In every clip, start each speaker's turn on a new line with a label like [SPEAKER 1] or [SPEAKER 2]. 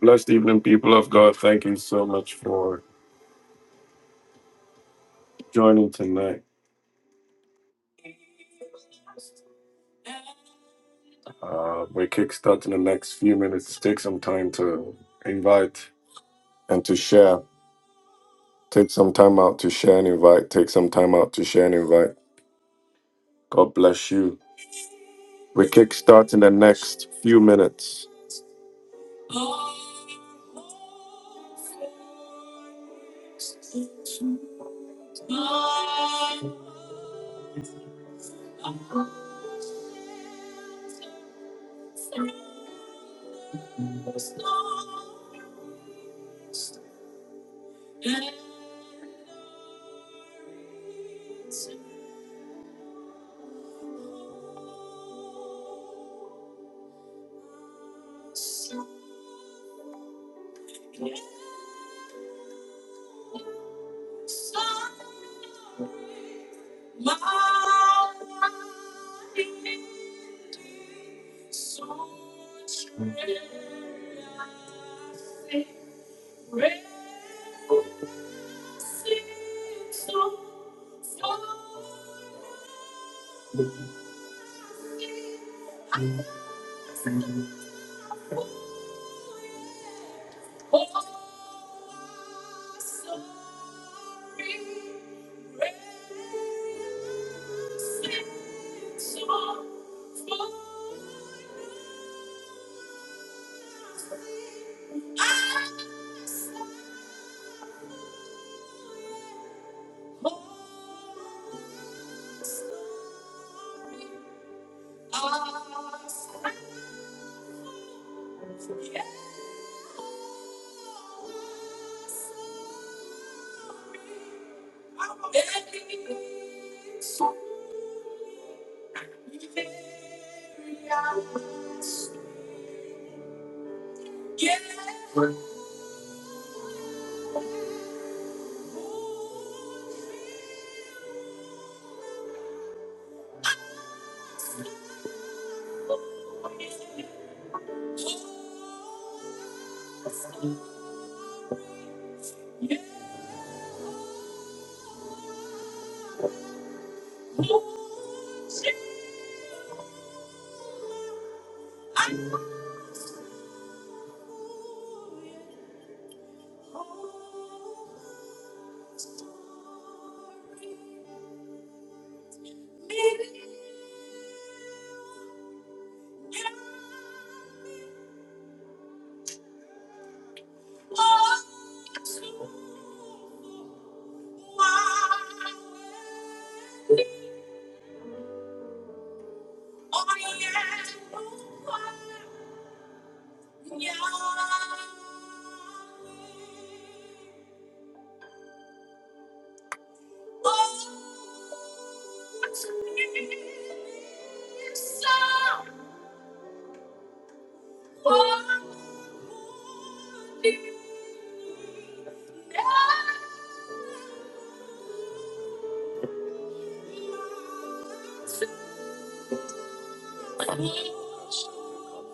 [SPEAKER 1] Blessed evening, people of God. Thank you so much for joining tonight. Uh, we're kickstarting the next few minutes. Take some time to invite and to share. Take some time out to share and invite. Take some time out to share and invite. God bless you. We're kickstarting the next few minutes.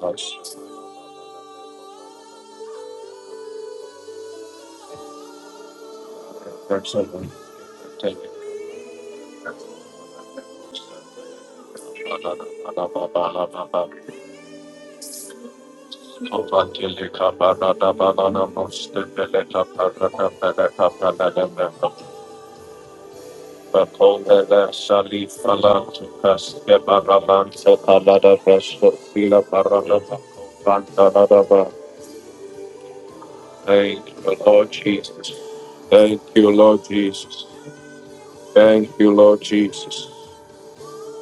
[SPEAKER 1] Bless you. That's it, man. Take it. Ovatilika Barada Banana Mosta Beleta Parata Beleta Panadamento, Bacole Sali Falantu Casca Baramanta Palada Resto Fila Baranata, Pantanadaba. Thank you, Lord Jesus. Thank you, Lord Jesus. Thank you, Lord Jesus.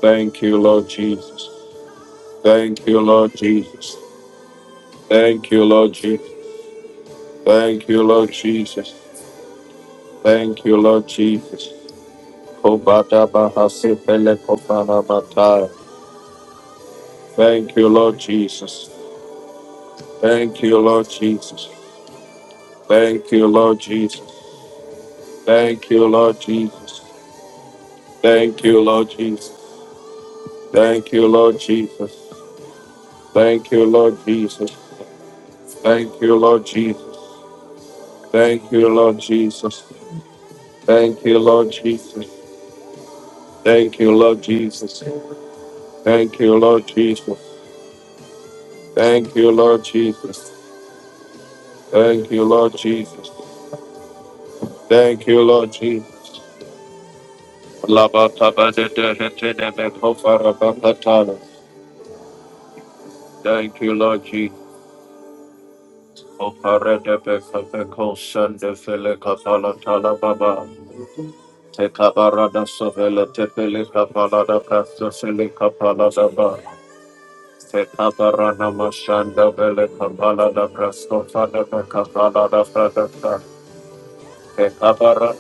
[SPEAKER 1] Thank you, Lord Jesus. Thank you, Lord Jesus. Thank you, Lord Jesus. Thank you, Lord Jesus. Thank you, Lord Jesus. Thank you, Lord Jesus. Thank you, Lord Jesus. Thank you, Lord Jesus. Thank you, Lord Jesus. Thank you, Lord Jesus. Thank you, Lord Jesus. Thank you, Lord Jesus. Thank you, Lord Jesus. Thank you, Lord Jesus. Thank you, Lord Jesus. Thank you, Lord Jesus. Thank you, Lord Jesus. Thank you, Lord Jesus. Thank you, Lord Jesus. Thank you, Lord Jesus. Thank you, Lord Jesus. Thank you, Lord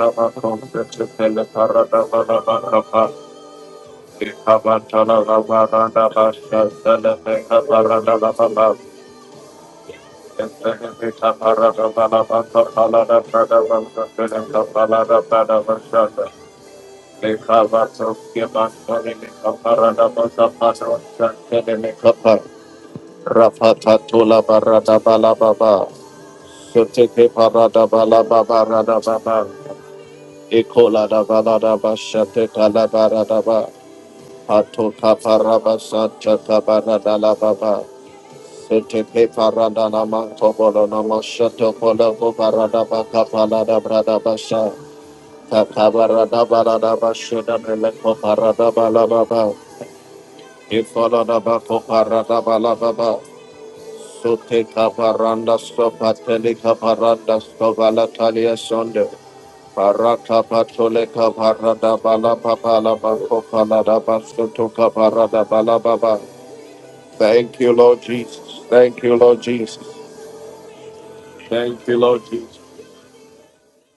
[SPEAKER 1] Jesus. Rafatatola barada balababa, soteke parada balababa rada baba, ekola da balada bashate kala barada ba, ato kaparaba santa kabarada la baba, Sete parada na manto bolo na moshoto polo bo parada baka palada brada basha. Kaka barada balada bashuda meleko parada balababa. Ifolo da bako parada balababa. Sute kaparanda sto pateli kaparanda sto valatalia sonde. Paraka patole kaparada balababa la bako palada bashuto kaparada balababa. Thank you, Lord Jesus. Thank you, Lord Jesus. Thank you, Lord Jesus.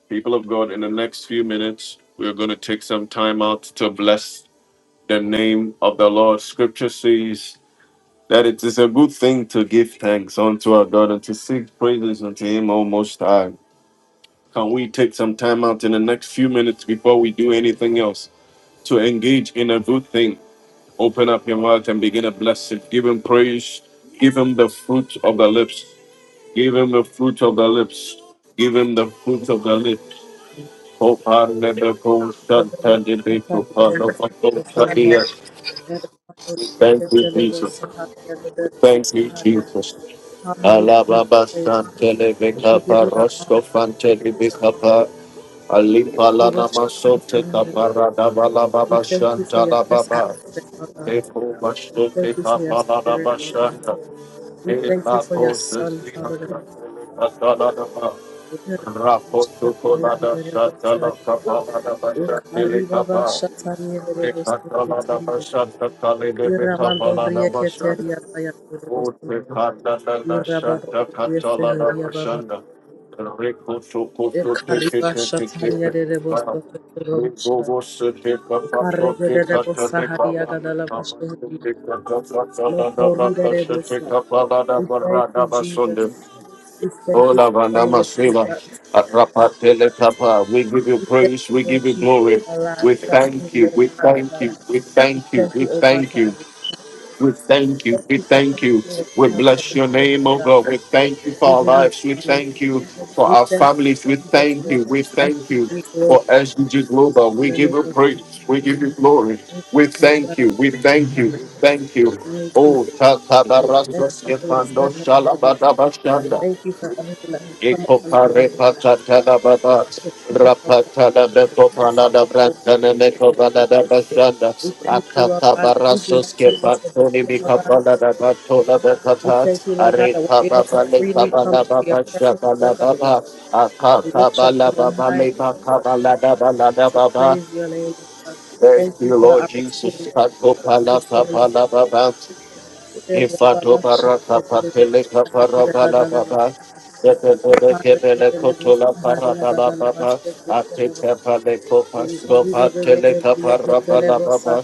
[SPEAKER 1] People of God, in the next few minutes, we are going to take some time out to bless the name of the Lord. Scripture says that it is a good thing to give thanks unto our God and to sing praises unto Him, O Most High. Can we take some time out in the next few minutes before we do anything else to engage in a good thing? Open up your mouth and begin to bless it. Give Him praise. Give Him the fruit of the lips. Give Him the fruit of the lips. Give Him the fruit of the lips. Thank you,
[SPEAKER 2] Father,
[SPEAKER 1] Jesus.
[SPEAKER 2] we give
[SPEAKER 1] Thank you, Jesus.
[SPEAKER 2] you the
[SPEAKER 1] Alababa
[SPEAKER 2] praise.
[SPEAKER 1] Santele
[SPEAKER 2] We give
[SPEAKER 1] Bekapa
[SPEAKER 2] you the
[SPEAKER 1] Rosco
[SPEAKER 2] honor.
[SPEAKER 1] Fantele Bekapa Alipa
[SPEAKER 2] We
[SPEAKER 1] Lana
[SPEAKER 2] worship you,
[SPEAKER 1] Masote
[SPEAKER 2] holy name, Lord God.
[SPEAKER 1] Kapara Dabala
[SPEAKER 2] We
[SPEAKER 1] Baba
[SPEAKER 2] thank you for your,
[SPEAKER 1] Shantala
[SPEAKER 2] this
[SPEAKER 1] Baba
[SPEAKER 2] atmosphere, Lord God.
[SPEAKER 1] Lepo
[SPEAKER 2] We
[SPEAKER 1] Masote
[SPEAKER 2] thank you for your
[SPEAKER 1] Kapala
[SPEAKER 2] spirit,
[SPEAKER 1] Baba
[SPEAKER 2] Lord God.
[SPEAKER 1] Shanta
[SPEAKER 2] We thank you
[SPEAKER 1] Ela
[SPEAKER 2] for your
[SPEAKER 1] Pose
[SPEAKER 2] son,
[SPEAKER 1] Sina
[SPEAKER 2] Father God.
[SPEAKER 1] Katala Baba Rapo Tukolada Shantala Kapala Baba Shantele
[SPEAKER 2] Ukaribaba
[SPEAKER 1] Kapa
[SPEAKER 2] shatani give
[SPEAKER 1] Rekata
[SPEAKER 2] you this life, Lord God. Ira mando brie keteria ba ya, Lord God. We thank you, Jesus. We thank you for
[SPEAKER 1] Ola
[SPEAKER 2] sending
[SPEAKER 1] Vandama
[SPEAKER 2] us to
[SPEAKER 1] Seva.
[SPEAKER 2] us.
[SPEAKER 1] Rapatele Papa. We give you
[SPEAKER 2] We thank
[SPEAKER 1] praise.
[SPEAKER 2] you,
[SPEAKER 1] We
[SPEAKER 2] Lord
[SPEAKER 1] give you
[SPEAKER 2] Jesus,
[SPEAKER 1] glory.
[SPEAKER 2] for our lives,
[SPEAKER 1] We
[SPEAKER 2] for
[SPEAKER 1] thank
[SPEAKER 2] every
[SPEAKER 1] you. We
[SPEAKER 2] limb, Father
[SPEAKER 1] thank
[SPEAKER 2] God.
[SPEAKER 1] you. We
[SPEAKER 2] We
[SPEAKER 1] thank you.
[SPEAKER 2] thank
[SPEAKER 1] We
[SPEAKER 2] you, oh God,
[SPEAKER 1] thank
[SPEAKER 2] for
[SPEAKER 1] you.
[SPEAKER 2] everything.
[SPEAKER 1] We thank you.
[SPEAKER 2] Thank
[SPEAKER 1] We
[SPEAKER 2] you for
[SPEAKER 1] thank you.
[SPEAKER 2] everything that you
[SPEAKER 1] We
[SPEAKER 2] have
[SPEAKER 1] bless your
[SPEAKER 2] provided,
[SPEAKER 1] name,
[SPEAKER 2] Lord
[SPEAKER 1] O
[SPEAKER 2] God.
[SPEAKER 1] God. We thank you for
[SPEAKER 2] We
[SPEAKER 1] our
[SPEAKER 2] give you
[SPEAKER 1] lives. We
[SPEAKER 2] honor.
[SPEAKER 1] thank you for
[SPEAKER 2] We
[SPEAKER 1] our
[SPEAKER 2] thank you,
[SPEAKER 1] families. We
[SPEAKER 2] Jesus,
[SPEAKER 1] thank
[SPEAKER 2] for
[SPEAKER 1] you. We thank you
[SPEAKER 2] SGG Global.
[SPEAKER 1] for SDG Global.
[SPEAKER 2] In
[SPEAKER 1] We
[SPEAKER 2] the
[SPEAKER 1] give
[SPEAKER 2] name
[SPEAKER 1] you
[SPEAKER 2] of
[SPEAKER 1] praise. We give you glory.
[SPEAKER 2] Jesus,
[SPEAKER 1] We thank
[SPEAKER 2] hallelujah.
[SPEAKER 1] you. We thank you. We thank you.
[SPEAKER 2] Thank you.
[SPEAKER 1] Oh, Tata
[SPEAKER 2] Thank
[SPEAKER 1] Barasa
[SPEAKER 2] you for your
[SPEAKER 1] Stefano
[SPEAKER 2] servant, O God.
[SPEAKER 1] Shalabada Bashanda.
[SPEAKER 2] Thank you for everyone that has come on, O
[SPEAKER 1] Ikopare
[SPEAKER 2] God,
[SPEAKER 1] patatana baba
[SPEAKER 2] to pray, O God,
[SPEAKER 1] rapatana beko
[SPEAKER 2] to seek
[SPEAKER 1] panada
[SPEAKER 2] you, O
[SPEAKER 1] brantana meko
[SPEAKER 2] God.
[SPEAKER 1] banada basanda
[SPEAKER 2] We thank you, Lord
[SPEAKER 1] akata
[SPEAKER 2] God, that we do not
[SPEAKER 1] barasos ke
[SPEAKER 2] take this for
[SPEAKER 1] batoni
[SPEAKER 2] granted, Lord
[SPEAKER 1] bika
[SPEAKER 2] God.
[SPEAKER 1] banada batona
[SPEAKER 2] We
[SPEAKER 1] bekata
[SPEAKER 2] thank you, Lord God, that
[SPEAKER 1] arika
[SPEAKER 2] we're able to
[SPEAKER 1] baba le
[SPEAKER 2] freely come
[SPEAKER 1] kabala
[SPEAKER 2] into your
[SPEAKER 1] baba
[SPEAKER 2] presence, Lord
[SPEAKER 1] shabala
[SPEAKER 2] God,
[SPEAKER 1] baba
[SPEAKER 2] to
[SPEAKER 1] akata
[SPEAKER 2] lift your
[SPEAKER 1] bala
[SPEAKER 2] name on
[SPEAKER 1] baba
[SPEAKER 2] high,
[SPEAKER 1] le baka balada balada
[SPEAKER 2] to
[SPEAKER 1] baba
[SPEAKER 2] praise your name, Lord God. Thank
[SPEAKER 1] Thank you,
[SPEAKER 2] you for the
[SPEAKER 1] Lord Jesus.
[SPEAKER 2] opportunity that
[SPEAKER 1] Akopala
[SPEAKER 2] you've given
[SPEAKER 1] kapala baba. Ifato barata papele kapara bala
[SPEAKER 2] us.
[SPEAKER 1] baba.
[SPEAKER 2] Rikandere
[SPEAKER 1] Sebebele kebele kotola para bala baba. Atete pale kopa skopa tele kapara bala baba.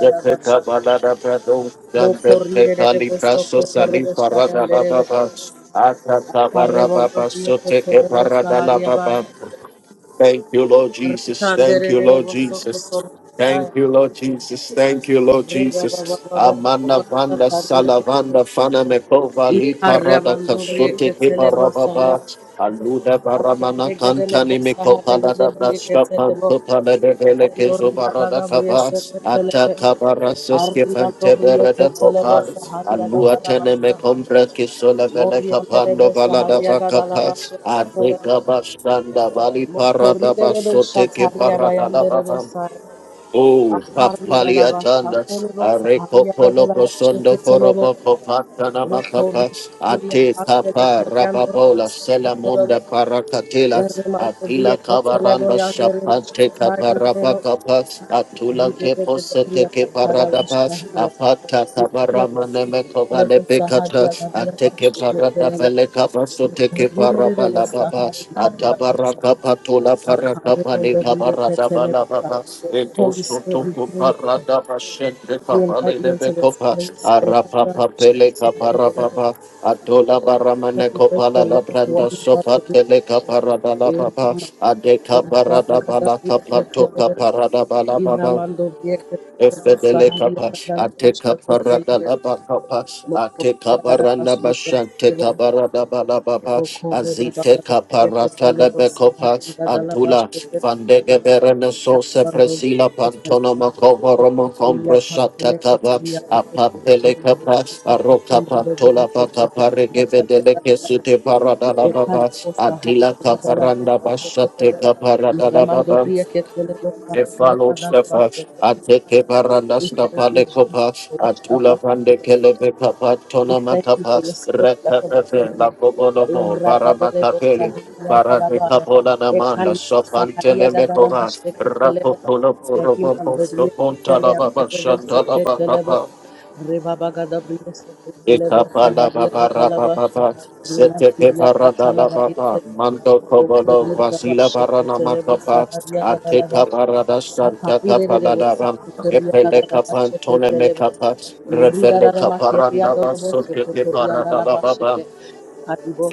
[SPEAKER 1] Yeteka bala da brado. Gambente kali braso sali para bala baba. Atata bara baba sote ke para bala baba. Thank you, Lord Jesus. Thank you, Lord Jesus. Thank you, Lord Jesus. Thank you, Lord Jesus. Amana vanda salavanda fana mekova lipa rada kasute kipa rababa. Aluda baramana kantani mekopa lada brashka panto palede vele keso
[SPEAKER 2] Ondoriba gaga
[SPEAKER 1] barada
[SPEAKER 2] bria
[SPEAKER 1] kaba.
[SPEAKER 2] sete
[SPEAKER 1] Ata
[SPEAKER 2] celebe.
[SPEAKER 1] kabara seske
[SPEAKER 2] Arima
[SPEAKER 1] fante
[SPEAKER 2] dobria ke
[SPEAKER 1] berede
[SPEAKER 2] celebo
[SPEAKER 1] kopal.
[SPEAKER 2] saharia
[SPEAKER 1] Alua
[SPEAKER 2] gaga la
[SPEAKER 1] tene
[SPEAKER 2] basha.
[SPEAKER 1] mekompre kisola vele
[SPEAKER 2] Moria berebe
[SPEAKER 1] kapando valada
[SPEAKER 2] saharia gaga la
[SPEAKER 1] vakapas.
[SPEAKER 2] basha ke celebo.
[SPEAKER 1] Adeka bastanda vali
[SPEAKER 2] Mokori
[SPEAKER 1] parada
[SPEAKER 2] berebe
[SPEAKER 1] basote kipa
[SPEAKER 2] shataria
[SPEAKER 1] rada
[SPEAKER 2] bayan derebe
[SPEAKER 1] lababa.
[SPEAKER 2] say.
[SPEAKER 1] Oh,
[SPEAKER 2] Akari la la basha
[SPEAKER 1] Papaliatanda,
[SPEAKER 2] celebo
[SPEAKER 1] Areco
[SPEAKER 2] saharia gaga la basha
[SPEAKER 1] Polocosondo
[SPEAKER 2] ke celebo.
[SPEAKER 1] Foroboco Patana Macapa,
[SPEAKER 2] Mokori kuria
[SPEAKER 1] Ate
[SPEAKER 2] pantele
[SPEAKER 1] Capa
[SPEAKER 2] kerian dorobo
[SPEAKER 1] Rababola,
[SPEAKER 2] sete celebo.
[SPEAKER 1] Selamunda Paracatela,
[SPEAKER 2] Irima dobria
[SPEAKER 1] Atila
[SPEAKER 2] ke celebo
[SPEAKER 1] Cabaranda
[SPEAKER 2] yan derebe
[SPEAKER 1] Shapante
[SPEAKER 2] shataria
[SPEAKER 1] Caparapa
[SPEAKER 2] derebo.
[SPEAKER 1] Capa, Atula
[SPEAKER 2] Ribeira do
[SPEAKER 1] Kepo
[SPEAKER 2] Brilhacada da Vaz
[SPEAKER 1] Radaba,
[SPEAKER 2] da Hoya,
[SPEAKER 1] Apata
[SPEAKER 2] Icala,
[SPEAKER 1] Tabarama Nemekova
[SPEAKER 2] the
[SPEAKER 1] Lepekata,
[SPEAKER 2] Sahariana da
[SPEAKER 1] Ateke
[SPEAKER 2] Vaz da
[SPEAKER 1] Parada
[SPEAKER 2] Hoya,
[SPEAKER 1] Pelekapa, Soteke
[SPEAKER 2] Mogi da Ribeira, the
[SPEAKER 1] Parabala Baba,
[SPEAKER 2] Sahariana da Vaz da
[SPEAKER 1] Atabaraka Patula
[SPEAKER 2] Hoya,
[SPEAKER 1] Parakapa,
[SPEAKER 2] Carreiro do
[SPEAKER 1] Nikabarada
[SPEAKER 2] Brilhacada da Vaz da
[SPEAKER 1] Balababa,
[SPEAKER 2] Hoya,
[SPEAKER 1] Eto
[SPEAKER 2] Holis, Rio,
[SPEAKER 1] Sotoku Parada Shente
[SPEAKER 2] Rio
[SPEAKER 1] Kapale
[SPEAKER 2] de Janeiro,
[SPEAKER 1] Nemekopa,
[SPEAKER 2] the Sahariana
[SPEAKER 1] Arapa
[SPEAKER 2] da
[SPEAKER 1] Peleka Parababa, Atola
[SPEAKER 2] Vaz
[SPEAKER 1] Baramane Kopala La Branda Sopa Teleka Parada La Baba, Adeka
[SPEAKER 2] da
[SPEAKER 1] Parada Balaka
[SPEAKER 2] Hoya,
[SPEAKER 1] Patoka
[SPEAKER 2] the
[SPEAKER 1] Parada Balababa.
[SPEAKER 2] Raimundo Brilhacada
[SPEAKER 1] Efelekapa,
[SPEAKER 2] da Vaz
[SPEAKER 1] Ateka
[SPEAKER 2] da Hoya,
[SPEAKER 1] Paradalaba kapa Efedelekapa,
[SPEAKER 2] Ramando
[SPEAKER 1] Atekaparadalabakapa, Atekabaranabashantekabarabalababa, Azitekaparatalebekopa, Antula, Vandegebereneso Sepresila Pantonomakovoromo Combrashatakaba, Apapelekapa, Arokapantola Bakaparegevedeleke Sute Paradalababa, Adila Kaparanda Bashate Kaparadalababa, Efalostapa, Ateke
[SPEAKER 2] We
[SPEAKER 1] Barandaskapa
[SPEAKER 2] thank you,
[SPEAKER 1] de
[SPEAKER 2] Jesus,
[SPEAKER 1] Copa,
[SPEAKER 2] for what you're
[SPEAKER 1] Atula
[SPEAKER 2] about
[SPEAKER 1] van
[SPEAKER 2] to
[SPEAKER 1] de
[SPEAKER 2] do.
[SPEAKER 1] Kelebekapa,
[SPEAKER 2] We thank you for
[SPEAKER 1] Tonamakapa,
[SPEAKER 2] your spirit that's about to
[SPEAKER 1] Rekape, La
[SPEAKER 2] move.
[SPEAKER 1] Cobonomo,
[SPEAKER 2] Iragadalebo
[SPEAKER 1] Varamacapele,
[SPEAKER 2] saharia galabaya. Ekan
[SPEAKER 1] Varadekapolanamanda,
[SPEAKER 2] saharia gadalama
[SPEAKER 1] Sopantelemekova,
[SPEAKER 2] sheketelebo.
[SPEAKER 1] Rapopolo, Roboposto,
[SPEAKER 2] Erimandodria ketele
[SPEAKER 1] Pontalaba,
[SPEAKER 2] andorebo seketelebo.
[SPEAKER 1] Shantalaba,
[SPEAKER 2] Rebabagadabriya seketelebo
[SPEAKER 1] Ikapala
[SPEAKER 2] saharia
[SPEAKER 1] baba raba
[SPEAKER 2] gadalabasha.
[SPEAKER 1] baba sete
[SPEAKER 2] Rimantibia
[SPEAKER 1] kepara dala baba
[SPEAKER 2] katalaba
[SPEAKER 1] mando
[SPEAKER 2] Thank
[SPEAKER 1] kobolo vasila barana makapa ateka barada santa kapala daba epele kapan tone kapantone mekapa revele kaparanda basote kepara dala baba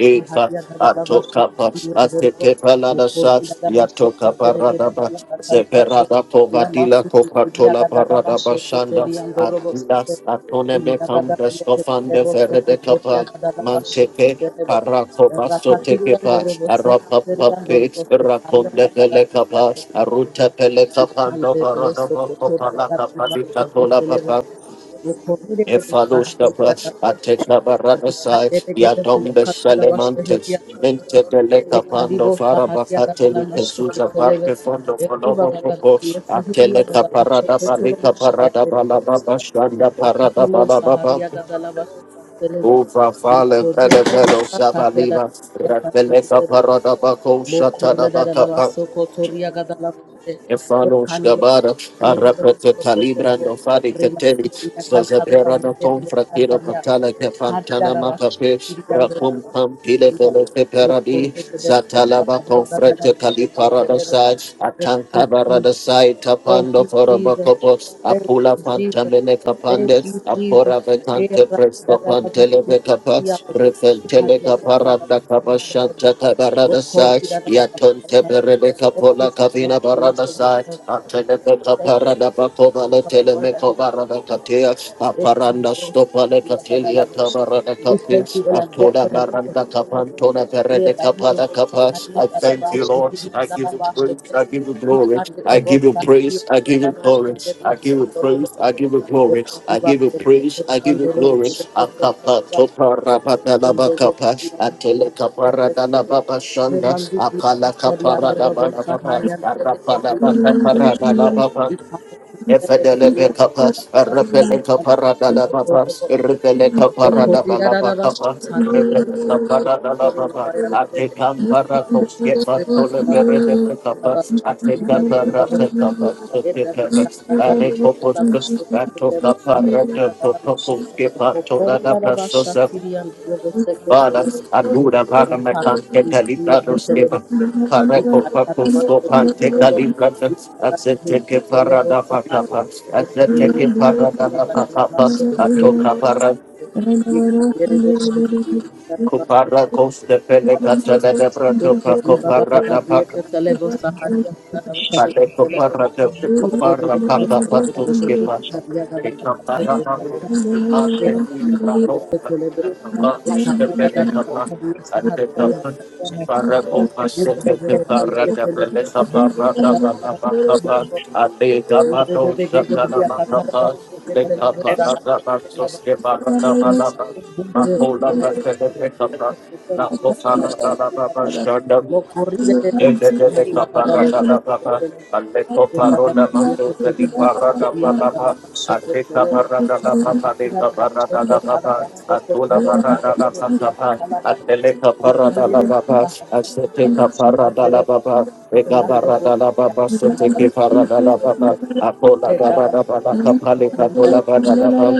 [SPEAKER 1] Eka atoka pa atete palada sa yatoka parada ba zeperada povadila kopatola parada basanda atidas atone bekam breskofande ferede kapa manteke parako basto teke pa arapa pape rakonde pele kapa aruta pele kapando parada ba kopala kapa dikatola Efalustapas, Atekabaradasai,
[SPEAKER 2] Rekandere gebe
[SPEAKER 1] Yatombe
[SPEAKER 2] blakata da başta
[SPEAKER 1] Selemantes,
[SPEAKER 2] heliyan
[SPEAKER 1] Mente de Lecapando
[SPEAKER 2] Ekadibo Saharia Gadala
[SPEAKER 1] Farabacateli,
[SPEAKER 2] Mashake
[SPEAKER 1] Ezuza
[SPEAKER 2] Telebe,
[SPEAKER 1] Parque Fondo Fonobo
[SPEAKER 2] Eribaba
[SPEAKER 1] Popo,
[SPEAKER 2] Gadalia Saharia
[SPEAKER 1] Ateleca
[SPEAKER 2] Gadala
[SPEAKER 1] Parada
[SPEAKER 2] Mashake Telugu
[SPEAKER 1] Barica Parada
[SPEAKER 2] Shayandelebe
[SPEAKER 1] Balababa,
[SPEAKER 2] Star,
[SPEAKER 1] Shanda Parada
[SPEAKER 2] Akadimo
[SPEAKER 1] Balababa,
[SPEAKER 2] Saharia Gadala Mashake Telebe,
[SPEAKER 1] Uva Fale
[SPEAKER 2] Mukori
[SPEAKER 1] Vele
[SPEAKER 2] Gadala
[SPEAKER 1] Velo
[SPEAKER 2] Sataria Gadala
[SPEAKER 1] Savaliva,
[SPEAKER 2] Mashake
[SPEAKER 1] Rateleca
[SPEAKER 2] Telebe,
[SPEAKER 1] Parada Baco Shatana
[SPEAKER 2] Mokorada da lava
[SPEAKER 1] Bacapa,
[SPEAKER 2] soko toria gada lava se e
[SPEAKER 1] Efalos
[SPEAKER 2] kanilo
[SPEAKER 1] Gabara,
[SPEAKER 2] saharia de lava
[SPEAKER 1] Arapete
[SPEAKER 2] soko
[SPEAKER 1] Calibra,
[SPEAKER 2] toro
[SPEAKER 1] no Fadi
[SPEAKER 2] rima
[SPEAKER 1] Cateri,
[SPEAKER 2] sutia kalta de la
[SPEAKER 1] Zazabera, no
[SPEAKER 2] yondere
[SPEAKER 1] Tom
[SPEAKER 2] de
[SPEAKER 1] Fratino
[SPEAKER 2] saharia
[SPEAKER 1] Patala,
[SPEAKER 2] e karida
[SPEAKER 1] Fantana
[SPEAKER 2] lava
[SPEAKER 1] Mapape,
[SPEAKER 2] shatiri yandoro
[SPEAKER 1] Racum
[SPEAKER 2] se
[SPEAKER 1] Pampile,
[SPEAKER 2] telero
[SPEAKER 1] Velope Peradi,
[SPEAKER 2] mokorada de lava
[SPEAKER 1] Zatalaba
[SPEAKER 2] saharia gada
[SPEAKER 1] Confrete
[SPEAKER 2] lava se
[SPEAKER 1] Calipara, the
[SPEAKER 2] telero.
[SPEAKER 1] side, Atancabara, the side,
[SPEAKER 2] Thank
[SPEAKER 1] Tapando
[SPEAKER 2] you,
[SPEAKER 1] for a
[SPEAKER 2] Jesus.
[SPEAKER 1] Bacopo,
[SPEAKER 2] Thank
[SPEAKER 1] Apula
[SPEAKER 2] you, Jesus.
[SPEAKER 1] Fantamene
[SPEAKER 2] Thank you, Jesus. Thank you,
[SPEAKER 1] Capandes,
[SPEAKER 2] Jesus. Eh,
[SPEAKER 1] Ravekante
[SPEAKER 2] ra- da-
[SPEAKER 1] presto
[SPEAKER 2] da- da- da- si-
[SPEAKER 1] panteleve
[SPEAKER 2] si- si- ya-
[SPEAKER 1] capas,
[SPEAKER 2] do-
[SPEAKER 1] Refentele caparanda capashanta cabarada sai, Yatonte perede
[SPEAKER 2] Thank you
[SPEAKER 1] capola
[SPEAKER 2] for anointing
[SPEAKER 1] cavina
[SPEAKER 2] the lips
[SPEAKER 1] barada
[SPEAKER 2] of your
[SPEAKER 1] sai,
[SPEAKER 2] servant, O God.
[SPEAKER 1] Anteleve
[SPEAKER 2] Thank you
[SPEAKER 1] caparada bacovale
[SPEAKER 2] for the word that we
[SPEAKER 1] telemeco
[SPEAKER 2] will speak.
[SPEAKER 1] barada catea, Aparanda stopale catelia tabarada
[SPEAKER 2] We thank
[SPEAKER 1] capis,
[SPEAKER 2] you in advance
[SPEAKER 1] Antona
[SPEAKER 2] for the move of the
[SPEAKER 1] maranda
[SPEAKER 2] Spirit.
[SPEAKER 1] capantona perede I thank you,
[SPEAKER 2] Ekahirosaharidadadabashe,
[SPEAKER 1] Lord. I give you
[SPEAKER 2] hidiadadabashe.
[SPEAKER 1] praise. I give you glory. I give you praise. I give you
[SPEAKER 2] Yukandidebosahadiadadabashe,
[SPEAKER 1] glory. I give you praise. I give you glory. I give you praise. I give you glory. Akapa topa rabata
[SPEAKER 2] Thank
[SPEAKER 1] laba kapa. Atele kapara dala baba shanda. Apala kapara dala baba. Arapa laba kapara dala baba. Efelelebekapa, Repelekaparadalababa, Repelekaparadababakapa, Repelekaparadalababa,
[SPEAKER 2] you.
[SPEAKER 1] Atekamparakoskeba,
[SPEAKER 2] Thank
[SPEAKER 1] Toleberedebekapa, Atekaparasekapa, Tekekapa, Arekopos, Atokaparadekotokoskepa, Toladabrasosa, Father, Aluda Paramatante Calibra Doskeva, Pareco Pacusco Pante Calibra, Azteque Parada Pacapa, Azteque Parada Pacapa, Atoca
[SPEAKER 3] Thank
[SPEAKER 1] Para, Cupara Costa
[SPEAKER 2] you.
[SPEAKER 1] Pelecata de Brato
[SPEAKER 2] Lokori
[SPEAKER 1] Paco
[SPEAKER 2] baba kada
[SPEAKER 1] Parada
[SPEAKER 2] buye
[SPEAKER 1] Paca,
[SPEAKER 2] ketelebo sahariya kada bashe
[SPEAKER 1] Pareco
[SPEAKER 2] ketelebo.
[SPEAKER 1] Parada
[SPEAKER 2] İzlere
[SPEAKER 1] Cupara
[SPEAKER 2] de de boş
[SPEAKER 1] Paca
[SPEAKER 2] kokotoro
[SPEAKER 1] Patuskeva,
[SPEAKER 2] sahariya kada bashe
[SPEAKER 1] Ecapara
[SPEAKER 2] ketelebo.
[SPEAKER 1] Ante
[SPEAKER 2] İzlere kada buye
[SPEAKER 1] Prato,
[SPEAKER 2] ketelebo.
[SPEAKER 1] Ante Pacus de
[SPEAKER 2] Ekari kada kada
[SPEAKER 1] Pela,
[SPEAKER 2] buye
[SPEAKER 1] Ante
[SPEAKER 2] sahariya kada
[SPEAKER 1] Pacus.
[SPEAKER 2] bashe.
[SPEAKER 1] Para o
[SPEAKER 2] Makari
[SPEAKER 1] masete
[SPEAKER 2] bebe bebe buye
[SPEAKER 1] para
[SPEAKER 2] ketelebo sahariya kada bashe ketelebo. Mure bebe gede buye katara bashe ketelebo sahariya kada bashe. Rolando
[SPEAKER 1] Baba, and the Coparona Maso, the Parada Baba, and the Caparada La Papa, the Caparada La Baba, and Tula Barada La Papa, and the Leca Parada La Baba, and the Teca Parada La Baba, Ega Barada La Baba, so Teke Parada La Baba, Apola Barada Baba, Capalica Tola Barada Papa.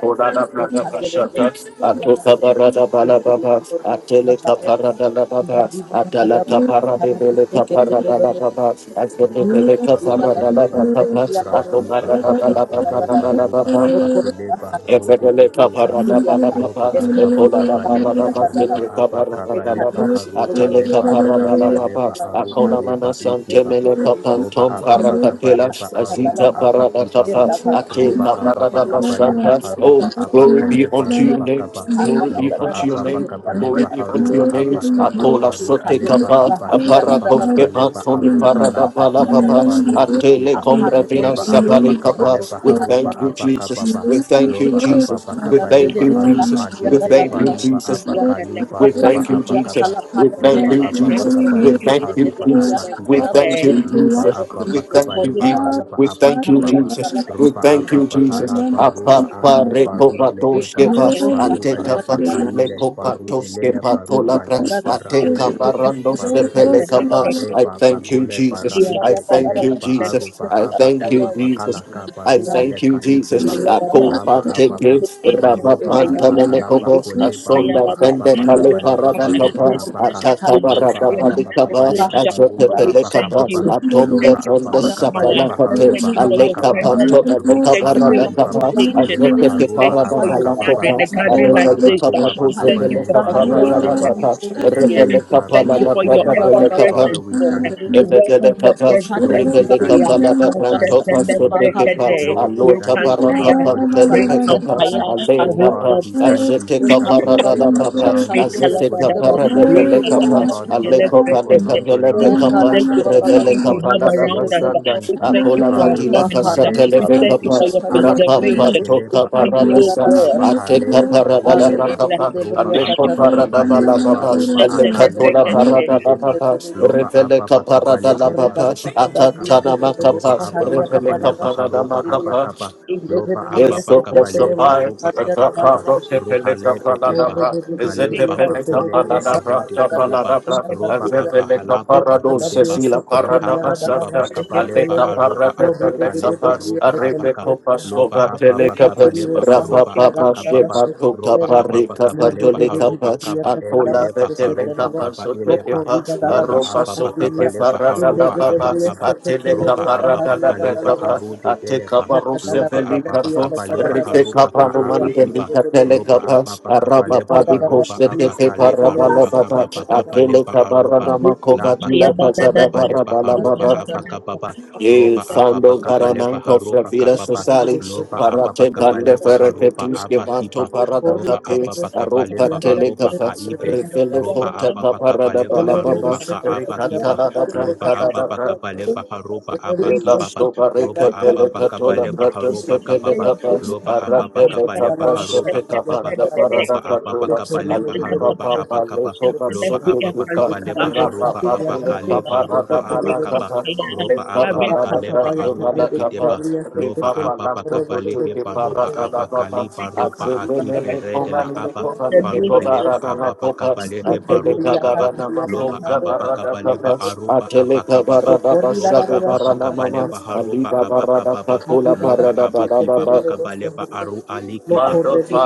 [SPEAKER 1] Kodada brada bashata, atoka barada bala baba, atele kapara dala baba, atala kapara de bele kapara dala
[SPEAKER 2] Thank you.
[SPEAKER 1] baba,
[SPEAKER 2] Carga da da da da da da da
[SPEAKER 1] atele bele kapara dala
[SPEAKER 4] Barukeleba,
[SPEAKER 1] baba,
[SPEAKER 4] Radiba
[SPEAKER 1] atobara dala baba
[SPEAKER 4] Akabaleba,
[SPEAKER 1] dala
[SPEAKER 4] Roba
[SPEAKER 1] baba,
[SPEAKER 4] Abakeleba, Rode
[SPEAKER 1] Efedele
[SPEAKER 4] Ikeba,
[SPEAKER 1] kaparada
[SPEAKER 4] Roba
[SPEAKER 1] balababa, ebolada
[SPEAKER 4] Abakabaleba,
[SPEAKER 1] barababa,
[SPEAKER 4] Aruba
[SPEAKER 1] fidri kaparada balaba,
[SPEAKER 4] Abakabaleba, Aru
[SPEAKER 1] atele
[SPEAKER 4] Aleba
[SPEAKER 1] kaparada lababa,
[SPEAKER 4] Akabaleba, Aru
[SPEAKER 1] akona mana
[SPEAKER 4] Aleba Ikeba,
[SPEAKER 1] santemele
[SPEAKER 4] Roba
[SPEAKER 1] kapantom
[SPEAKER 3] you.
[SPEAKER 1] parakapela,
[SPEAKER 4] Abakabaleba, Aruba
[SPEAKER 1] azita parada
[SPEAKER 4] Abakibaba,
[SPEAKER 1] kapa,
[SPEAKER 3] Thank
[SPEAKER 1] ate
[SPEAKER 4] Roba
[SPEAKER 1] kaparada
[SPEAKER 4] Abakabaleba,
[SPEAKER 1] basanda. Oh,
[SPEAKER 4] Aruba
[SPEAKER 1] glory be
[SPEAKER 4] Abakaleba,
[SPEAKER 1] unto your
[SPEAKER 4] Ruba
[SPEAKER 1] name.
[SPEAKER 4] Kaba,
[SPEAKER 1] Glory be
[SPEAKER 4] Loba
[SPEAKER 1] unto your
[SPEAKER 4] apa
[SPEAKER 1] name.
[SPEAKER 4] pakapa
[SPEAKER 1] Glory
[SPEAKER 4] leba
[SPEAKER 1] be unto your
[SPEAKER 4] haruba
[SPEAKER 1] name.
[SPEAKER 4] apa kiba
[SPEAKER 1] Akola
[SPEAKER 2] da
[SPEAKER 4] baru
[SPEAKER 1] sote
[SPEAKER 4] aleba
[SPEAKER 1] kapa,
[SPEAKER 4] apa
[SPEAKER 2] da
[SPEAKER 4] kiba
[SPEAKER 2] da
[SPEAKER 1] aparakov
[SPEAKER 2] da
[SPEAKER 4] pakapa
[SPEAKER 1] kepa,
[SPEAKER 4] leba
[SPEAKER 1] toni
[SPEAKER 4] aru
[SPEAKER 1] parada
[SPEAKER 4] kalaba
[SPEAKER 1] pala
[SPEAKER 2] Sahari
[SPEAKER 4] ibe
[SPEAKER 1] papa,
[SPEAKER 4] baru de
[SPEAKER 1] atele komra vina
[SPEAKER 4] Loba apa
[SPEAKER 1] sabali
[SPEAKER 4] pakapa
[SPEAKER 1] papa.
[SPEAKER 4] leba
[SPEAKER 1] We
[SPEAKER 4] haruba
[SPEAKER 2] and
[SPEAKER 1] thank you,
[SPEAKER 4] apa
[SPEAKER 2] the
[SPEAKER 1] Jesus.
[SPEAKER 4] kababa.
[SPEAKER 1] We thank you,
[SPEAKER 4] Loba
[SPEAKER 2] Thank
[SPEAKER 4] apa
[SPEAKER 1] Jesus. We
[SPEAKER 4] pakapa
[SPEAKER 1] thank
[SPEAKER 4] leba
[SPEAKER 1] you,
[SPEAKER 4] haru
[SPEAKER 1] Jesus.
[SPEAKER 4] adi
[SPEAKER 1] We
[SPEAKER 4] de
[SPEAKER 1] thank you,
[SPEAKER 4] baruba
[SPEAKER 1] Jesus.
[SPEAKER 4] apa kali
[SPEAKER 1] We
[SPEAKER 4] baruba
[SPEAKER 1] thank you,
[SPEAKER 4] apa kaba.
[SPEAKER 1] Jesus. We thank
[SPEAKER 4] Loba
[SPEAKER 1] you,
[SPEAKER 4] apa
[SPEAKER 1] Jesus.
[SPEAKER 4] pakapa
[SPEAKER 1] We
[SPEAKER 4] leba
[SPEAKER 1] thank you,
[SPEAKER 4] haruba apa
[SPEAKER 1] Jesus. We
[SPEAKER 4] kibaba.
[SPEAKER 1] thank you,
[SPEAKER 4] Loba
[SPEAKER 1] Jesus.
[SPEAKER 4] apa
[SPEAKER 1] We
[SPEAKER 4] pakapa
[SPEAKER 1] thank you,
[SPEAKER 5] Yes,
[SPEAKER 4] leba
[SPEAKER 1] Jesus.
[SPEAKER 4] aruba
[SPEAKER 1] We
[SPEAKER 4] apa
[SPEAKER 1] thank
[SPEAKER 5] I
[SPEAKER 1] you,
[SPEAKER 5] believe
[SPEAKER 4] kibaba.
[SPEAKER 1] Jesus.
[SPEAKER 5] I
[SPEAKER 1] We
[SPEAKER 4] Roba
[SPEAKER 5] have
[SPEAKER 1] thank
[SPEAKER 4] apa
[SPEAKER 1] you, Jesus.
[SPEAKER 4] pahala
[SPEAKER 5] the
[SPEAKER 4] baruba
[SPEAKER 5] next
[SPEAKER 1] Apapa
[SPEAKER 4] ali
[SPEAKER 5] step
[SPEAKER 3] you.
[SPEAKER 4] baru
[SPEAKER 5] and
[SPEAKER 4] leeba.
[SPEAKER 1] rekobatoskeva
[SPEAKER 3] Lord,
[SPEAKER 5] get to the
[SPEAKER 3] we
[SPEAKER 4] Baru
[SPEAKER 5] next
[SPEAKER 3] honor
[SPEAKER 1] ateka
[SPEAKER 5] step
[SPEAKER 4] eleba
[SPEAKER 1] pat
[SPEAKER 3] your majesty,
[SPEAKER 4] kaile, baru
[SPEAKER 1] lekopatoske
[SPEAKER 4] elele baru
[SPEAKER 1] patolabra
[SPEAKER 4] adi
[SPEAKER 3] Father,
[SPEAKER 4] bara
[SPEAKER 1] ateka
[SPEAKER 3] Lord,
[SPEAKER 4] eleba,
[SPEAKER 1] barandos
[SPEAKER 3] Lord,
[SPEAKER 1] de
[SPEAKER 3] of
[SPEAKER 4] baru
[SPEAKER 3] all
[SPEAKER 4] eleka
[SPEAKER 3] sons
[SPEAKER 1] pelekapa.
[SPEAKER 4] ka
[SPEAKER 3] and of
[SPEAKER 1] I
[SPEAKER 4] eba
[SPEAKER 1] thank you,
[SPEAKER 4] bakole
[SPEAKER 5] and
[SPEAKER 4] bara
[SPEAKER 1] Jesus.
[SPEAKER 5] get
[SPEAKER 1] I
[SPEAKER 4] ide
[SPEAKER 5] out
[SPEAKER 1] thank
[SPEAKER 5] of
[SPEAKER 4] belele
[SPEAKER 1] you,
[SPEAKER 4] ba
[SPEAKER 5] that.
[SPEAKER 4] aru
[SPEAKER 1] Jesus.
[SPEAKER 4] ba
[SPEAKER 1] I
[SPEAKER 4] aba
[SPEAKER 1] thank you,
[SPEAKER 4] kiba
[SPEAKER 2] you.
[SPEAKER 4] bakala
[SPEAKER 1] Jesus.
[SPEAKER 4] ka
[SPEAKER 1] I
[SPEAKER 4] baru
[SPEAKER 1] thank you,
[SPEAKER 4] eleka ike ba
[SPEAKER 1] Jesus. I
[SPEAKER 5] Mayabada,
[SPEAKER 3] all
[SPEAKER 1] call
[SPEAKER 3] the
[SPEAKER 4] laba
[SPEAKER 1] partake
[SPEAKER 4] ababa
[SPEAKER 1] it.
[SPEAKER 5] Sutu Ekam
[SPEAKER 4] baru ba aba
[SPEAKER 3] masters,
[SPEAKER 5] Hayabada,
[SPEAKER 4] halaba
[SPEAKER 1] Rabapantamenikovos.
[SPEAKER 3] and the
[SPEAKER 5] Ekam
[SPEAKER 4] kole baru
[SPEAKER 1] Asonda
[SPEAKER 4] ba
[SPEAKER 5] Hayabada,
[SPEAKER 4] aba
[SPEAKER 1] fende
[SPEAKER 3] men
[SPEAKER 1] pale
[SPEAKER 5] Ekam
[SPEAKER 4] bakabale ba
[SPEAKER 1] parada
[SPEAKER 5] Bada,
[SPEAKER 4] haru ba
[SPEAKER 1] kapas.
[SPEAKER 5] Medina
[SPEAKER 4] abaka
[SPEAKER 1] Ataka
[SPEAKER 5] Katusha,
[SPEAKER 4] loba
[SPEAKER 1] barada
[SPEAKER 4] aba
[SPEAKER 1] the
[SPEAKER 5] Medina
[SPEAKER 4] bakabale
[SPEAKER 1] kabas.
[SPEAKER 4] ba
[SPEAKER 5] Katusha.
[SPEAKER 4] haru
[SPEAKER 1] Achote
[SPEAKER 4] ba
[SPEAKER 5] Lord, we
[SPEAKER 1] pele
[SPEAKER 4] abaka
[SPEAKER 5] thank you.
[SPEAKER 4] baba
[SPEAKER 2] Thank
[SPEAKER 1] kapas.
[SPEAKER 2] you.
[SPEAKER 5] We
[SPEAKER 3] of
[SPEAKER 1] Atombe
[SPEAKER 3] the
[SPEAKER 5] thank
[SPEAKER 4] loba
[SPEAKER 5] you
[SPEAKER 4] aba
[SPEAKER 5] for
[SPEAKER 1] tonde
[SPEAKER 2] Thank
[SPEAKER 5] your
[SPEAKER 3] masters,
[SPEAKER 5] power.
[SPEAKER 4] bakabale
[SPEAKER 1] sapala
[SPEAKER 4] ba
[SPEAKER 5] We
[SPEAKER 4] haru
[SPEAKER 3] and
[SPEAKER 5] thank
[SPEAKER 1] kapas.
[SPEAKER 4] ba
[SPEAKER 3] the
[SPEAKER 5] you
[SPEAKER 3] men.
[SPEAKER 5] for your
[SPEAKER 4] abaka
[SPEAKER 1] Aleka
[SPEAKER 4] baba
[SPEAKER 5] presence.
[SPEAKER 3] We
[SPEAKER 1] pato
[SPEAKER 3] will
[SPEAKER 5] We
[SPEAKER 4] roba
[SPEAKER 3] not
[SPEAKER 1] aleka
[SPEAKER 5] thank you
[SPEAKER 3] shun
[SPEAKER 4] aba
[SPEAKER 5] for
[SPEAKER 3] that,
[SPEAKER 1] barada
[SPEAKER 5] your
[SPEAKER 4] kiba
[SPEAKER 1] kapas.
[SPEAKER 3] and
[SPEAKER 5] visitation.
[SPEAKER 4] bakabale ba
[SPEAKER 3] the
[SPEAKER 1] Achote
[SPEAKER 5] We
[SPEAKER 3] men.
[SPEAKER 1] pe
[SPEAKER 4] haru ba
[SPEAKER 5] thank you
[SPEAKER 1] parada
[SPEAKER 5] for your
[SPEAKER 4] abaka
[SPEAKER 1] pala
[SPEAKER 5] gathering, a
[SPEAKER 1] kapas.
[SPEAKER 5] gathering
[SPEAKER 4] roba
[SPEAKER 5] like
[SPEAKER 3] Lord, we
[SPEAKER 1] Arebele
[SPEAKER 4] apa
[SPEAKER 5] this.
[SPEAKER 4] ke
[SPEAKER 3] bless
[SPEAKER 4] papa
[SPEAKER 1] kapato
[SPEAKER 5] We thank
[SPEAKER 3] you.
[SPEAKER 5] you
[SPEAKER 1] zepele
[SPEAKER 4] kapale
[SPEAKER 5] for
[SPEAKER 4] baru
[SPEAKER 1] kaparada
[SPEAKER 3] Lord,
[SPEAKER 5] saturating
[SPEAKER 1] la
[SPEAKER 5] the
[SPEAKER 4] alaba
[SPEAKER 1] kapas.
[SPEAKER 3] we honor
[SPEAKER 5] atmosphere.
[SPEAKER 3] you.
[SPEAKER 1] Rebele
[SPEAKER 4] elete
[SPEAKER 5] We thank
[SPEAKER 4] baru
[SPEAKER 1] kapala
[SPEAKER 5] you
[SPEAKER 3] Yes,
[SPEAKER 1] da
[SPEAKER 5] for your
[SPEAKER 1] prada
[SPEAKER 4] dekeleba keleba.
[SPEAKER 5] ever
[SPEAKER 1] pele
[SPEAKER 3] and
[SPEAKER 1] kapas.
[SPEAKER 4] Father,
[SPEAKER 5] presence,
[SPEAKER 4] we
[SPEAKER 5] Lord.
[SPEAKER 3] the
[SPEAKER 4] thank you.
[SPEAKER 5] We
[SPEAKER 3] men.
[SPEAKER 1] Ebedele
[SPEAKER 5] welcome your
[SPEAKER 1] kapa,
[SPEAKER 5] presence
[SPEAKER 3] Lord,
[SPEAKER 4] Lord,
[SPEAKER 3] we
[SPEAKER 4] we
[SPEAKER 5] every
[SPEAKER 1] rebele
[SPEAKER 5] day.
[SPEAKER 4] thank
[SPEAKER 3] sing the
[SPEAKER 1] kapa
[SPEAKER 3] men
[SPEAKER 4] you.
[SPEAKER 3] of
[SPEAKER 1] la da
[SPEAKER 3] the
[SPEAKER 4] Thank
[SPEAKER 1] branto pa
[SPEAKER 4] you,
[SPEAKER 3] masters.
[SPEAKER 1] sote
[SPEAKER 4] Jesus.
[SPEAKER 1] kepa,
[SPEAKER 5] Ashetelebrekede,
[SPEAKER 4] Lord, we
[SPEAKER 1] alo
[SPEAKER 4] thank
[SPEAKER 3] Ba,
[SPEAKER 4] you
[SPEAKER 1] tapa
[SPEAKER 4] for
[SPEAKER 3] ba,
[SPEAKER 4] how
[SPEAKER 1] raka
[SPEAKER 5] Rekantaya,
[SPEAKER 3] ba,
[SPEAKER 4] far
[SPEAKER 3] ba, ba,
[SPEAKER 4] you
[SPEAKER 1] pantele
[SPEAKER 3] ba,
[SPEAKER 4] brought
[SPEAKER 1] be
[SPEAKER 4] your
[SPEAKER 3] ba,
[SPEAKER 1] kapa,
[SPEAKER 3] ba,
[SPEAKER 5] Rekampaya,
[SPEAKER 4] people.
[SPEAKER 3] ba.
[SPEAKER 1] ale
[SPEAKER 4] Oh,
[SPEAKER 1] kapa,
[SPEAKER 4] Father, we
[SPEAKER 5] Rekampaya,
[SPEAKER 4] thank
[SPEAKER 3] Lord, we
[SPEAKER 4] you
[SPEAKER 1] azete
[SPEAKER 3] sing
[SPEAKER 4] that
[SPEAKER 1] kapa
[SPEAKER 4] your
[SPEAKER 1] rada da
[SPEAKER 4] favor
[SPEAKER 3] the
[SPEAKER 1] papa,
[SPEAKER 3] men of
[SPEAKER 4] surrounds
[SPEAKER 3] the
[SPEAKER 4] your
[SPEAKER 3] masters.
[SPEAKER 1] azete
[SPEAKER 4] people like a
[SPEAKER 1] kapa
[SPEAKER 5] Rekalabadaba,
[SPEAKER 1] rada
[SPEAKER 4] shield.
[SPEAKER 1] bele
[SPEAKER 3] Thank
[SPEAKER 4] Oh,
[SPEAKER 1] kapa,
[SPEAKER 4] Father, we
[SPEAKER 1] ale
[SPEAKER 4] thank you
[SPEAKER 1] kopa
[SPEAKER 4] for
[SPEAKER 1] le
[SPEAKER 5] Rekalabasikelebrekete.
[SPEAKER 4] numbering
[SPEAKER 1] kabele
[SPEAKER 4] us
[SPEAKER 1] be
[SPEAKER 5] Lord, we
[SPEAKER 4] amongst
[SPEAKER 1] kapa,
[SPEAKER 5] thank
[SPEAKER 4] the
[SPEAKER 5] you for
[SPEAKER 4] sheep,
[SPEAKER 5] the
[SPEAKER 4] oh
[SPEAKER 1] revele
[SPEAKER 5] peace you
[SPEAKER 4] God.
[SPEAKER 1] kapa
[SPEAKER 5] have
[SPEAKER 1] la da
[SPEAKER 5] around
[SPEAKER 4] Lord,
[SPEAKER 5] us.
[SPEAKER 4] we
[SPEAKER 2] you
[SPEAKER 4] thank
[SPEAKER 1] basanda,
[SPEAKER 5] We
[SPEAKER 4] you.
[SPEAKER 5] thank you
[SPEAKER 1] Akola
[SPEAKER 5] for our
[SPEAKER 1] vadila
[SPEAKER 4] Karoba,
[SPEAKER 5] families.
[SPEAKER 4] Bale,
[SPEAKER 2] makara
[SPEAKER 1] kasata
[SPEAKER 5] We
[SPEAKER 1] leve
[SPEAKER 5] thank
[SPEAKER 2] baba
[SPEAKER 5] you
[SPEAKER 4] Barude,
[SPEAKER 1] kapa.
[SPEAKER 5] for your
[SPEAKER 2] shataria
[SPEAKER 4] Ala,
[SPEAKER 1] Rapa
[SPEAKER 2] de de
[SPEAKER 4] Kile,
[SPEAKER 2] de
[SPEAKER 5] preservation.
[SPEAKER 1] pato
[SPEAKER 5] We
[SPEAKER 4] Beleba,
[SPEAKER 2] de
[SPEAKER 5] thank
[SPEAKER 2] kuria
[SPEAKER 5] you,
[SPEAKER 1] kaparadasa.
[SPEAKER 4] Akoroba,
[SPEAKER 2] gada la
[SPEAKER 5] God.
[SPEAKER 2] bas
[SPEAKER 5] We
[SPEAKER 4] Abahale,
[SPEAKER 1] Ateka
[SPEAKER 5] thank you for
[SPEAKER 4] Baru,
[SPEAKER 1] parada
[SPEAKER 5] the
[SPEAKER 1] la
[SPEAKER 2] arre de
[SPEAKER 4] Eleba,
[SPEAKER 2] de
[SPEAKER 5] victories.
[SPEAKER 2] de
[SPEAKER 1] bakapa.
[SPEAKER 2] de
[SPEAKER 4] Roba,
[SPEAKER 2] bria
[SPEAKER 1] Aleko
[SPEAKER 2] kata
[SPEAKER 4] Ababa,
[SPEAKER 2] da da
[SPEAKER 1] parada
[SPEAKER 2] bas
[SPEAKER 4] Kabale,
[SPEAKER 2] de
[SPEAKER 1] bala
[SPEAKER 2] de
[SPEAKER 1] baba.
[SPEAKER 2] de de
[SPEAKER 4] Ebaruba,
[SPEAKER 2] de da do do
[SPEAKER 1] Alekato
[SPEAKER 4] Akali,
[SPEAKER 2] do
[SPEAKER 1] la
[SPEAKER 2] do
[SPEAKER 5] Ashetelebrekete,
[SPEAKER 2] do
[SPEAKER 4] Baru,
[SPEAKER 1] parada
[SPEAKER 2] do
[SPEAKER 1] la
[SPEAKER 4] Kedeba,
[SPEAKER 2] de
[SPEAKER 5] Rekalabasikelebre-
[SPEAKER 1] baba.
[SPEAKER 2] de de de
[SPEAKER 4] loba
[SPEAKER 2] musa
[SPEAKER 1] Revele kaparada
[SPEAKER 4] ababakabale
[SPEAKER 1] la
[SPEAKER 2] arre
[SPEAKER 4] heba
[SPEAKER 1] baba.
[SPEAKER 2] gada da
[SPEAKER 4] roba
[SPEAKER 2] da da bria
[SPEAKER 4] abakaba
[SPEAKER 1] Akatana
[SPEAKER 2] kete de
[SPEAKER 4] roba
[SPEAKER 1] makapa.
[SPEAKER 2] musa haria
[SPEAKER 1] Revele
[SPEAKER 2] gada la
[SPEAKER 4] ababakabale
[SPEAKER 2] bas
[SPEAKER 4] baha
[SPEAKER 1] kaparada
[SPEAKER 4] roba
[SPEAKER 2] katiria
[SPEAKER 1] makapa.
[SPEAKER 4] abakaba
[SPEAKER 2] inde de
[SPEAKER 4] loba
[SPEAKER 2] de
[SPEAKER 5] Fire and
[SPEAKER 2] bria
[SPEAKER 1] Eso
[SPEAKER 2] kete
[SPEAKER 4] ababakabale
[SPEAKER 2] de
[SPEAKER 5] break
[SPEAKER 4] ba
[SPEAKER 1] prosopai,
[SPEAKER 2] musa
[SPEAKER 5] it,
[SPEAKER 4] roba
[SPEAKER 2] haria gada
[SPEAKER 1] rakapa
[SPEAKER 2] la
[SPEAKER 4] abakaba
[SPEAKER 2] bas
[SPEAKER 1] prote
[SPEAKER 5] break
[SPEAKER 1] peleka
[SPEAKER 4] rohalebe
[SPEAKER 5] it,
[SPEAKER 4] eba
[SPEAKER 1] paladabra,
[SPEAKER 2] Rakatala
[SPEAKER 4] kale
[SPEAKER 5] break
[SPEAKER 1] ezete
[SPEAKER 5] out,
[SPEAKER 4] baba
[SPEAKER 1] peleka
[SPEAKER 5] break
[SPEAKER 4] kole
[SPEAKER 5] out,
[SPEAKER 4] eba
[SPEAKER 1] paladabra,
[SPEAKER 4] rude kideba
[SPEAKER 5] break
[SPEAKER 1] tapaladabra,
[SPEAKER 4] roba
[SPEAKER 5] out.
[SPEAKER 1] azepeleka
[SPEAKER 4] abahalaba
[SPEAKER 1] parado
[SPEAKER 4] bakideba
[SPEAKER 1] sesila
[SPEAKER 4] rahaba
[SPEAKER 1] paradaba sata,
[SPEAKER 5] Thank
[SPEAKER 4] kibabakabale ba
[SPEAKER 1] aleka
[SPEAKER 4] aroba
[SPEAKER 1] parate peleka
[SPEAKER 4] abakale ba
[SPEAKER 1] pas,
[SPEAKER 4] roba
[SPEAKER 1] arebe
[SPEAKER 4] abaka
[SPEAKER 1] kopas
[SPEAKER 4] loba
[SPEAKER 1] kova teleka
[SPEAKER 4] ababakabale
[SPEAKER 1] pas,
[SPEAKER 4] ba
[SPEAKER 1] rapa
[SPEAKER 4] aroba
[SPEAKER 1] papas
[SPEAKER 4] abakababa
[SPEAKER 1] jepa tuka
[SPEAKER 4] roba
[SPEAKER 1] parika
[SPEAKER 4] ababakabale ba haroba kaba
[SPEAKER 1] patoleka Ola
[SPEAKER 4] ebele
[SPEAKER 1] betele
[SPEAKER 4] karuba
[SPEAKER 1] kapa
[SPEAKER 4] kaba
[SPEAKER 1] sote
[SPEAKER 4] eleba.
[SPEAKER 1] kepa,
[SPEAKER 4] Loba
[SPEAKER 1] aroka
[SPEAKER 4] ababa
[SPEAKER 1] sote kepa
[SPEAKER 4] kabaleba
[SPEAKER 1] raka la
[SPEAKER 4] haroba
[SPEAKER 1] baba,
[SPEAKER 4] abakaba.
[SPEAKER 1] atele
[SPEAKER 4] Roba
[SPEAKER 1] kapa
[SPEAKER 4] ababa
[SPEAKER 1] raka la
[SPEAKER 4] kaleba
[SPEAKER 1] bekapa,
[SPEAKER 4] harude
[SPEAKER 1] ate
[SPEAKER 4] eleba.
[SPEAKER 1] kapa ruse
[SPEAKER 4] Loba
[SPEAKER 1] veli
[SPEAKER 2] bagada
[SPEAKER 4] ababa
[SPEAKER 2] briya
[SPEAKER 1] kato,
[SPEAKER 2] katada
[SPEAKER 4] kabaleba
[SPEAKER 2] da
[SPEAKER 1] rite
[SPEAKER 2] bashke
[SPEAKER 4] haroba
[SPEAKER 1] kapa
[SPEAKER 2] tele ya
[SPEAKER 4] kaaba
[SPEAKER 1] numande
[SPEAKER 2] bodo
[SPEAKER 4] kiba.
[SPEAKER 1] lika
[SPEAKER 2] bodo bodo
[SPEAKER 1] tele
[SPEAKER 4] Roba
[SPEAKER 2] bodo.
[SPEAKER 1] kapa,
[SPEAKER 4] ababa
[SPEAKER 1] araba
[SPEAKER 4] kabaleba
[SPEAKER 1] babi
[SPEAKER 4] haroba
[SPEAKER 1] koste te kepa
[SPEAKER 4] abakaleba
[SPEAKER 1] raba la
[SPEAKER 4] roba
[SPEAKER 1] baba,
[SPEAKER 4] kababa
[SPEAKER 1] atele
[SPEAKER 4] kabaleba
[SPEAKER 1] kapa
[SPEAKER 4] aroba.
[SPEAKER 1] rana makova
[SPEAKER 4] Laba
[SPEAKER 1] dila
[SPEAKER 4] kibaba
[SPEAKER 1] kazada
[SPEAKER 4] kabaleba
[SPEAKER 1] baraba la
[SPEAKER 4] haroba
[SPEAKER 1] baba,
[SPEAKER 4] abakababa.
[SPEAKER 1] Ye
[SPEAKER 4] Roba ababa
[SPEAKER 1] fando baramanco
[SPEAKER 4] haroba
[SPEAKER 1] fravira
[SPEAKER 4] kababa.
[SPEAKER 1] sociali,
[SPEAKER 4] Loba ababa
[SPEAKER 1] parate bande
[SPEAKER 4] kabaleba
[SPEAKER 1] ferrete
[SPEAKER 4] haroba
[SPEAKER 1] tuske
[SPEAKER 2] Corri
[SPEAKER 1] vanto
[SPEAKER 4] abakiba.
[SPEAKER 5] you.
[SPEAKER 1] parada
[SPEAKER 4] Loba
[SPEAKER 1] cate,
[SPEAKER 4] ababa
[SPEAKER 5] The
[SPEAKER 1] aropa
[SPEAKER 4] kabaleba aroba
[SPEAKER 1] telecafa,
[SPEAKER 4] kaibe
[SPEAKER 1] refele
[SPEAKER 4] roba
[SPEAKER 1] fota
[SPEAKER 4] ababa
[SPEAKER 1] caparada
[SPEAKER 4] kabale baha
[SPEAKER 2] Elelele
[SPEAKER 1] balababa,
[SPEAKER 4] roba ka
[SPEAKER 2] sokoto ya
[SPEAKER 4] abakiba
[SPEAKER 1] ricatala da
[SPEAKER 2] bagada diye
[SPEAKER 4] roba
[SPEAKER 2] katana
[SPEAKER 4] ababa
[SPEAKER 1] brantala
[SPEAKER 2] başlıyor.
[SPEAKER 4] kabale baha roba
[SPEAKER 2] Elele
[SPEAKER 4] abakibaba
[SPEAKER 2] sokoto
[SPEAKER 1] Velasto
[SPEAKER 2] ya
[SPEAKER 1] bareke
[SPEAKER 4] roba
[SPEAKER 2] gada bayan
[SPEAKER 4] ababa
[SPEAKER 1] peleka
[SPEAKER 2] dedi.
[SPEAKER 1] tola
[SPEAKER 4] kabale baha
[SPEAKER 1] pratos ke
[SPEAKER 4] roba kababa
[SPEAKER 1] peleka pas
[SPEAKER 4] roba ababa
[SPEAKER 1] arate
[SPEAKER 2] Akarrida
[SPEAKER 4] kabale
[SPEAKER 1] beka
[SPEAKER 2] dala
[SPEAKER 4] baha
[SPEAKER 1] brasho
[SPEAKER 4] roba
[SPEAKER 2] başlata
[SPEAKER 1] peka
[SPEAKER 2] ya
[SPEAKER 4] kababa
[SPEAKER 2] gada
[SPEAKER 1] panda
[SPEAKER 2] dala
[SPEAKER 4] roba
[SPEAKER 2] başlıyor.
[SPEAKER 1] parada
[SPEAKER 4] ababa
[SPEAKER 1] katola
[SPEAKER 4] kabale
[SPEAKER 2] Lokori de de
[SPEAKER 4] baha
[SPEAKER 2] de
[SPEAKER 1] alipa
[SPEAKER 2] de
[SPEAKER 4] roba
[SPEAKER 2] ya
[SPEAKER 1] papa
[SPEAKER 4] abakaba
[SPEAKER 2] katana
[SPEAKER 1] leko
[SPEAKER 2] de de
[SPEAKER 4] roba
[SPEAKER 1] baso
[SPEAKER 2] başlıyor.
[SPEAKER 4] ababa
[SPEAKER 1] kukupa
[SPEAKER 4] kabale
[SPEAKER 2] Yıkanı
[SPEAKER 4] baha
[SPEAKER 1] rapa
[SPEAKER 2] dosa
[SPEAKER 4] roba
[SPEAKER 2] ya gada
[SPEAKER 1] papule
[SPEAKER 2] dala
[SPEAKER 4] abakale ba roba
[SPEAKER 1] kaparada
[SPEAKER 2] başlıyor. Elele
[SPEAKER 1] balaka
[SPEAKER 4] abakaba
[SPEAKER 1] pa
[SPEAKER 4] roba
[SPEAKER 1] leka
[SPEAKER 4] ababa
[SPEAKER 1] palada
[SPEAKER 4] kale
[SPEAKER 2] Rapa
[SPEAKER 4] ba
[SPEAKER 2] bayan
[SPEAKER 1] brato
[SPEAKER 2] de
[SPEAKER 4] arude
[SPEAKER 2] rebe
[SPEAKER 1] balaka pa
[SPEAKER 2] de
[SPEAKER 4] kideba
[SPEAKER 2] de ya
[SPEAKER 4] loba
[SPEAKER 1] riva
[SPEAKER 4] ababa
[SPEAKER 2] ya
[SPEAKER 1] palako
[SPEAKER 2] robo de
[SPEAKER 4] kabale
[SPEAKER 1] tutu ke
[SPEAKER 4] heba roba
[SPEAKER 1] parada
[SPEAKER 2] de
[SPEAKER 1] la papa
[SPEAKER 4] abakale ba roba
[SPEAKER 1] azubene leko
[SPEAKER 4] akiberede la
[SPEAKER 1] mani
[SPEAKER 4] aba
[SPEAKER 1] leko mani
[SPEAKER 5] name
[SPEAKER 1] leko
[SPEAKER 5] of
[SPEAKER 4] Baruhele
[SPEAKER 5] Jesus,
[SPEAKER 4] ba ababa
[SPEAKER 1] barada
[SPEAKER 5] Thank
[SPEAKER 4] kabale
[SPEAKER 5] you,
[SPEAKER 4] he
[SPEAKER 5] Lord.
[SPEAKER 4] baroba
[SPEAKER 1] Ateleka
[SPEAKER 4] kaba
[SPEAKER 1] barana
[SPEAKER 5] Thank
[SPEAKER 4] loba
[SPEAKER 5] you,
[SPEAKER 1] makomza
[SPEAKER 5] Lord.
[SPEAKER 4] ababa
[SPEAKER 1] barada
[SPEAKER 4] kabale ba
[SPEAKER 1] kaba.
[SPEAKER 4] aruba
[SPEAKER 1] Ateleka
[SPEAKER 4] abakababa
[SPEAKER 1] barada
[SPEAKER 4] roba
[SPEAKER 1] bashabe
[SPEAKER 4] ababa
[SPEAKER 1] barana
[SPEAKER 4] kabale
[SPEAKER 1] mama.
[SPEAKER 4] ba haruba
[SPEAKER 1] Aliba barada
[SPEAKER 4] abakababa
[SPEAKER 1] katula
[SPEAKER 4] loba
[SPEAKER 1] parada
[SPEAKER 4] abaki baba
[SPEAKER 1] barababa.
[SPEAKER 4] kabale ba aru aliki ba
[SPEAKER 5] Thank you,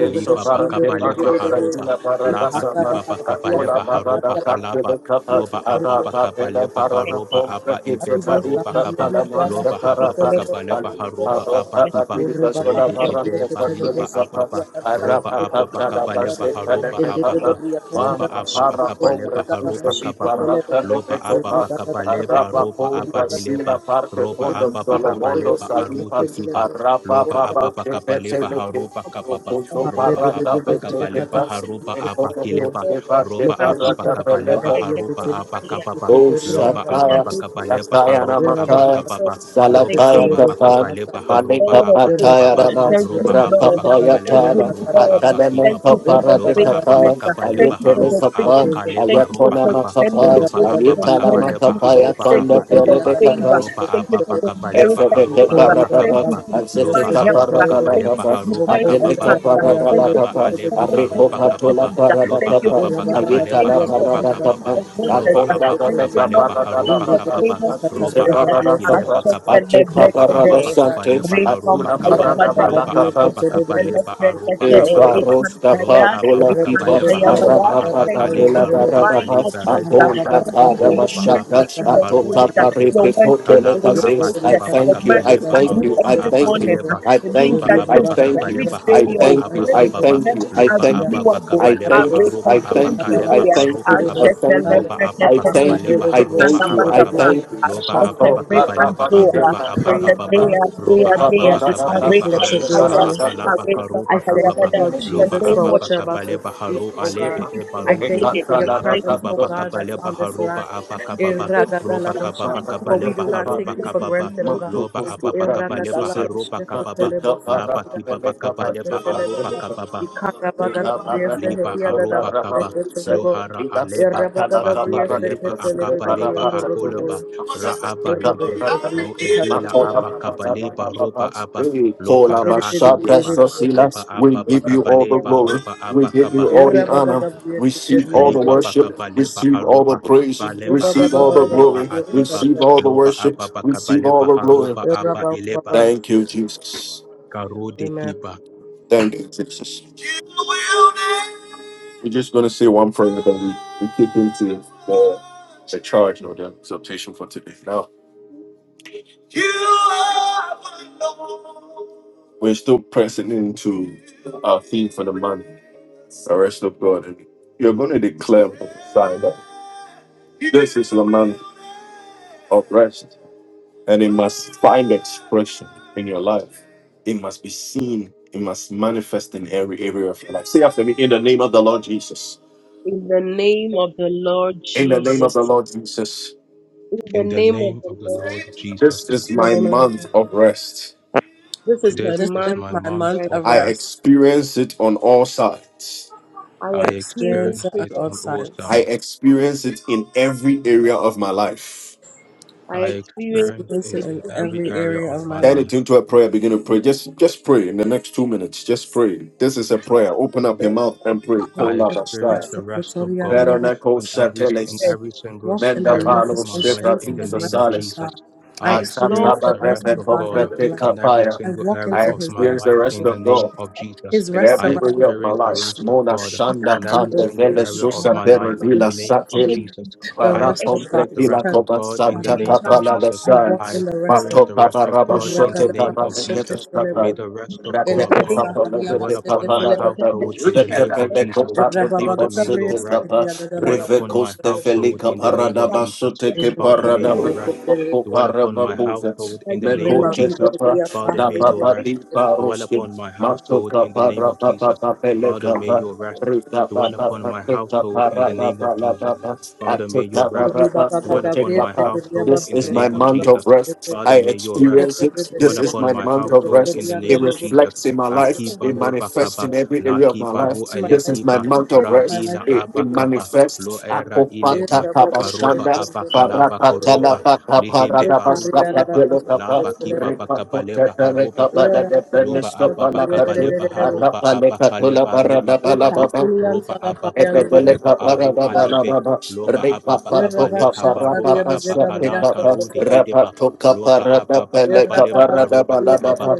[SPEAKER 4] Lipa pakapalepa haropa, lapa kipa
[SPEAKER 1] Tola
[SPEAKER 4] pakapalepa
[SPEAKER 1] Barada
[SPEAKER 4] haropa kalapa,
[SPEAKER 1] Capilla Capa,
[SPEAKER 4] loba apa
[SPEAKER 1] Arapa Peda
[SPEAKER 4] pakapalepa
[SPEAKER 5] Thank
[SPEAKER 1] Parana
[SPEAKER 4] haropa
[SPEAKER 1] Home, the
[SPEAKER 4] apa
[SPEAKER 1] kids
[SPEAKER 4] ipe
[SPEAKER 1] of Sadi,
[SPEAKER 2] Adibosa
[SPEAKER 4] baropa kapa,
[SPEAKER 2] Hariana
[SPEAKER 1] Catala
[SPEAKER 2] Brada,
[SPEAKER 1] Master
[SPEAKER 4] loba
[SPEAKER 2] Special
[SPEAKER 4] hapa
[SPEAKER 1] Parata,
[SPEAKER 2] Celebo,
[SPEAKER 1] and
[SPEAKER 4] pakapalepa
[SPEAKER 2] Saranero,
[SPEAKER 4] haropa apa
[SPEAKER 1] Parota
[SPEAKER 4] kipa,
[SPEAKER 2] Thank
[SPEAKER 1] Bacrita Sola
[SPEAKER 4] rode ipe
[SPEAKER 1] Baranda Capilla
[SPEAKER 4] palipa apa
[SPEAKER 1] Capa,
[SPEAKER 4] pa, ropa
[SPEAKER 1] Arapa
[SPEAKER 4] apa
[SPEAKER 1] Catala
[SPEAKER 4] pakapalepa
[SPEAKER 1] Baste
[SPEAKER 4] haropa
[SPEAKER 1] Pelene
[SPEAKER 4] apa ka,
[SPEAKER 1] Capa,
[SPEAKER 4] loba
[SPEAKER 1] Mamba
[SPEAKER 4] apa
[SPEAKER 1] Para Home,
[SPEAKER 4] pakapalepa haropa
[SPEAKER 1] Retusa Lipa
[SPEAKER 4] kapapa,
[SPEAKER 1] Ratale
[SPEAKER 4] loba apa
[SPEAKER 1] Pecota,
[SPEAKER 4] pakapalepa
[SPEAKER 1] Arapa
[SPEAKER 4] ropa apa
[SPEAKER 1] Ponda Sina
[SPEAKER 4] hilepa,
[SPEAKER 1] Parte
[SPEAKER 4] ropa
[SPEAKER 1] Pondo
[SPEAKER 4] apa
[SPEAKER 1] Solomondo
[SPEAKER 4] pakapalepa
[SPEAKER 1] Salipa,
[SPEAKER 4] arute kipa,
[SPEAKER 1] Arapa
[SPEAKER 4] loba apa
[SPEAKER 1] Baba
[SPEAKER 4] pakapalepa haropa
[SPEAKER 1] Capetele.
[SPEAKER 4] kapapa,
[SPEAKER 5] you.
[SPEAKER 4] roba ababa pa kapa lepa harupa apa
[SPEAKER 5] Thank you
[SPEAKER 4] roba
[SPEAKER 5] for
[SPEAKER 4] ababa pa kapa lepa harupa apa kapa pa
[SPEAKER 1] Oh,
[SPEAKER 4] loba apa
[SPEAKER 1] Satire,
[SPEAKER 2] you.
[SPEAKER 4] pa kapa lepa
[SPEAKER 1] Satayana
[SPEAKER 4] harupa apa
[SPEAKER 1] Mataya,
[SPEAKER 2] Rabba
[SPEAKER 4] kapa pa loba
[SPEAKER 1] Salataya
[SPEAKER 4] apa pa kapa lepa
[SPEAKER 1] Kapan,
[SPEAKER 5] the
[SPEAKER 1] Malika
[SPEAKER 5] Lord of hosts.
[SPEAKER 1] Pataya
[SPEAKER 5] uh,
[SPEAKER 1] Rama,
[SPEAKER 5] Thank you,
[SPEAKER 4] roba ababa
[SPEAKER 5] Lord.
[SPEAKER 4] pa
[SPEAKER 5] uh,
[SPEAKER 4] kapa
[SPEAKER 1] Rakapaya
[SPEAKER 5] Thank
[SPEAKER 4] lepa
[SPEAKER 1] Tara,
[SPEAKER 5] you,
[SPEAKER 4] harupa
[SPEAKER 5] Lord. uh,
[SPEAKER 4] apa
[SPEAKER 1] Atalemen
[SPEAKER 4] kipa
[SPEAKER 5] Thank
[SPEAKER 4] pa
[SPEAKER 5] you for your
[SPEAKER 1] Kapara de
[SPEAKER 4] loba apa pa
[SPEAKER 1] Kapaya,
[SPEAKER 5] faithfulness. uh,
[SPEAKER 4] kapa
[SPEAKER 5] Thank
[SPEAKER 4] lepa
[SPEAKER 5] you for
[SPEAKER 1] Ayetele
[SPEAKER 5] the
[SPEAKER 4] Roba apa
[SPEAKER 1] Kapan,
[SPEAKER 5] victory.
[SPEAKER 4] kalepa
[SPEAKER 5] Thank you for
[SPEAKER 4] rupa
[SPEAKER 1] Ayatona
[SPEAKER 4] kapa
[SPEAKER 5] contending
[SPEAKER 1] Makapai,
[SPEAKER 5] the
[SPEAKER 4] loba
[SPEAKER 5] great
[SPEAKER 4] apa pa
[SPEAKER 1] Ayetala
[SPEAKER 4] kapa
[SPEAKER 5] contend
[SPEAKER 4] lepa
[SPEAKER 5] against us.
[SPEAKER 1] Makapaya
[SPEAKER 4] harupa
[SPEAKER 5] Thank
[SPEAKER 1] Tonda
[SPEAKER 5] you for your
[SPEAKER 1] Perebe
[SPEAKER 5] favor.
[SPEAKER 1] kapra,
[SPEAKER 4] roba
[SPEAKER 5] Thank
[SPEAKER 4] ababa
[SPEAKER 5] you
[SPEAKER 4] pa
[SPEAKER 5] for your
[SPEAKER 4] kapa lepa
[SPEAKER 5] merited
[SPEAKER 1] Efebeke
[SPEAKER 4] harupa
[SPEAKER 5] favor.
[SPEAKER 2] Mokori
[SPEAKER 4] apa
[SPEAKER 2] baba
[SPEAKER 5] Thank
[SPEAKER 1] paradaba,
[SPEAKER 5] you
[SPEAKER 2] baba
[SPEAKER 5] for
[SPEAKER 2] baba
[SPEAKER 4] loba
[SPEAKER 5] divine
[SPEAKER 1] Azeteka
[SPEAKER 2] seke
[SPEAKER 4] apa
[SPEAKER 5] health.
[SPEAKER 4] pa
[SPEAKER 5] uh,
[SPEAKER 2] telebo.
[SPEAKER 4] kapa
[SPEAKER 5] Thank you
[SPEAKER 4] lepa
[SPEAKER 5] for
[SPEAKER 1] paradalababa,
[SPEAKER 5] divine
[SPEAKER 2] Mokori da
[SPEAKER 1] Adeleka
[SPEAKER 2] da
[SPEAKER 5] utterance.
[SPEAKER 2] da da ya
[SPEAKER 4] Loba
[SPEAKER 5] Thank
[SPEAKER 2] bere
[SPEAKER 5] you
[SPEAKER 4] kapa
[SPEAKER 1] paradalababa,
[SPEAKER 5] for
[SPEAKER 2] bere bere
[SPEAKER 4] alepa
[SPEAKER 2] bere
[SPEAKER 5] performance of
[SPEAKER 1] Areko
[SPEAKER 2] kata
[SPEAKER 4] karupa
[SPEAKER 2] da da da
[SPEAKER 1] patola
[SPEAKER 4] kapapa.
[SPEAKER 5] prophecies.
[SPEAKER 2] bere.
[SPEAKER 5] uh,
[SPEAKER 4] Loba
[SPEAKER 5] Thank you
[SPEAKER 1] paradakapa,
[SPEAKER 5] for
[SPEAKER 2] Ora
[SPEAKER 4] kapapa
[SPEAKER 2] baba baba
[SPEAKER 4] kapalepa
[SPEAKER 1] Ayetala
[SPEAKER 2] bria
[SPEAKER 5] manifestations of
[SPEAKER 2] kata
[SPEAKER 4] harupa
[SPEAKER 5] the
[SPEAKER 2] da ba
[SPEAKER 5] signs
[SPEAKER 4] kapapa.
[SPEAKER 1] paradakapa,
[SPEAKER 5] and
[SPEAKER 2] seke telebo
[SPEAKER 4] Loba
[SPEAKER 5] wonders. uh,
[SPEAKER 1] Akonda
[SPEAKER 2] seke
[SPEAKER 4] apapa
[SPEAKER 5] Thank you,
[SPEAKER 2] toria.
[SPEAKER 1] galeka
[SPEAKER 5] Lord,
[SPEAKER 4] kapalepa
[SPEAKER 5] in
[SPEAKER 4] harupa
[SPEAKER 2] Inde
[SPEAKER 5] the
[SPEAKER 1] paradalababa,
[SPEAKER 2] gere
[SPEAKER 4] kapapa.
[SPEAKER 5] name of
[SPEAKER 2] bria kata da
[SPEAKER 1] Azise
[SPEAKER 4] Roba
[SPEAKER 2] da
[SPEAKER 5] Jesus.
[SPEAKER 2] da
[SPEAKER 5] uh,
[SPEAKER 4] apa
[SPEAKER 2] bria
[SPEAKER 5] I
[SPEAKER 2] seke
[SPEAKER 1] paradakapa,
[SPEAKER 4] kilepa
[SPEAKER 5] shall
[SPEAKER 2] ya
[SPEAKER 4] kapa.
[SPEAKER 2] bere bere
[SPEAKER 1] Ateka
[SPEAKER 2] seke
[SPEAKER 5] celebrate
[SPEAKER 4] Roba
[SPEAKER 2] telebo
[SPEAKER 4] apapa
[SPEAKER 5] today.
[SPEAKER 2] shai.
[SPEAKER 5] I
[SPEAKER 1] paradasante,
[SPEAKER 4] kapalepa
[SPEAKER 5] read from
[SPEAKER 4] harupa
[SPEAKER 1] Atula
[SPEAKER 4] kapa.
[SPEAKER 2] baba baba
[SPEAKER 4] Loba
[SPEAKER 5] Tayamada.
[SPEAKER 2] bria
[SPEAKER 5] I
[SPEAKER 1] paradabalakapa,
[SPEAKER 4] apapa
[SPEAKER 2] kete
[SPEAKER 5] shall
[SPEAKER 2] de de de
[SPEAKER 4] kapalepa
[SPEAKER 5] celebrate
[SPEAKER 2] seke
[SPEAKER 4] arupa
[SPEAKER 2] toria
[SPEAKER 5] today.
[SPEAKER 2] baba
[SPEAKER 4] apa
[SPEAKER 5] It
[SPEAKER 2] baba.
[SPEAKER 4] kapa.
[SPEAKER 5] can
[SPEAKER 1] Eparosta
[SPEAKER 4] Roba
[SPEAKER 5] tire,
[SPEAKER 2] I
[SPEAKER 1] patola
[SPEAKER 4] apapa
[SPEAKER 5] It Ikantaya,
[SPEAKER 2] give
[SPEAKER 1] pipa
[SPEAKER 4] kapalepa
[SPEAKER 5] Ikantayamada.
[SPEAKER 4] harupa
[SPEAKER 2] you
[SPEAKER 1] arapa
[SPEAKER 4] apa
[SPEAKER 5] Thank
[SPEAKER 1] papa
[SPEAKER 5] you for
[SPEAKER 1] bela
[SPEAKER 4] kalipa rupa
[SPEAKER 1] baraba
[SPEAKER 5] divine
[SPEAKER 1] pa
[SPEAKER 4] kalipa
[SPEAKER 5] utterance. uh,
[SPEAKER 4] redelepa.
[SPEAKER 1] aponda
[SPEAKER 5] Thank you
[SPEAKER 1] pada
[SPEAKER 5] for your
[SPEAKER 4] Oroba
[SPEAKER 1] bashaka
[SPEAKER 4] apa
[SPEAKER 5] mercy in your
[SPEAKER 4] parule
[SPEAKER 1] atopa
[SPEAKER 5] grace. uh,
[SPEAKER 4] ekeba.
[SPEAKER 5] Your
[SPEAKER 1] parepe
[SPEAKER 5] word says
[SPEAKER 1] potele
[SPEAKER 4] Kalapa
[SPEAKER 5] your
[SPEAKER 4] apa
[SPEAKER 1] kasis.
[SPEAKER 5] witness.
[SPEAKER 1] I
[SPEAKER 5] uh,
[SPEAKER 4] kipapa
[SPEAKER 5] Your
[SPEAKER 1] thank you, I
[SPEAKER 5] mercy
[SPEAKER 4] kapalepa
[SPEAKER 5] are
[SPEAKER 1] thank
[SPEAKER 5] new
[SPEAKER 1] you,
[SPEAKER 4] arupa
[SPEAKER 1] I
[SPEAKER 5] every
[SPEAKER 4] apa
[SPEAKER 1] thank you,
[SPEAKER 5] morning. uh,
[SPEAKER 4] kilepa
[SPEAKER 1] I
[SPEAKER 5] it means
[SPEAKER 4] loba
[SPEAKER 1] thank
[SPEAKER 5] that
[SPEAKER 1] you, I
[SPEAKER 5] those-
[SPEAKER 1] thank you,
[SPEAKER 5] every
[SPEAKER 4] ababakabaleba
[SPEAKER 5] day
[SPEAKER 1] I
[SPEAKER 4] haroba
[SPEAKER 5] your
[SPEAKER 1] thank you, I
[SPEAKER 5] grace
[SPEAKER 4] abakababa
[SPEAKER 1] thank you,
[SPEAKER 5] mercy
[SPEAKER 1] I
[SPEAKER 5] are
[SPEAKER 4] loba
[SPEAKER 1] thank you,
[SPEAKER 5] renewable,
[SPEAKER 1] I
[SPEAKER 5] are
[SPEAKER 4] ababakabaleba
[SPEAKER 1] thank you,
[SPEAKER 4] aroba
[SPEAKER 1] I
[SPEAKER 5] reconciled
[SPEAKER 1] thank you, I
[SPEAKER 4] abakaleba
[SPEAKER 5] today.
[SPEAKER 1] thank
[SPEAKER 5] I
[SPEAKER 4] karoba
[SPEAKER 1] you, I
[SPEAKER 4] kaba
[SPEAKER 5] shed a
[SPEAKER 1] thank you.
[SPEAKER 4] loba
[SPEAKER 1] I
[SPEAKER 5] name.
[SPEAKER 1] thank you,
[SPEAKER 4] ababakabaleba
[SPEAKER 1] I
[SPEAKER 5] It can
[SPEAKER 4] haroba
[SPEAKER 1] thank you, I
[SPEAKER 4] abakaba
[SPEAKER 5] abadama,
[SPEAKER 1] thank you.
[SPEAKER 5] I
[SPEAKER 4] loba
[SPEAKER 5] shed a faith
[SPEAKER 1] Atopa
[SPEAKER 5] and
[SPEAKER 4] ababakabaleba
[SPEAKER 1] raba
[SPEAKER 5] joy.
[SPEAKER 4] aroba
[SPEAKER 1] shaka,
[SPEAKER 5] And
[SPEAKER 2] praise,
[SPEAKER 5] the
[SPEAKER 2] O
[SPEAKER 1] atopa
[SPEAKER 5] day
[SPEAKER 4] abakababa
[SPEAKER 1] raba
[SPEAKER 2] God.
[SPEAKER 5] and day
[SPEAKER 4] roba
[SPEAKER 2] I
[SPEAKER 5] and
[SPEAKER 1] shaka,
[SPEAKER 5] day,
[SPEAKER 2] thank you
[SPEAKER 5] I
[SPEAKER 2] for
[SPEAKER 4] ababakabaleba
[SPEAKER 2] everything that you're
[SPEAKER 1] atopa
[SPEAKER 4] aroba
[SPEAKER 2] doing on
[SPEAKER 5] reconcile,
[SPEAKER 1] raba
[SPEAKER 2] this line.
[SPEAKER 5] I
[SPEAKER 4] abakalaba
[SPEAKER 1] shaka.
[SPEAKER 4] karoba
[SPEAKER 2] I
[SPEAKER 5] reconcile.
[SPEAKER 2] thank you,
[SPEAKER 4] kababa
[SPEAKER 5] Father,
[SPEAKER 2] Lord
[SPEAKER 1] Thank
[SPEAKER 5] in the
[SPEAKER 4] loba
[SPEAKER 2] Jesus, for
[SPEAKER 5] name of
[SPEAKER 2] what you're about
[SPEAKER 5] Jesus,
[SPEAKER 2] to
[SPEAKER 4] ababakabaleba
[SPEAKER 2] speak,
[SPEAKER 4] haro
[SPEAKER 2] oh
[SPEAKER 4] alebe
[SPEAKER 2] God.
[SPEAKER 5] thank you for
[SPEAKER 2] I
[SPEAKER 5] your
[SPEAKER 2] thank
[SPEAKER 4] ebarude
[SPEAKER 2] you
[SPEAKER 5] healing.
[SPEAKER 2] for your
[SPEAKER 4] laba
[SPEAKER 5] Thank
[SPEAKER 2] presence,
[SPEAKER 5] you.
[SPEAKER 2] oh God, that's
[SPEAKER 4] kibabakabaleba
[SPEAKER 2] on this line.
[SPEAKER 4] haroba abakababa
[SPEAKER 5] for
[SPEAKER 4] roba
[SPEAKER 5] your
[SPEAKER 2] Iragadalabasha.
[SPEAKER 5] Thank you for
[SPEAKER 2] For we
[SPEAKER 5] your
[SPEAKER 2] do
[SPEAKER 4] kababakabaleba
[SPEAKER 5] healing.
[SPEAKER 2] not
[SPEAKER 4] haroba
[SPEAKER 2] take you
[SPEAKER 5] Thank
[SPEAKER 2] for
[SPEAKER 5] you for
[SPEAKER 4] kababa
[SPEAKER 5] your
[SPEAKER 2] granted,
[SPEAKER 5] healing.
[SPEAKER 2] oh
[SPEAKER 5] Thank you for your
[SPEAKER 2] God.
[SPEAKER 4] loba ababakabaleba haroba
[SPEAKER 2] Iragadalabasha,
[SPEAKER 4] kababa
[SPEAKER 2] ketelebo
[SPEAKER 4] Laba
[SPEAKER 2] sahadia,
[SPEAKER 4] kiba bakaba leba
[SPEAKER 2] ketelebo.
[SPEAKER 4] aroba kababa
[SPEAKER 5] Yes,
[SPEAKER 2] Ikarabagadabriya
[SPEAKER 4] leba
[SPEAKER 2] sehedia
[SPEAKER 4] aroba kaba lohara aleba bakibe leba akaba leba akoleba raaba ibe
[SPEAKER 1] you.
[SPEAKER 4] ro
[SPEAKER 1] Hey,
[SPEAKER 4] edela aba kaba leba roba aba
[SPEAKER 1] Kola
[SPEAKER 4] lokara
[SPEAKER 1] Basha,
[SPEAKER 4] akideba
[SPEAKER 1] precious
[SPEAKER 4] loba
[SPEAKER 1] Silas, We
[SPEAKER 4] aba
[SPEAKER 1] give you
[SPEAKER 4] bakaba
[SPEAKER 1] all the
[SPEAKER 4] leba
[SPEAKER 1] glory.
[SPEAKER 4] roba
[SPEAKER 1] We
[SPEAKER 4] aba
[SPEAKER 1] give
[SPEAKER 4] kaba
[SPEAKER 1] you
[SPEAKER 2] Amen.
[SPEAKER 1] all the
[SPEAKER 2] In
[SPEAKER 1] honor. Receive
[SPEAKER 2] the
[SPEAKER 1] all
[SPEAKER 5] yes,
[SPEAKER 1] the
[SPEAKER 4] leba
[SPEAKER 1] worship.
[SPEAKER 4] bakaba leba
[SPEAKER 1] Receive all the
[SPEAKER 4] aroba
[SPEAKER 1] praise.
[SPEAKER 4] baleba
[SPEAKER 1] Receive all
[SPEAKER 5] yes.
[SPEAKER 4] aroha
[SPEAKER 1] the
[SPEAKER 4] leba
[SPEAKER 1] glory.
[SPEAKER 4] akiba
[SPEAKER 1] Receive all the
[SPEAKER 4] loba
[SPEAKER 1] worship.
[SPEAKER 4] aba bakaba
[SPEAKER 1] Receive all
[SPEAKER 4] leba
[SPEAKER 1] the glory.
[SPEAKER 4] haroba aba ileba
[SPEAKER 1] Thank you, Jesus.
[SPEAKER 4] karode kiba
[SPEAKER 1] Thank you, Jesus. We're just going to say one prayer that we, we kick into the, the charge or the exhortation for today. Now, we're still pressing into our theme for the month. the rest of God. And you're going to declare on the side that this is the month of rest, and it must find expression in your life. It must be seen. It must manifest in every area of your life. Say after me, in the name of the Lord Jesus.
[SPEAKER 5] In the name of the Lord
[SPEAKER 1] In the name of the
[SPEAKER 5] Jesus.
[SPEAKER 1] Lord Jesus.
[SPEAKER 5] In the
[SPEAKER 4] in the
[SPEAKER 5] name of
[SPEAKER 4] name
[SPEAKER 5] the
[SPEAKER 4] of the
[SPEAKER 5] Lord.
[SPEAKER 4] Lord Jesus.
[SPEAKER 1] This is my
[SPEAKER 2] name of our Lord
[SPEAKER 1] month of rest.
[SPEAKER 5] This is my
[SPEAKER 4] This
[SPEAKER 2] this
[SPEAKER 4] is
[SPEAKER 2] is
[SPEAKER 5] month
[SPEAKER 4] my
[SPEAKER 5] of
[SPEAKER 2] my
[SPEAKER 4] month
[SPEAKER 2] month
[SPEAKER 5] strength.
[SPEAKER 4] of
[SPEAKER 2] of
[SPEAKER 1] I
[SPEAKER 2] rest.
[SPEAKER 4] rest.
[SPEAKER 1] experience it on all sides.
[SPEAKER 5] I
[SPEAKER 4] I
[SPEAKER 2] I
[SPEAKER 5] experience
[SPEAKER 2] experience
[SPEAKER 4] experience
[SPEAKER 2] it on
[SPEAKER 5] it.
[SPEAKER 4] it
[SPEAKER 5] of
[SPEAKER 2] all
[SPEAKER 4] on
[SPEAKER 5] God.
[SPEAKER 4] all
[SPEAKER 1] I
[SPEAKER 2] sides.
[SPEAKER 4] sides.
[SPEAKER 1] experience it in every area of my life.
[SPEAKER 5] I
[SPEAKER 4] I
[SPEAKER 5] experience
[SPEAKER 4] experience
[SPEAKER 5] it
[SPEAKER 2] Experience
[SPEAKER 4] it
[SPEAKER 2] it
[SPEAKER 5] in
[SPEAKER 4] in
[SPEAKER 2] in
[SPEAKER 5] every
[SPEAKER 4] every
[SPEAKER 5] inch
[SPEAKER 2] every
[SPEAKER 4] area
[SPEAKER 5] of
[SPEAKER 2] area
[SPEAKER 4] of
[SPEAKER 2] of
[SPEAKER 4] my
[SPEAKER 2] my
[SPEAKER 1] Turn
[SPEAKER 2] life.
[SPEAKER 4] life.
[SPEAKER 1] it into a prayer. Begin to pray. Just just pray in the next two minutes. Just pray.
[SPEAKER 5] my
[SPEAKER 1] This is a prayer. Open up your
[SPEAKER 5] life.
[SPEAKER 1] mouth
[SPEAKER 5] My
[SPEAKER 1] and pray.
[SPEAKER 4] I
[SPEAKER 1] Kolaba
[SPEAKER 4] experience
[SPEAKER 1] style.
[SPEAKER 4] the rest of God
[SPEAKER 1] Peronako
[SPEAKER 4] on every in
[SPEAKER 1] satelis.
[SPEAKER 5] prayer.
[SPEAKER 4] every single
[SPEAKER 2] Walk
[SPEAKER 4] s-
[SPEAKER 2] in
[SPEAKER 5] He
[SPEAKER 2] the
[SPEAKER 1] Menda
[SPEAKER 5] said it
[SPEAKER 4] area of
[SPEAKER 1] palo
[SPEAKER 4] my life
[SPEAKER 2] manifestation
[SPEAKER 1] stefa
[SPEAKER 4] in
[SPEAKER 2] and
[SPEAKER 4] the
[SPEAKER 5] was
[SPEAKER 2] the
[SPEAKER 1] fisa
[SPEAKER 4] name of
[SPEAKER 2] rest of
[SPEAKER 1] salis.
[SPEAKER 4] Jesus.
[SPEAKER 2] God. I
[SPEAKER 4] I
[SPEAKER 5] a
[SPEAKER 2] experience
[SPEAKER 5] long
[SPEAKER 4] experience
[SPEAKER 2] the
[SPEAKER 1] Atataba
[SPEAKER 4] the
[SPEAKER 2] rest
[SPEAKER 4] rest of
[SPEAKER 2] of
[SPEAKER 1] repeko
[SPEAKER 2] God
[SPEAKER 4] God
[SPEAKER 2] in my
[SPEAKER 1] prete
[SPEAKER 2] life.
[SPEAKER 4] in every
[SPEAKER 1] kapaya.
[SPEAKER 2] I
[SPEAKER 4] single
[SPEAKER 2] walk
[SPEAKER 4] area
[SPEAKER 1] I
[SPEAKER 2] into
[SPEAKER 4] of
[SPEAKER 2] His
[SPEAKER 4] my
[SPEAKER 1] experience
[SPEAKER 2] rest
[SPEAKER 1] the
[SPEAKER 4] life
[SPEAKER 2] in the
[SPEAKER 1] rest
[SPEAKER 4] in
[SPEAKER 2] name
[SPEAKER 4] the
[SPEAKER 1] of
[SPEAKER 2] of
[SPEAKER 4] name
[SPEAKER 1] God,
[SPEAKER 2] Jesus.
[SPEAKER 4] of Jesus.
[SPEAKER 2] His rest
[SPEAKER 5] of
[SPEAKER 4] I
[SPEAKER 1] every
[SPEAKER 2] surrounds
[SPEAKER 5] power
[SPEAKER 1] of
[SPEAKER 2] me.
[SPEAKER 1] my
[SPEAKER 4] experience
[SPEAKER 2] like
[SPEAKER 4] the
[SPEAKER 2] a
[SPEAKER 1] life.
[SPEAKER 2] shield.
[SPEAKER 4] rest of
[SPEAKER 1] Mona
[SPEAKER 4] God
[SPEAKER 5] of
[SPEAKER 2] The
[SPEAKER 1] Shanda
[SPEAKER 4] in every
[SPEAKER 5] Jesus.
[SPEAKER 1] Kanda
[SPEAKER 4] single
[SPEAKER 1] Vele
[SPEAKER 4] area of
[SPEAKER 1] Susa
[SPEAKER 4] my life
[SPEAKER 5] Come
[SPEAKER 4] in
[SPEAKER 5] and
[SPEAKER 4] the
[SPEAKER 1] Perodila
[SPEAKER 5] let
[SPEAKER 4] name
[SPEAKER 5] the
[SPEAKER 4] of
[SPEAKER 5] shame
[SPEAKER 4] Jesus. I
[SPEAKER 5] be
[SPEAKER 2] rest of
[SPEAKER 1] Paracompre
[SPEAKER 2] God
[SPEAKER 5] expiated
[SPEAKER 4] experience the
[SPEAKER 2] is
[SPEAKER 1] Villa
[SPEAKER 4] rest of
[SPEAKER 1] Coba
[SPEAKER 4] God in the
[SPEAKER 1] Santa
[SPEAKER 4] name
[SPEAKER 2] present.
[SPEAKER 4] of
[SPEAKER 5] after
[SPEAKER 1] Capala
[SPEAKER 4] Jesus.
[SPEAKER 2] I
[SPEAKER 1] Bessar,
[SPEAKER 2] walk
[SPEAKER 4] I
[SPEAKER 2] in the rest of
[SPEAKER 4] experience
[SPEAKER 1] Mato
[SPEAKER 4] the
[SPEAKER 5] my
[SPEAKER 4] rest of
[SPEAKER 1] Caparaba
[SPEAKER 4] God
[SPEAKER 2] Rima
[SPEAKER 4] in the
[SPEAKER 1] Sote
[SPEAKER 4] name of
[SPEAKER 1] Capana,
[SPEAKER 4] Jesus. May
[SPEAKER 5] comfort.
[SPEAKER 4] the rest of God,
[SPEAKER 1] Ratepe
[SPEAKER 5] And they
[SPEAKER 4] God
[SPEAKER 5] are
[SPEAKER 1] Capala
[SPEAKER 4] Dwell
[SPEAKER 1] de
[SPEAKER 4] upon my
[SPEAKER 1] Capana,
[SPEAKER 5] shut down the
[SPEAKER 4] household in the name of
[SPEAKER 5] door.
[SPEAKER 1] Tepele
[SPEAKER 4] Jesus.
[SPEAKER 1] Copa de
[SPEAKER 4] Father, may your
[SPEAKER 1] Bosute
[SPEAKER 4] wrath
[SPEAKER 1] Capa,
[SPEAKER 4] dwell upon my
[SPEAKER 1] Rivecos de
[SPEAKER 4] household
[SPEAKER 1] Felica
[SPEAKER 4] in the name of
[SPEAKER 5] Like,
[SPEAKER 1] Paranaba
[SPEAKER 4] Jesus.
[SPEAKER 1] Sote
[SPEAKER 5] they are
[SPEAKER 4] Father,
[SPEAKER 5] really
[SPEAKER 4] may
[SPEAKER 1] Caparada,
[SPEAKER 5] good.
[SPEAKER 4] your
[SPEAKER 5] They are
[SPEAKER 4] rest dwell upon my
[SPEAKER 5] like,
[SPEAKER 1] Paramabuza,
[SPEAKER 4] household
[SPEAKER 5] they
[SPEAKER 4] in the name of
[SPEAKER 1] Mecote
[SPEAKER 4] Jesus.
[SPEAKER 1] Capa,
[SPEAKER 4] Father,
[SPEAKER 1] La
[SPEAKER 4] may your
[SPEAKER 1] Papa
[SPEAKER 4] rest
[SPEAKER 1] di
[SPEAKER 4] dwell
[SPEAKER 1] Paroske,
[SPEAKER 5] are really
[SPEAKER 4] upon my
[SPEAKER 1] Mato
[SPEAKER 4] household in the name
[SPEAKER 1] Capara
[SPEAKER 4] of Jesus.
[SPEAKER 1] Papa Pele
[SPEAKER 4] Father, may
[SPEAKER 1] Capa.
[SPEAKER 4] your rest
[SPEAKER 1] This
[SPEAKER 5] good.
[SPEAKER 4] dwell upon my household in the name of Jesus. Father, may your rest
[SPEAKER 2] Every Baba
[SPEAKER 4] dwell
[SPEAKER 2] Gada,
[SPEAKER 4] upon
[SPEAKER 2] bless
[SPEAKER 4] my
[SPEAKER 2] every
[SPEAKER 4] household in the
[SPEAKER 1] is my
[SPEAKER 4] name of
[SPEAKER 1] month
[SPEAKER 4] Jesus.
[SPEAKER 1] of rest.
[SPEAKER 2] Baba,
[SPEAKER 4] Father,
[SPEAKER 1] I
[SPEAKER 4] may your
[SPEAKER 2] My
[SPEAKER 4] rest
[SPEAKER 2] life,
[SPEAKER 1] experience it.
[SPEAKER 4] dwell
[SPEAKER 1] This is
[SPEAKER 4] upon
[SPEAKER 1] my
[SPEAKER 4] my
[SPEAKER 1] month of
[SPEAKER 4] household in the
[SPEAKER 1] rest.
[SPEAKER 4] name
[SPEAKER 1] It
[SPEAKER 4] of Jesus.
[SPEAKER 1] reflects in my life.
[SPEAKER 4] Akiba
[SPEAKER 1] It
[SPEAKER 4] roba
[SPEAKER 1] manifests
[SPEAKER 4] kaba,
[SPEAKER 1] in every area of
[SPEAKER 4] laki
[SPEAKER 1] my life.
[SPEAKER 4] baru
[SPEAKER 1] This is
[SPEAKER 4] eleki
[SPEAKER 1] my month of
[SPEAKER 2] my
[SPEAKER 1] rest.
[SPEAKER 4] radila
[SPEAKER 2] life,
[SPEAKER 1] It, it
[SPEAKER 4] abakaba lo
[SPEAKER 1] manifests.
[SPEAKER 4] era
[SPEAKER 2] it's
[SPEAKER 4] ileba
[SPEAKER 2] a
[SPEAKER 1] Akopata
[SPEAKER 2] bubble step
[SPEAKER 4] baroba
[SPEAKER 1] kabashanda,
[SPEAKER 2] to the
[SPEAKER 4] abakalaba
[SPEAKER 1] barakata
[SPEAKER 2] river.
[SPEAKER 4] koroba
[SPEAKER 1] labaka
[SPEAKER 4] lehebe
[SPEAKER 2] It's a
[SPEAKER 1] paradabasa
[SPEAKER 4] barude
[SPEAKER 2] little
[SPEAKER 4] kiba
[SPEAKER 2] bus to
[SPEAKER 1] kapelokapa,
[SPEAKER 4] laba
[SPEAKER 2] the
[SPEAKER 4] kiba
[SPEAKER 5] Yes.
[SPEAKER 2] level.
[SPEAKER 4] bakabaleba
[SPEAKER 1] ripapotete
[SPEAKER 4] haroba
[SPEAKER 1] rekabala
[SPEAKER 2] Here,
[SPEAKER 4] kaba
[SPEAKER 2] a
[SPEAKER 1] depende
[SPEAKER 2] bubble
[SPEAKER 4] loba
[SPEAKER 2] step to
[SPEAKER 4] ababa
[SPEAKER 2] the
[SPEAKER 1] skopala katu,
[SPEAKER 4] kabaleba
[SPEAKER 2] level.
[SPEAKER 4] haroba
[SPEAKER 1] arapa
[SPEAKER 4] abakaleba roba
[SPEAKER 2] It's a
[SPEAKER 4] kababa
[SPEAKER 2] million
[SPEAKER 4] roba ababa
[SPEAKER 2] salapaya.
[SPEAKER 4] kabaleba
[SPEAKER 1] Ebebeleka
[SPEAKER 4] aru alibe
[SPEAKER 1] parababababa,
[SPEAKER 4] loba ababa
[SPEAKER 2] Here, a back
[SPEAKER 1] ripapatoka
[SPEAKER 4] kabaleha
[SPEAKER 2] shot, a
[SPEAKER 4] baroba
[SPEAKER 2] real big
[SPEAKER 4] abakala
[SPEAKER 2] abreast of
[SPEAKER 1] parababasapekapa,
[SPEAKER 2] the
[SPEAKER 4] karude
[SPEAKER 2] level.
[SPEAKER 4] edeba
[SPEAKER 1] rapatoka
[SPEAKER 4] loba ababa
[SPEAKER 2] Here,
[SPEAKER 1] paradabeleka
[SPEAKER 2] a
[SPEAKER 4] kabaleba
[SPEAKER 2] bubble.
[SPEAKER 4] haroba kababa
[SPEAKER 1] paradabaladaba,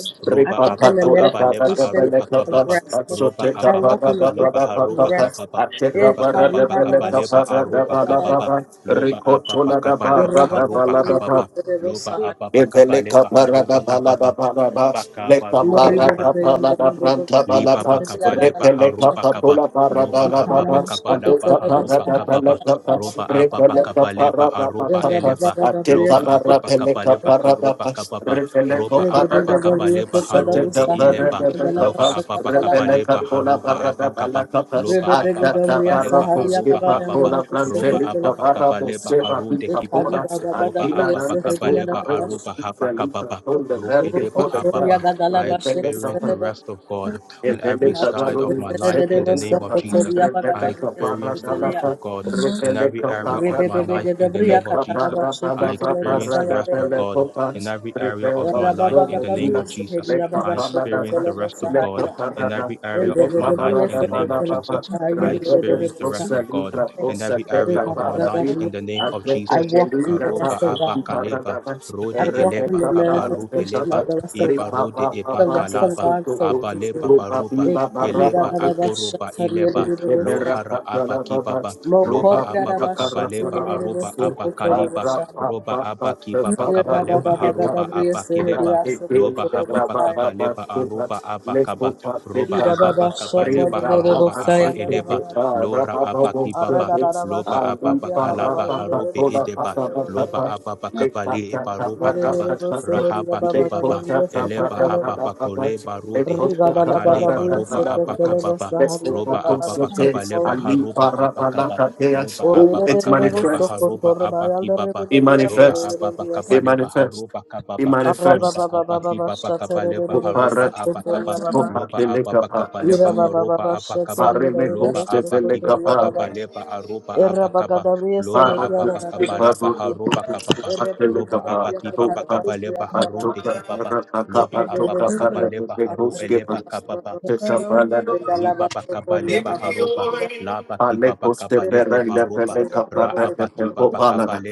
[SPEAKER 2] I
[SPEAKER 4] roba
[SPEAKER 2] walk in the
[SPEAKER 4] ababa
[SPEAKER 1] ripapatola
[SPEAKER 4] kabaleba
[SPEAKER 2] manifestation
[SPEAKER 4] aroba
[SPEAKER 1] paradabelekapa,
[SPEAKER 2] of
[SPEAKER 4] kababa
[SPEAKER 2] rest.
[SPEAKER 4] roba
[SPEAKER 2] I
[SPEAKER 1] atsoteka
[SPEAKER 4] ababa
[SPEAKER 2] walk in the great
[SPEAKER 4] kabaleba haroba
[SPEAKER 1] paradabababakapa,
[SPEAKER 2] rest.
[SPEAKER 4] kababa
[SPEAKER 1] ateka
[SPEAKER 2] Eh,
[SPEAKER 4] Loba kababa
[SPEAKER 2] karina da
[SPEAKER 1] paradabeleka
[SPEAKER 2] basa,
[SPEAKER 4] kabaleba
[SPEAKER 2] karina
[SPEAKER 4] aruba
[SPEAKER 2] da ba-
[SPEAKER 4] kababa.
[SPEAKER 1] paradabalababa,
[SPEAKER 4] Loba ababa
[SPEAKER 1] rikotola
[SPEAKER 4] kabalaba
[SPEAKER 2] raba da
[SPEAKER 4] haruba
[SPEAKER 2] da da, yeke
[SPEAKER 1] dabaradabaladaba,
[SPEAKER 4] kababa.
[SPEAKER 2] te de bo
[SPEAKER 4] Loba
[SPEAKER 2] sahari.
[SPEAKER 4] ababa kabaleba
[SPEAKER 1] Eveleka parada
[SPEAKER 4] haruba
[SPEAKER 1] balada
[SPEAKER 4] kababa.
[SPEAKER 1] paraba, leka
[SPEAKER 4] Bakabaru
[SPEAKER 2] Mori da
[SPEAKER 4] edeba
[SPEAKER 2] da
[SPEAKER 1] parada
[SPEAKER 2] da, yando ro
[SPEAKER 1] balada
[SPEAKER 2] da da da,
[SPEAKER 1] pranta
[SPEAKER 4] liba
[SPEAKER 2] yeke
[SPEAKER 1] balada,
[SPEAKER 2] te de ya
[SPEAKER 4] bakaba
[SPEAKER 2] da da
[SPEAKER 4] leba
[SPEAKER 2] da
[SPEAKER 1] repeleka
[SPEAKER 2] basa,
[SPEAKER 4] haruba kaba
[SPEAKER 1] patula parada
[SPEAKER 4] loba aba
[SPEAKER 2] Ikana
[SPEAKER 1] labada,
[SPEAKER 2] mo
[SPEAKER 4] bakaba
[SPEAKER 2] sheke
[SPEAKER 4] laba
[SPEAKER 2] te
[SPEAKER 1] aduka
[SPEAKER 2] de bo
[SPEAKER 4] haruba
[SPEAKER 1] parada
[SPEAKER 2] sahari, da
[SPEAKER 4] kababa
[SPEAKER 2] da
[SPEAKER 1] balada
[SPEAKER 2] da da
[SPEAKER 1] pas,
[SPEAKER 4] roba
[SPEAKER 2] basa,
[SPEAKER 4] aba
[SPEAKER 1] repeleka
[SPEAKER 4] bakaba leba
[SPEAKER 1] parada
[SPEAKER 2] Eh,
[SPEAKER 4] aruba
[SPEAKER 2] raba da
[SPEAKER 1] patapas,
[SPEAKER 4] eleba
[SPEAKER 2] da da,
[SPEAKER 4] loba
[SPEAKER 2] yeke
[SPEAKER 1] ateka
[SPEAKER 2] te
[SPEAKER 4] aba
[SPEAKER 1] para
[SPEAKER 2] de
[SPEAKER 4] bakaba
[SPEAKER 1] peleka
[SPEAKER 2] bo
[SPEAKER 4] leba
[SPEAKER 2] sahari.
[SPEAKER 1] parada
[SPEAKER 4] karuba
[SPEAKER 1] pas,
[SPEAKER 4] kababa roba
[SPEAKER 1] repeleko
[SPEAKER 2] Re de
[SPEAKER 4] aba
[SPEAKER 2] de
[SPEAKER 1] parada
[SPEAKER 2] de
[SPEAKER 1] pas,
[SPEAKER 2] de,
[SPEAKER 4] bakaba
[SPEAKER 2] yeke
[SPEAKER 4] leba
[SPEAKER 2] te de bo
[SPEAKER 4] harude
[SPEAKER 1] sateka
[SPEAKER 2] sahari,
[SPEAKER 4] ileba
[SPEAKER 1] parada
[SPEAKER 2] da da da
[SPEAKER 1] peleka
[SPEAKER 4] loba
[SPEAKER 1] pas,
[SPEAKER 2] basa,
[SPEAKER 4] aba bakaba
[SPEAKER 2] kari.
[SPEAKER 1] repeleka
[SPEAKER 4] leba
[SPEAKER 1] tula
[SPEAKER 4] haruba aba
[SPEAKER 1] parada
[SPEAKER 4] kaba
[SPEAKER 1] balaka pas,
[SPEAKER 2] Re
[SPEAKER 4] loba
[SPEAKER 2] de de
[SPEAKER 4] aba
[SPEAKER 2] de
[SPEAKER 1] ataka
[SPEAKER 2] de,
[SPEAKER 4] bakaba
[SPEAKER 2] ya
[SPEAKER 4] leba
[SPEAKER 2] sahari, ya
[SPEAKER 1] parakuski
[SPEAKER 4] haruba
[SPEAKER 2] baba, yando
[SPEAKER 4] kababa
[SPEAKER 2] ro
[SPEAKER 1] patula
[SPEAKER 2] da se Ke
[SPEAKER 4] roba
[SPEAKER 2] te de
[SPEAKER 4] aba
[SPEAKER 2] bo.
[SPEAKER 4] bakaba
[SPEAKER 1] prantelika
[SPEAKER 4] leba arude kibaba
[SPEAKER 2] Ekariba bagada
[SPEAKER 4] loba
[SPEAKER 2] briye
[SPEAKER 4] aba bakaba
[SPEAKER 2] sehediya la
[SPEAKER 4] leba
[SPEAKER 2] basha.
[SPEAKER 4] aruba haba kababa ruke
[SPEAKER 2] Roko
[SPEAKER 4] deba
[SPEAKER 2] toria
[SPEAKER 4] ababa
[SPEAKER 2] gadala
[SPEAKER 4] I
[SPEAKER 2] bashe
[SPEAKER 4] experience the
[SPEAKER 2] kitelebo.
[SPEAKER 4] rest of God on every
[SPEAKER 2] Imashe
[SPEAKER 4] side of my life in
[SPEAKER 2] kitelebo
[SPEAKER 4] the name of
[SPEAKER 2] soko
[SPEAKER 4] Jesus.
[SPEAKER 2] toria
[SPEAKER 4] I
[SPEAKER 2] bagada briye
[SPEAKER 4] experience the rest
[SPEAKER 2] sekiteleya.
[SPEAKER 4] of
[SPEAKER 1] Thank
[SPEAKER 4] God
[SPEAKER 1] you.
[SPEAKER 4] in every area of my
[SPEAKER 2] Rebebebe
[SPEAKER 1] Ripa,
[SPEAKER 4] life
[SPEAKER 2] gada
[SPEAKER 4] in the
[SPEAKER 2] briya
[SPEAKER 4] name of
[SPEAKER 2] katada
[SPEAKER 4] Jesus.
[SPEAKER 2] bashe
[SPEAKER 4] I
[SPEAKER 2] kitelebo
[SPEAKER 4] experience the
[SPEAKER 2] saya
[SPEAKER 4] rest of
[SPEAKER 2] berebe.
[SPEAKER 4] God in every area of my life
[SPEAKER 2] Rababa
[SPEAKER 4] in the
[SPEAKER 2] gada
[SPEAKER 4] name
[SPEAKER 2] briye
[SPEAKER 4] of Jesus.
[SPEAKER 2] sehediya
[SPEAKER 4] I
[SPEAKER 2] baba
[SPEAKER 4] experience the
[SPEAKER 2] shekitelebo
[SPEAKER 4] rest of God
[SPEAKER 2] sahaya.
[SPEAKER 4] in every area
[SPEAKER 2] Ende
[SPEAKER 4] of my
[SPEAKER 2] gada
[SPEAKER 4] life
[SPEAKER 2] briye
[SPEAKER 4] in the name of
[SPEAKER 2] sekitelebo
[SPEAKER 4] Jesus. I
[SPEAKER 2] sahaya
[SPEAKER 4] experience
[SPEAKER 2] berebe
[SPEAKER 4] the
[SPEAKER 2] sa.
[SPEAKER 4] rest of God in every area of
[SPEAKER 2] Rebaba
[SPEAKER 4] my
[SPEAKER 2] gada
[SPEAKER 4] life in
[SPEAKER 2] briye.
[SPEAKER 4] the name of Jesus.
[SPEAKER 2] I walk in the
[SPEAKER 4] Karoba
[SPEAKER 2] rest of God.
[SPEAKER 4] abakaleba, rode
[SPEAKER 2] I walk in
[SPEAKER 4] eleba
[SPEAKER 2] the
[SPEAKER 4] kabaru
[SPEAKER 2] manifestation
[SPEAKER 4] keleba,
[SPEAKER 2] of the rest of
[SPEAKER 4] iba
[SPEAKER 2] God.
[SPEAKER 4] rode eba
[SPEAKER 2] The rest of
[SPEAKER 4] kalaba,
[SPEAKER 2] God surrounds
[SPEAKER 4] Abaleba
[SPEAKER 2] me.
[SPEAKER 4] baroba, eleba akoroba ileba,
[SPEAKER 1] Thank
[SPEAKER 2] Ekaridadadabashatariadadadabosa.
[SPEAKER 4] lohara abakibaba, loba ababa kabaleba aroba abakaliba,
[SPEAKER 2] Mokoridadabashatiridididibosokotorobosha.
[SPEAKER 4] roba abakibaba kabaleba haroba abakileba, loba hababa
[SPEAKER 2] Yerabadabagadabriesehidiasokotorobosaya.
[SPEAKER 4] kabaleba aroba abakaba, roba ababa kabaleba haroba aba eleba,
[SPEAKER 2] Irababashatarididididibosayandarabaya.
[SPEAKER 4] lora abakibaba, loba ababa kalaba harobe edeba,
[SPEAKER 2] Aradadadabashakariabababayandiribisariababaya.
[SPEAKER 4] loba ababa kabale eba roba kaba, rahaba Kibaba eleba
[SPEAKER 2] Diridididibosohoriababagadabriesekekelebo.
[SPEAKER 4] ababa koleba
[SPEAKER 2] Rabba
[SPEAKER 4] rude akaleba roba
[SPEAKER 1] you.
[SPEAKER 4] abakababa
[SPEAKER 1] Let's go, go,
[SPEAKER 4] roba
[SPEAKER 1] go, so
[SPEAKER 4] ababakaba
[SPEAKER 1] days.
[SPEAKER 4] leba
[SPEAKER 1] Ali
[SPEAKER 4] haroba
[SPEAKER 1] para para
[SPEAKER 4] abakaba
[SPEAKER 1] kateas.
[SPEAKER 4] loba
[SPEAKER 1] Oh, it
[SPEAKER 4] ababakaba leba
[SPEAKER 1] manifests.
[SPEAKER 4] haroba abakibaba
[SPEAKER 1] It
[SPEAKER 4] loba
[SPEAKER 1] manifests.
[SPEAKER 4] ababakaba
[SPEAKER 1] It
[SPEAKER 4] leba
[SPEAKER 1] manifests.
[SPEAKER 4] haroba
[SPEAKER 1] It
[SPEAKER 4] kababa roba
[SPEAKER 1] manifests.
[SPEAKER 4] abakibaba kaba leba
[SPEAKER 1] Oh,
[SPEAKER 4] haroba
[SPEAKER 1] para.
[SPEAKER 4] abakaba
[SPEAKER 1] Oh,
[SPEAKER 4] loba
[SPEAKER 1] pakele
[SPEAKER 4] ababakaba
[SPEAKER 1] kapa.
[SPEAKER 4] leba haroba abakaba
[SPEAKER 1] Pare me
[SPEAKER 4] loba
[SPEAKER 1] koste pele
[SPEAKER 4] abakibaba
[SPEAKER 1] kapa.
[SPEAKER 4] kaba leba aroba abakaba loba
[SPEAKER 1] Pare koste
[SPEAKER 4] ababakaba leba
[SPEAKER 1] paru no
[SPEAKER 4] haroba
[SPEAKER 1] koste
[SPEAKER 4] kababa
[SPEAKER 1] pakele
[SPEAKER 4] roba
[SPEAKER 1] kapa. Oh,
[SPEAKER 4] abakibaba
[SPEAKER 1] pa.
[SPEAKER 4] kaba leba harode
[SPEAKER 1] Patoka
[SPEAKER 4] kibaba
[SPEAKER 1] para paka
[SPEAKER 4] Loba
[SPEAKER 5] Amen.
[SPEAKER 4] ababa
[SPEAKER 1] patoka
[SPEAKER 4] kaba
[SPEAKER 1] para
[SPEAKER 4] leba
[SPEAKER 1] me
[SPEAKER 4] haru
[SPEAKER 1] koste
[SPEAKER 4] eleba
[SPEAKER 1] pele.
[SPEAKER 4] kababa.
[SPEAKER 1] Tesa pala.
[SPEAKER 4] Liba bakaba leba haruba. Laba
[SPEAKER 1] Ale
[SPEAKER 4] kiba
[SPEAKER 1] koste
[SPEAKER 2] Amen.
[SPEAKER 4] bakaba lehe
[SPEAKER 1] perende
[SPEAKER 4] baruba.
[SPEAKER 1] pele
[SPEAKER 4] Ra
[SPEAKER 1] kapa.
[SPEAKER 4] aba
[SPEAKER 1] Pele
[SPEAKER 4] kiba bakaba
[SPEAKER 1] kapa.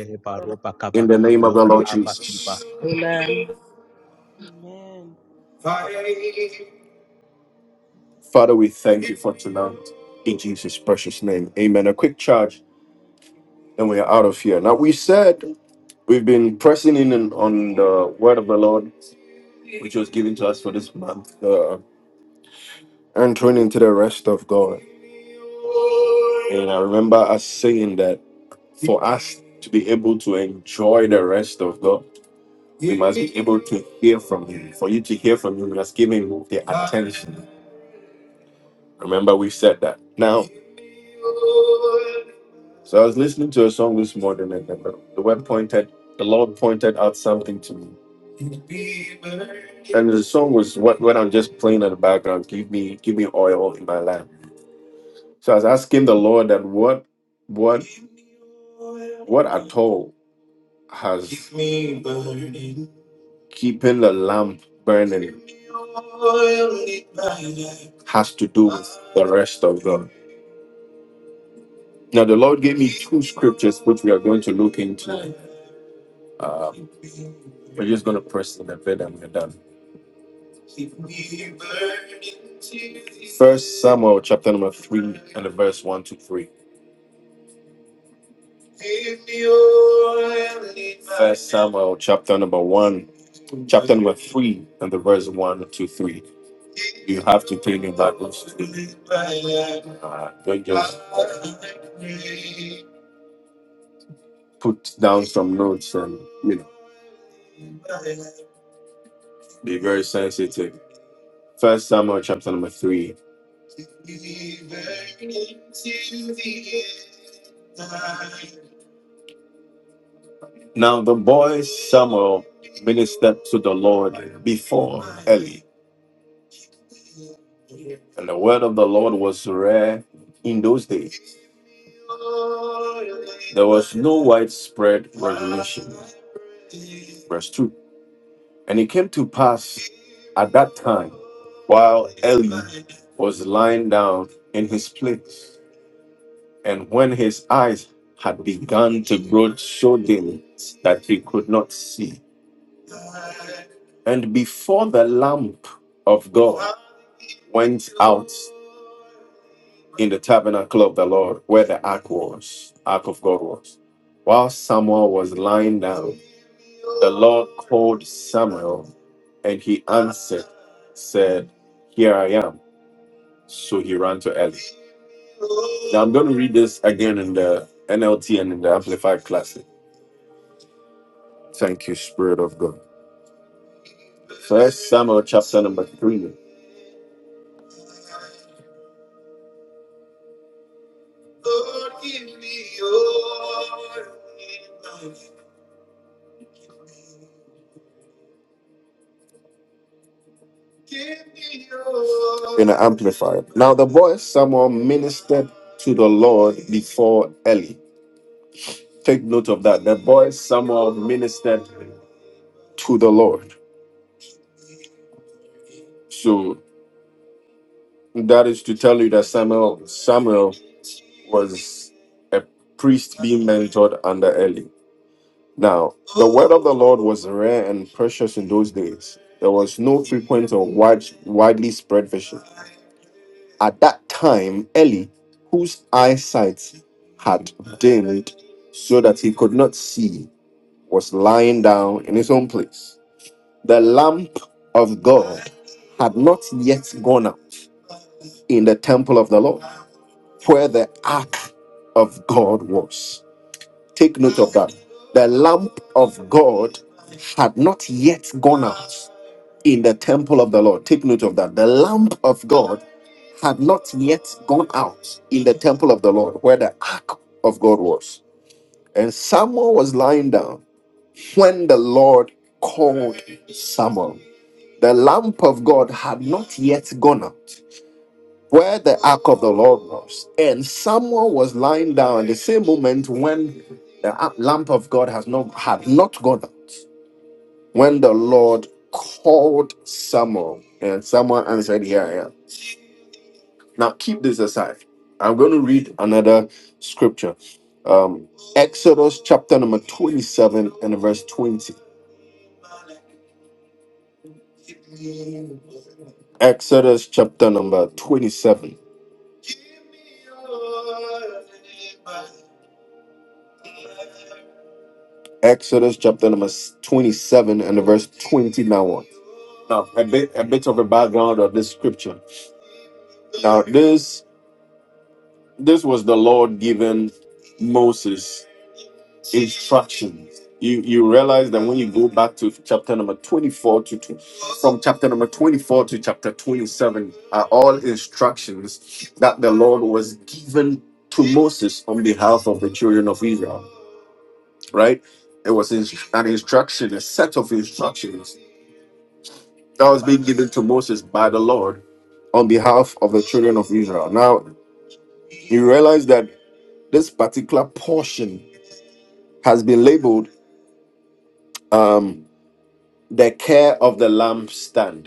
[SPEAKER 1] In
[SPEAKER 4] kaba.
[SPEAKER 1] the name of the
[SPEAKER 4] Lora
[SPEAKER 1] Lord
[SPEAKER 4] aba
[SPEAKER 1] Jesus.
[SPEAKER 4] kiba.
[SPEAKER 2] Rebecca
[SPEAKER 1] Father, we thank you for tonight. In Jesus' precious name. Amen. A quick charge, and we are out of here. Now, we said we've been pressing in on on the word of the Lord, which was given to us for this month, uh, entering into the rest of God. And I remember us saying that for us to be able to enjoy the rest of God, we must be able to hear from Him. For you to hear from Him, you must give Him the attention. Remember, we said that. Now, So I was listening to a song this morning, and the the word pointed, the Lord pointed out something to me, and the song was what when I'm just playing in the background. Give me, give me oil in my lamp. So I was asking the Lord that what, what hole has keeping the lamp burning has to do with the rest of God. Now the Lord gave me two scriptures which we are going to look into. Uh, we're just going to press in a bit and we're done. Samuel chapter number three, verse one to three. Samuel chapter number one, three, and the verse one to three. you have to think about uh, don't just put down some notes and you know be very sensitive first samuel chapter number three now the boy samuel ministered to the lord before and the word of the lord was rare in those days there was no widespread verse 2 and it came to pass at that time while eli was lying down in his place And when his eyes had begun to grow so dim that he could not see, and before the lamp of God went out in the tabernacle of the Lord, where the ark was, ark of God was, while Samuel was lying down, the Lord called Samuel, and he answered, said, "Here I am." So he ran to Eli. Now I'm going to read this again in the NLT and in the Amplified Classic. Thank you, Spirit of God. First Samuel chapter number three, amplified. Now the boy Samuel ministered to the Lord before Eli. Take note of that. The boy Samuel ministered to the Lord. So that is to tell you that Samuel Samuel was a priest being mentored under Eli. Now the word of the Lord was rare and precious in those days. There was no frequent or wide, widely spread vision. At that time, Eli, whose eyesight had dimmed so that he could not see, was lying down in his own place. The lamp of God had not yet gone out in the temple of the Lord, where the ark of God was. Take note of that. The lamp of God had not yet gone out in the temple of the Lord. Take note of that. The lamp of God had not yet gone out in the temple of the Lord where the ark of God was. And Samuel was lying down when the Lord called Samuel. The lamp of God had not yet gone out where the ark of the Lord was. And Samuel was lying down the same moment when the ar- lamp of God has not had not gone out. When the Lord called Samuel, and Samuel answered, Here I am. Now keep this aside. I'm going to read another scripture. Um, Exodus chapter number 27 and verse 20. Exodus chapter number 27. Exodus chapter number 27 and verse 20 now on. Now, a bit a bit of a background of this scripture. Now, this this was the Lord given Moses instructions. You you realize that when you go back to chapter number 24 to to- from chapter number 24 to chapter 27 are all instructions that the Lord was given to Moses on behalf of the children of Israel, right? It was inst- an instruction, a set of instructions that was being given to Moses by the Lord on behalf of the children of Israel. Now, you realize that this particular portion has been labeled um, the care of the lampstand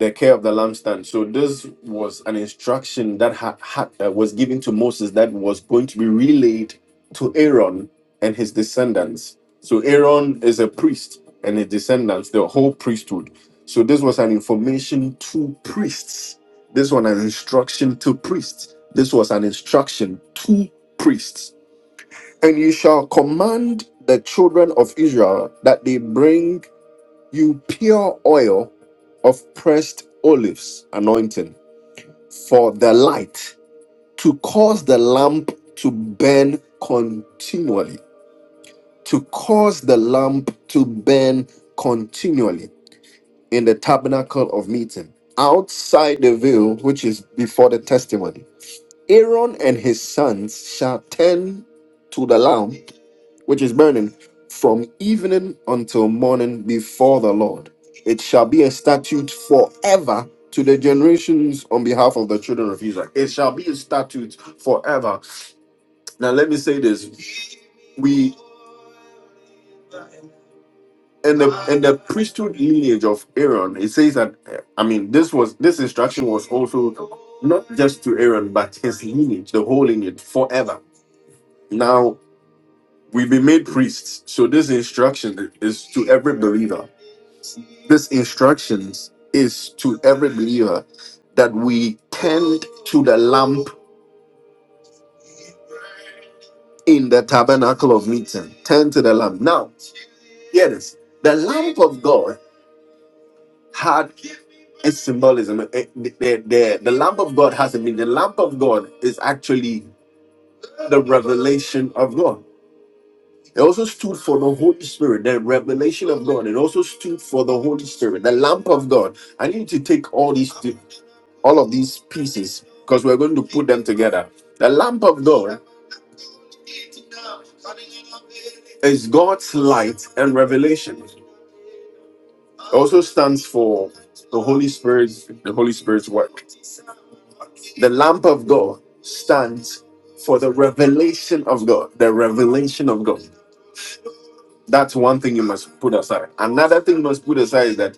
[SPEAKER 1] the care of the lampstand so this was an instruction that had, had uh, was given to moses that was going to be relayed to aaron and his descendants so aaron is a priest and his descendants the whole priesthood so this was an information to priests this was an instruction to priests this was an instruction to priests and you shall command the children of israel that they bring you pure oil of pressed olives anointing for the light to cause the lamp to burn continually. To cause the lamp to burn continually in the tabernacle of meeting outside the veil, which is before the testimony. Aaron and his sons shall tend to the lamp which is burning, from evening until morning before the Lord. It shall be a statute forever to the generations on behalf of the children of Israel. It shall be a statute forever. Now, let me say this. We, in the, in the priesthood lineage of Aaron, it says that, eh, I mean, this was, this instruction was also not just to Aaron, but his lineage, the whole lineage, forever. Now, we've been made priests. So this instruction is to every believer This instructions is to every believer that we tend to the lamp in the tabernacle of meeting. Tend to the lamp. Now, hear this. The lamp of God had a symbolism. Eh, The, the, the, the lamp of God has a meaning. The lamp of God is actually the revelation of God. It also stood for the Holy Spirit, the revelation of God. It also stood for the Holy Spirit, the lamp of God. I need you to take all these. all of these pieces because we're going to put them together. The lamp of God is God's light and revelation. So stands for Holy Spirit, the Holy Spirit's work. The lamp of God stands for the revelation of God, the revelation of God. That's one thing you must put aside. Another thing you must put aside is that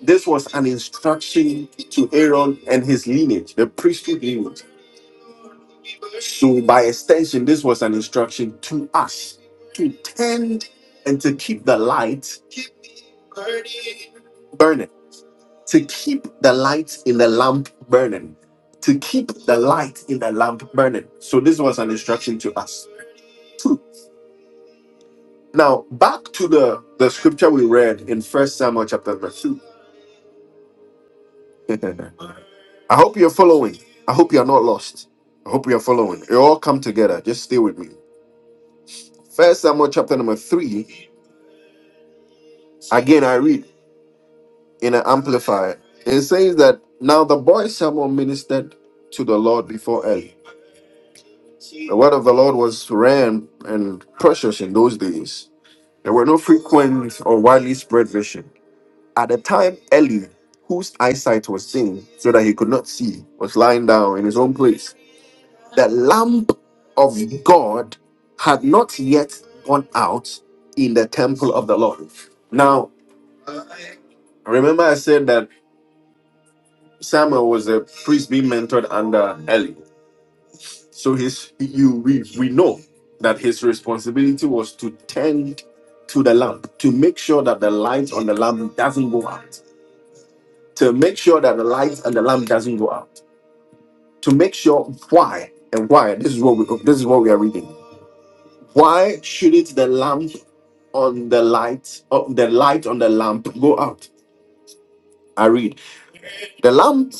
[SPEAKER 1] this was an instruction to Aaron and his lineage, the priesthood lineage. So, by extension, this was an instruction to us to tend and to keep the light burning, to keep the light in the lamp burning, to keep the light in the lamp burning. So, this was an instruction to us. Two. Now, back to the, the scripture we read in First Samuel chapter number 2. I hope you're following. I hope you're not lost. I hope you're following. It all come together. Just stay with me. First Samuel chapter number 3. Again, I read. in an amplifier. It says that now the boy Samuel ministered to the Lord before Eli. Word of the Lord was rare and and precious in those days. There were no frequent or widely spread vision. At the time, Eli, whose eyesight was dim so that he could not see, was lying down in his own place. The lamp of God had not yet gone out in the temple of the Lord. Now, remember I said that Samuel was a priest being mentored under Eli. So his you we we know that his responsibility was to tend to the lamp, to make sure that the light on the lamp doesn't go out, to make sure that the light on the lamp doesn't go out, to make sure why and why this is what we this is what we are reading. Why shouldn't the lamp on the light of the light on the lamp go out? I read the lamp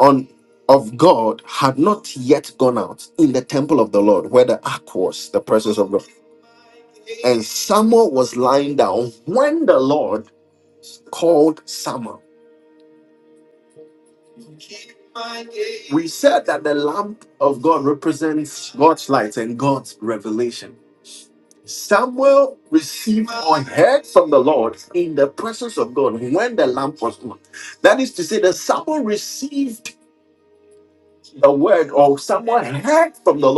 [SPEAKER 1] on of God had not yet gone out in the temple of the Lord, where the ark was, the presence of God Samuel was lying down when the Lord called Samuel. We said that the lamp of God represents God's light and God's revelation. Samuel received heard from the Lord in the presence of God when the lamp was on. That is to say that Samuel received the word or Samuel heard from the Lord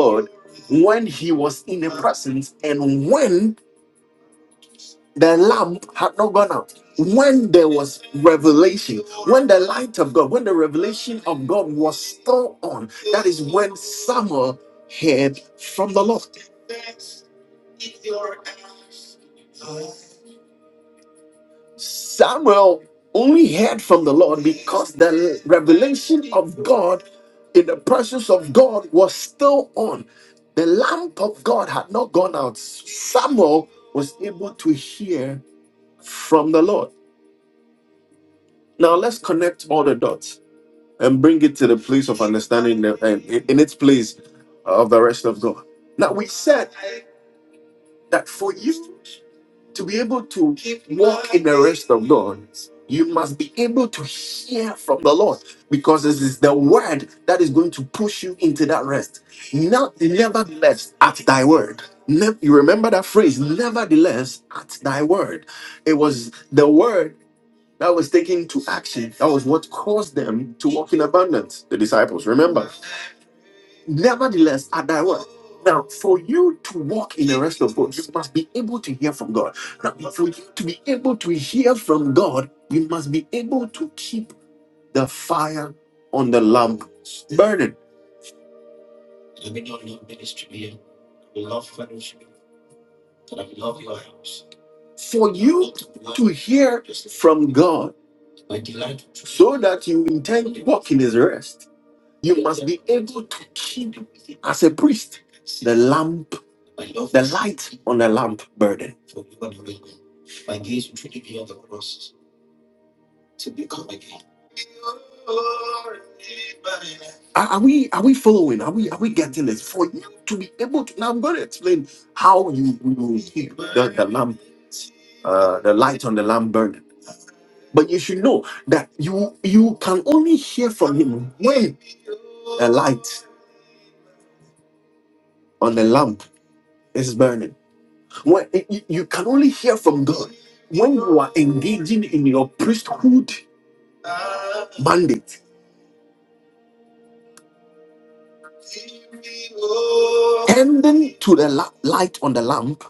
[SPEAKER 1] when he was in the presence and when the lamp had not gone out, when there was revelation when the light of God, when the revelation of God was still on, when Samuel heard from the Lord, Samuel only heard from the Lord in the presence of God was still on. The lamp of God had not gone out. Samuel was able to hear from the Lord. Now let's connect all the dots and bring it to the place of understanding, in its place of the rest of God. Now we said that for you to be able to Lord, you must be able to hear from the Lord because this is the word that is going to push you into that rest. Not nevertheless at thy word. Ne- you remember that phrase, nevertheless at thy word. It was the word that was taken to action. That was what caused them to walk in abundance. The disciples, remember? Nevertheless, at that word. Now, for you to walk in the rest of God, you must be able to hear from God. Now, for you to be able to hear from God, you must be able to keep the fire on the lamp burning. For you hear from God, so that you intend walk in His rest, you must be able to keep, as a priest, the lamp light on the lamp burning. Are, are we are we following? Are we are we getting this? For you to be able to now I'm going to explain how you will become uh, the light on the lamp burning. But you should know that you you can only hear from him when the light on the lamp is burning. When you, you can only hear from God when you are engaging in your priesthood mandate, tending to the la- light on the lamp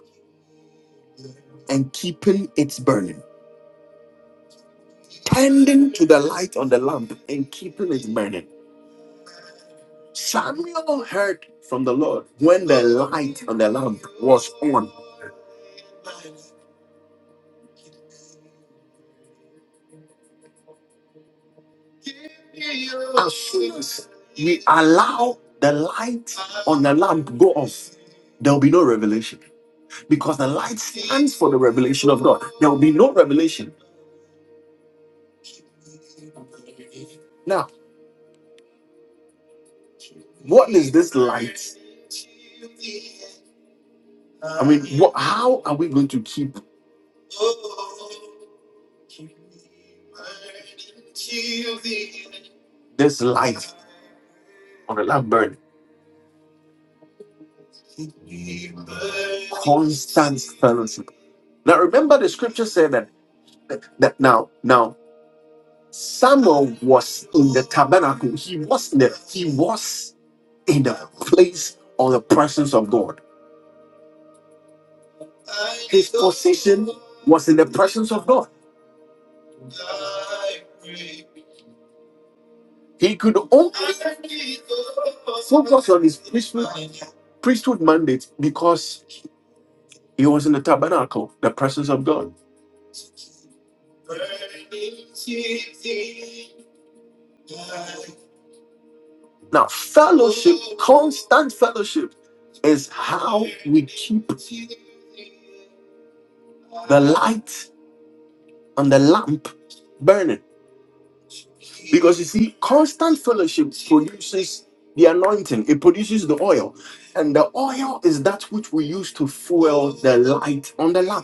[SPEAKER 1] and keeping it burning. Tending to the light on the lamp and keeping it burning Samuel heard from the Lord when the light on the lamp was on. We allow the light on the lamp go off. There will be no revelation because the light stands for the revelation of God. There will be no revelation. Now, how are we going to keep this light on the lamp burning? Constant Fellowship. Now, remember the scripture said that, that now, now Samuel was in the tabernacle. He was in the he was in the place or the presence of God. He could own priesthood mandate because he was in the tabernacle, the presence of God. Now, fellow, stand fellowship is how keep light on the lamp burning. You see, there is the oil and fuel the light on the lamp.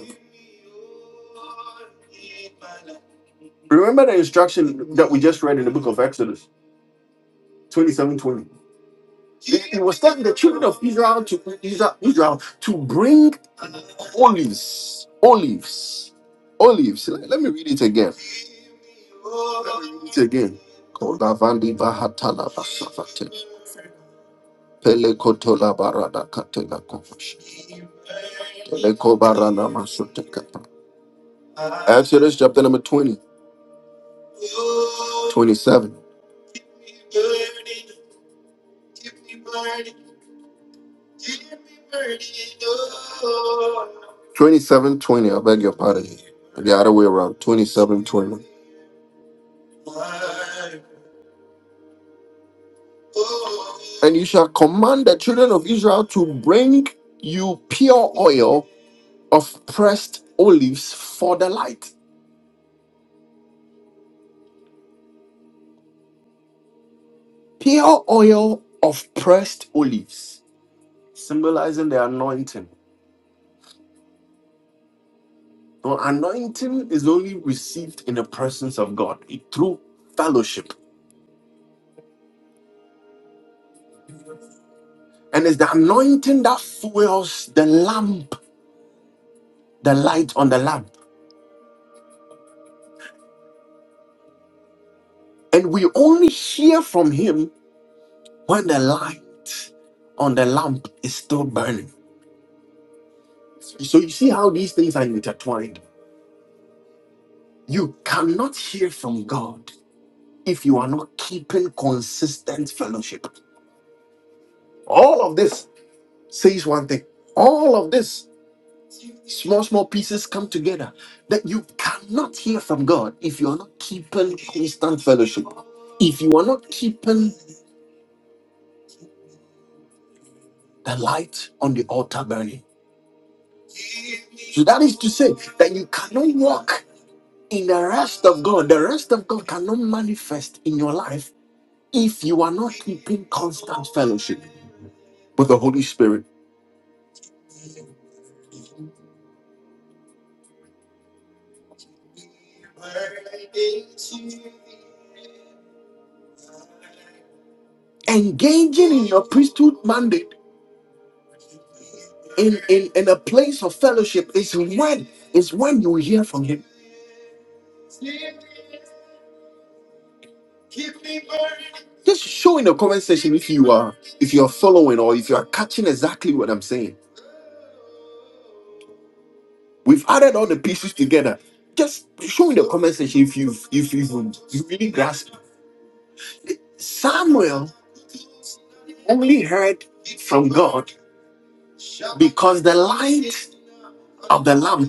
[SPEAKER 1] Remember that we in the book of Exodus 7:20. To Israel, Israel to bring olives, olives, olives. Let let me read it again. Kolavandi Bahatala Basavate, Pele Kotola Barada Katela So let's chapter number 20, 27. And you shall command the children of Israel to bring you pure oil of pressed olives for the light. Pure oil of pressed olives, symbolizing the anointing. Now, anointing is only received in the presence of God it- through fellowship. And it's the anointing that fuels the lamp, the light on the lamp. And we only hear from Him when the light on the lamp is still burning. So you see how these things are intertwined. You cannot hear from God if you are not keeping consistent fellowship. All of this says one thing. All of this small, small pieces come together that you cannot hear from God if you are not keeping constant fellowship. If you are not keeping the light on the altar burning. So that is to say that you cannot walk in the rest of God, the rest of God cannot manifest in your life if you are not keeping constant fellowship with the Holy Spirit. Engaging priesthood mandate in, in a place of fellowship is, is when you hear from Him. Just show in the comment section if you are if you are following or if you are catching exactly what I'm saying. We've added all the pieces together. Just show in the comment section if you've if you've grasped. Samuel he heard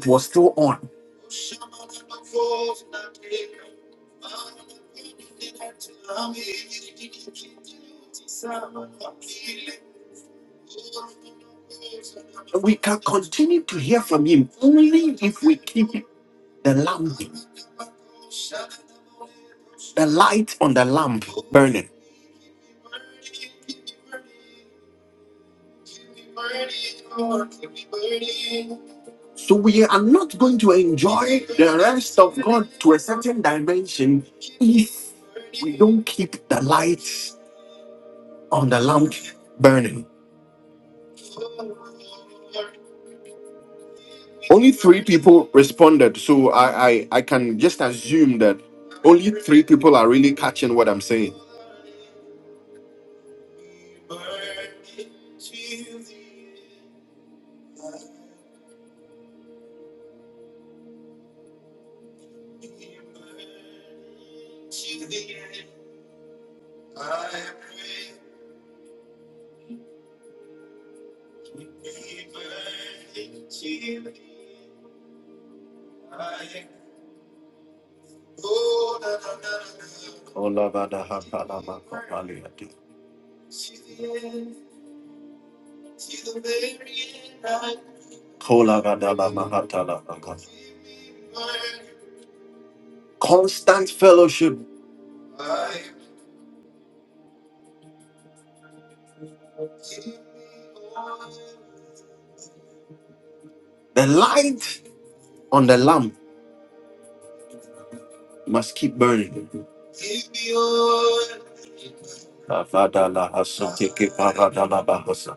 [SPEAKER 1] was still on. We can continue to hear from Him only if keep the lamp, the light on the lamp burning. So we are not going to enjoy rest of God to a certain dimension if we don't keep the light on the lamp burning. Only three people responded, so I, I, I can just assume that only three people are really catching what I'm saying. Constant fellowship, the light on the lamp must keep burning. And the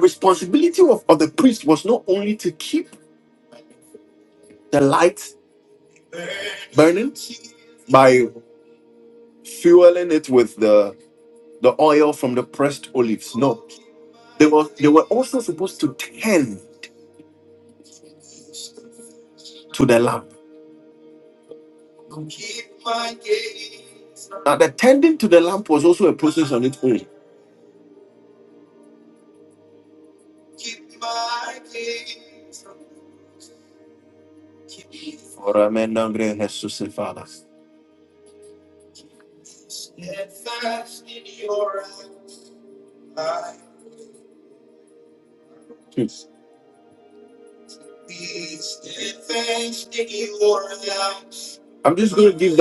[SPEAKER 1] responsibility of, of the priest was not only to keep the light by fueling it with the, the oil from the pressed olives. were, they were also supposed to tend to the lamp. Now, the tending to the lamp was also a process. oil. Ora me nangre Jesus e falas. Hmm. I'm just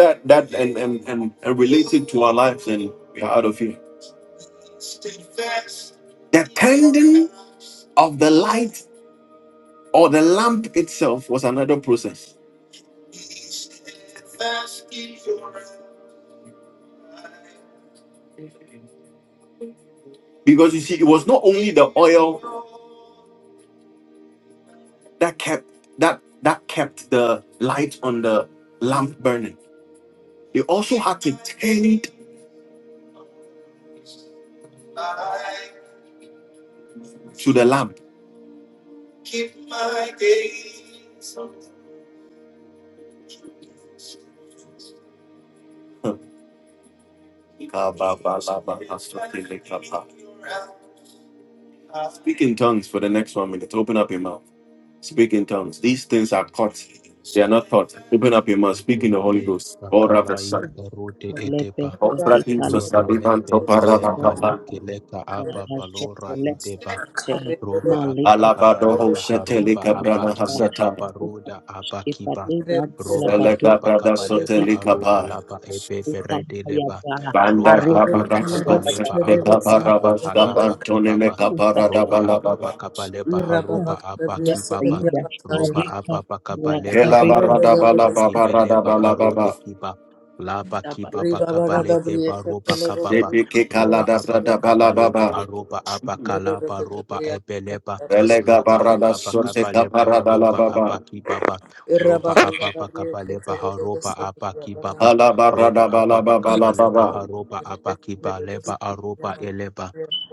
[SPEAKER 1] that, that and, and, and relate to our lives, and we are out of here. That of the light or the lamp itself was another process because you see it was not only the oil that kept that that kept the light on the lamp burning they also had to tend to the lamp Huh. speak in tongues for the next one minute open up your mouth speak in tongues these things are caught they are not taught
[SPEAKER 4] Rute e bakalai rute edeba. Lora ebe beleka yeke leka aba balora ideba. Roba apa
[SPEAKER 1] Alabadoho
[SPEAKER 4] kabaleba haroba apa
[SPEAKER 1] kabranahata,
[SPEAKER 4] kileba baroda apa kiba. Roba apa kabaleba
[SPEAKER 1] elekapo
[SPEAKER 4] aruha laba ebe beredeleba. Roba apa kabaleba aruba apa halaba
[SPEAKER 1] skabantrababa,
[SPEAKER 4] kibaba. Roba apa kabaleba haroba apa kibaba. Roba apa kabaleba aruba apa kibeleba
[SPEAKER 1] kelabaradabalababaradabalabalaba,
[SPEAKER 4] arude kiba. Laba
[SPEAKER 5] Malika
[SPEAKER 4] kibaba kabalehe baroba kababa roba ababa kabaleba
[SPEAKER 1] sipikikaladabradabalabalaba,
[SPEAKER 4] aroba abakalaba roba ebeleba loba ababa kabaleba haroba
[SPEAKER 1] elegabaradasotekaparadalababa.
[SPEAKER 4] abakibaba roba ababa kabaleba haroba abakibaba roba ababa kabaleba
[SPEAKER 1] Alabarabalababalababa.
[SPEAKER 4] haroba abakibaleba aroba eleba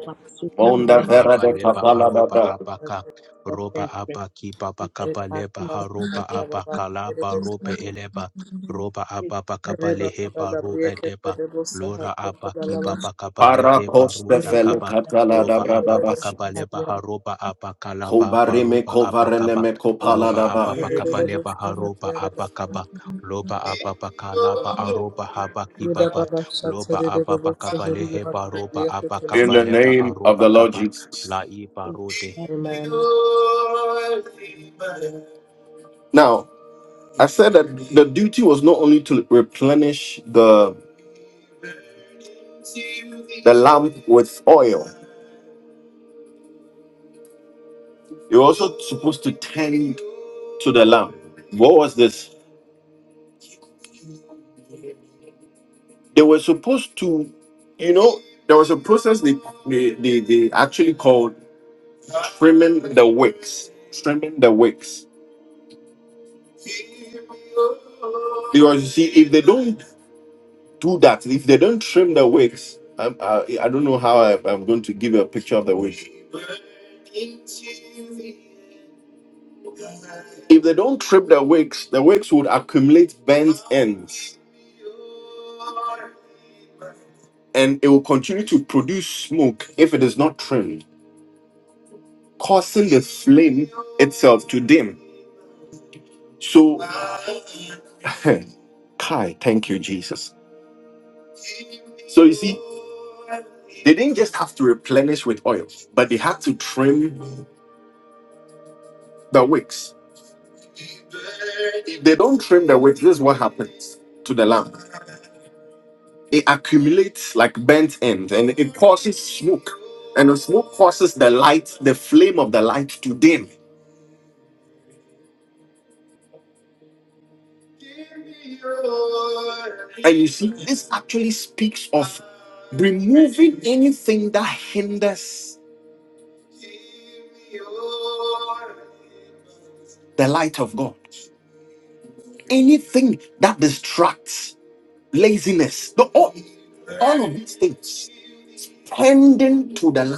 [SPEAKER 5] Thank
[SPEAKER 1] Bonda vera de
[SPEAKER 4] kabaleba aroba
[SPEAKER 1] kapaladaba.
[SPEAKER 4] abaka roba abaki baba kabaleba haroba abakalaba robe eleba roba ababa kabaleheba ro edeba lora abaki baba kabaleheba
[SPEAKER 1] Parakoste
[SPEAKER 4] ruda
[SPEAKER 1] fele
[SPEAKER 4] kaba roba ababa
[SPEAKER 1] kataladabradabash.
[SPEAKER 4] kabaleba haroba abakalaba
[SPEAKER 1] Kobarime
[SPEAKER 4] baroba abakaba
[SPEAKER 1] kovareneme
[SPEAKER 4] loba
[SPEAKER 1] kopaladaba.
[SPEAKER 4] ababa kabaleba haroba abakaba loba ababa kalaba aroba habaki baba loba ababa kabaleheba roba
[SPEAKER 1] In the
[SPEAKER 4] abakabaleba
[SPEAKER 1] name of
[SPEAKER 4] aroba
[SPEAKER 1] the Lord
[SPEAKER 4] kaba
[SPEAKER 1] Jesus.
[SPEAKER 4] la i parode
[SPEAKER 2] Amen.
[SPEAKER 1] Now, I said that the duty was not only to replenish the, lamp with oil, you were also supposed to tend to the lamp. What was this? They were supposed to, you know, there was a process they, they, they, they actually called trimming the wicks, trimming the wicks. Do that. If they don't trim the wicks, I'm, I, I don't know how I, I'm going to give you a picture of the wicks. If they don't trim the wicks, the wicks would accumulate bent ends and it will continue to produce smoke if it is not trimmed, causing the flame itself to dim. So, Kai, thank you, Jesus. So, you see, they didn't just have to replenish with oil, but they had to trim the wicks They don't trim the wick. This is what happens to the lamp. It accumulates like bent ends and it causes smoke. And the smoke causes the light, the flame of the light to dim. You see, this actually speaks of removing anything that hinders the light of God, anything that distracts laziness, the all of these things tending to the light.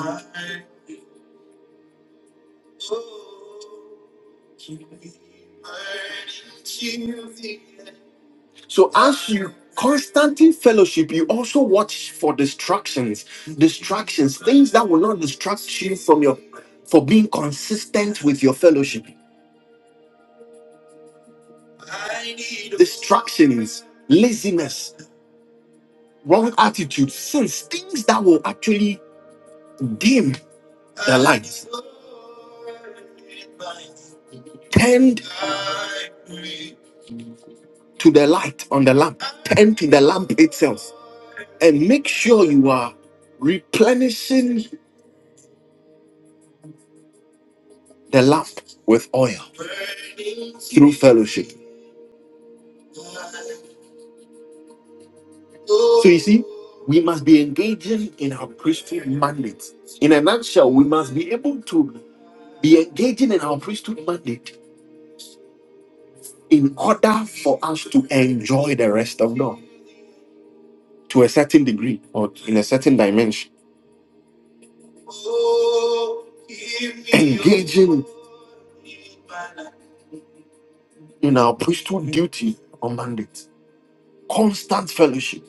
[SPEAKER 1] So as you constantly fellowship, you also watch for distractions, distractions, things that will not distract you from your for being consistent with your fellowship. Distractions, laziness, wrong attitude, sins, things that will actually dim, tend to the light on the lamp, tend to the lamp itself, and make sure you are replenishing the lamp with oil through fellowship. You see, we must be engaging in our priesthood mandate. In a nutshell, we must be able to be engaging in our priesthood mandate in order for us to enjoy the rest of God to a certain degree or in a certain dimension in our priesthood duty or mandate. Constant fellowship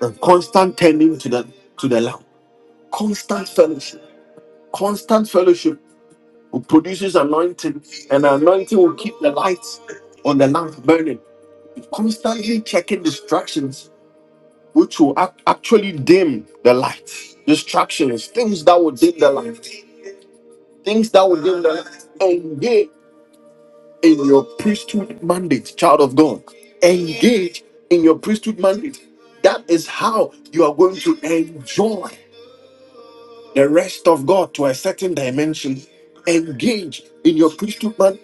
[SPEAKER 1] and constant tending to the to the Lamb. Constant fellowship. Constant fellowship will produces anointing, and anointing will keep the lights on the lamp burning Constantly checking distractions, which will ac- actually dim the light. Distractions, things that will dim, things that will engage in your priesthood mandate, child of God. Engage in your priesthood mandate. That is how you are going to enjoy the rest of God to a certain dimension. Engage in your priesthood mandate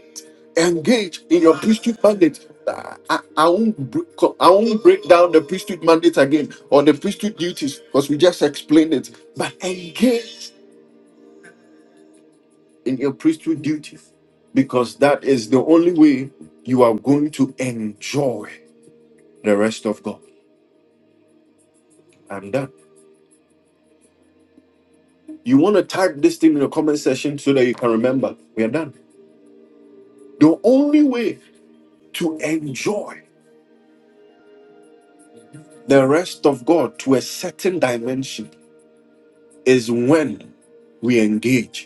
[SPEAKER 1] engage in your priesthood mandate. I, I, I won't break, I won't break down the priesthood mandate again or the priesthood duties because we just explained it. But engage in your priesthood duties because that is the only way you are going to enjoy the rest of God. I'm done. You want to type this thing in the comment section so that you can remember. We are done. The only way to enjoy the rest of God to a certain dimension is when we engage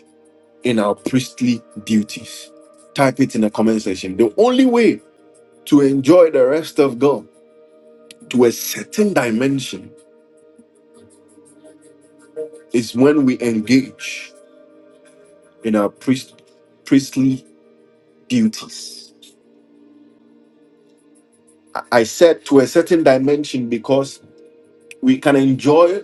[SPEAKER 1] in our priestly duties. Type it in the comment section. The only way to enjoy the rest of God to a certain dimension is when we engage in our priest, priestly duties. I said to a certain dimension because we can enjoy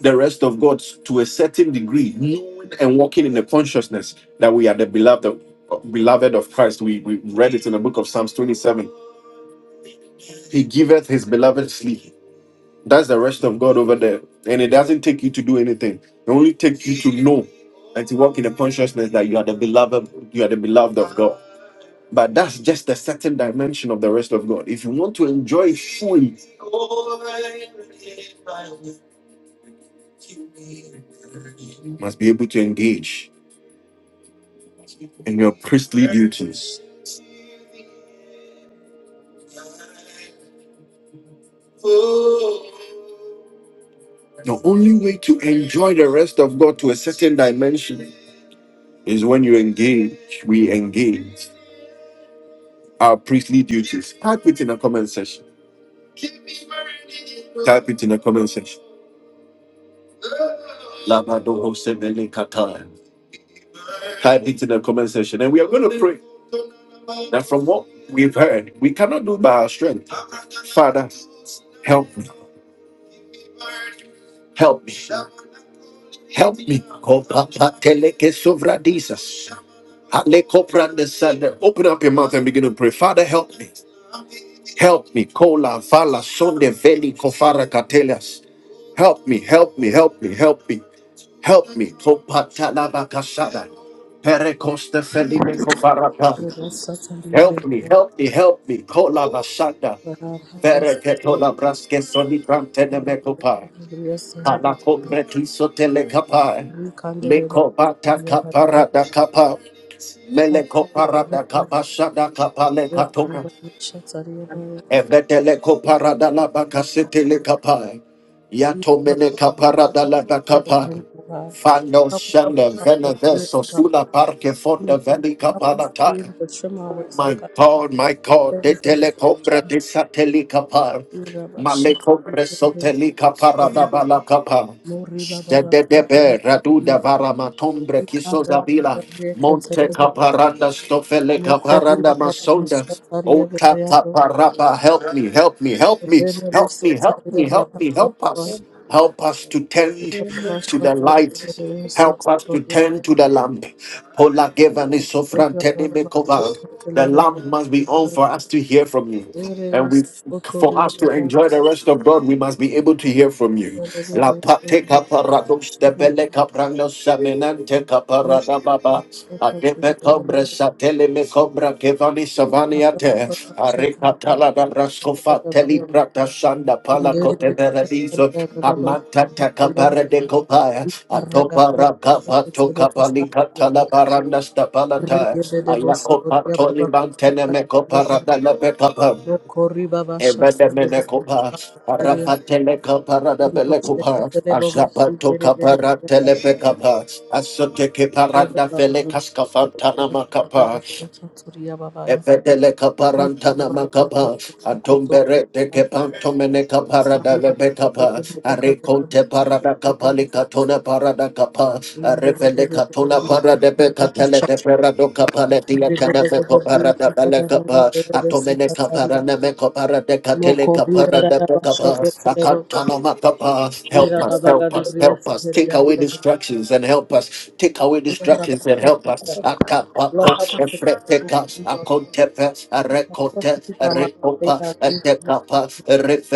[SPEAKER 1] the rest of God to a certain degree, knowing and walking in the consciousness that we are the beloved beloved of Christ. We, we read it in the book of Psalms 27. He giveth his beloved sleep That's the rest of God over there. And it doesn't take you to do anything. It only takes you to know and to walk in the consciousness that you are the beloved, you are the beloved of God. But that's just a certain dimension of the rest of God. If you want to enjoy it fully, you must be able to engage in your priestly duties. The only way to enjoy the rest of God to a certain dimension is when you engage, we engage our priestly duties. Type it in the comment section. Type it in the comment section. Labado Hosebele Katai. type it in the comment section. And we are going to, from what we've heard, we cannot do by our strength. Father, help me, help me, help me. Kopapa teleke sovradisas. Ale koprande sande. Open up your mouth and begin to pray. Father, help me, help me. Kola vala sonde veli kofara katelas. Help me, help me, help me, help me, help me. Kopata labakasada. Perekoste felini
[SPEAKER 2] Help us
[SPEAKER 1] kofarata.
[SPEAKER 2] to find that
[SPEAKER 1] Help me,
[SPEAKER 2] fear
[SPEAKER 1] help me, help me. Kola vasada.
[SPEAKER 2] of God. We are gonna Help us
[SPEAKER 1] Pereketola braske soli brantene mekopa. Alakombre tiso telekapa. Leko bata kapara da kapa. Meleko para da kapa shada kapa lekatoma. Evetele kopara da la bakasete lekapa. Yatomene kapara da la bakapa. Fano shanda vene veso sula parke fonda veni
[SPEAKER 2] to be
[SPEAKER 1] kapalata.
[SPEAKER 2] able to trim our wicks,
[SPEAKER 1] My
[SPEAKER 2] Lord God.
[SPEAKER 1] God, my God,
[SPEAKER 2] Save
[SPEAKER 1] de
[SPEAKER 2] us from
[SPEAKER 1] telecombra
[SPEAKER 2] distractions.
[SPEAKER 1] de satelica par,
[SPEAKER 2] We are gonna shut
[SPEAKER 1] malecombra
[SPEAKER 2] the door.
[SPEAKER 1] sotelica parada capa,
[SPEAKER 2] Lord, We are gonna go the Lord. Lord, we are
[SPEAKER 1] de
[SPEAKER 2] gonna
[SPEAKER 1] de
[SPEAKER 2] go
[SPEAKER 1] de be, raduda varamatombre
[SPEAKER 2] Thank
[SPEAKER 1] quiso
[SPEAKER 2] you.
[SPEAKER 1] davila, monte caparanda stofele caparanda masonda, ota caparapa, help me, help me, help me, help me, help me, help me, help us, help us to tend to the light, help us to tend to the lamp. Pola gevani sofranteni mekova. The lamp must be on for us to hear from you. And we, for us to enjoy the rest of God, we must be able to hear from you. La pate caparado stepele caprano saminante caparada baba. Adepe cobre satele me cobra kevani savaniate. Arecatala da rascofa teli prata shanda pala cote Amantata kapara de kopaya,
[SPEAKER 2] Thank
[SPEAKER 1] atopara kapato kapalika tala baranda stapalata, ayakopa toli mantene me kopara dala be kapa. Evede mene kopa, arapatele kapara da bele kopa, asapato kapara tele be
[SPEAKER 2] you.
[SPEAKER 1] kapa, asote ke paranda fele kaskafantana makapa, Evedele kaparantana makapa, atombere de kepantomene kaparada lebe kapa, arikonte parada kapali katona parada kapa, arevele katona parada be katele de perado kapale dia
[SPEAKER 2] Lord, help
[SPEAKER 1] kana me
[SPEAKER 2] us to keep
[SPEAKER 1] koparada
[SPEAKER 2] focused,
[SPEAKER 1] bele
[SPEAKER 2] Lord.
[SPEAKER 1] kapa,
[SPEAKER 2] Help us
[SPEAKER 1] atomene kaparana me kopara de katele Help us, help us, help us. Take away distractions and help us. Take away distractions and help us. Akapako, Efreteka, Akontepe,
[SPEAKER 2] to
[SPEAKER 1] Arekote,
[SPEAKER 2] keep our mind stayed
[SPEAKER 1] Arekopa,
[SPEAKER 2] on you, Lord God.
[SPEAKER 1] Atekapa,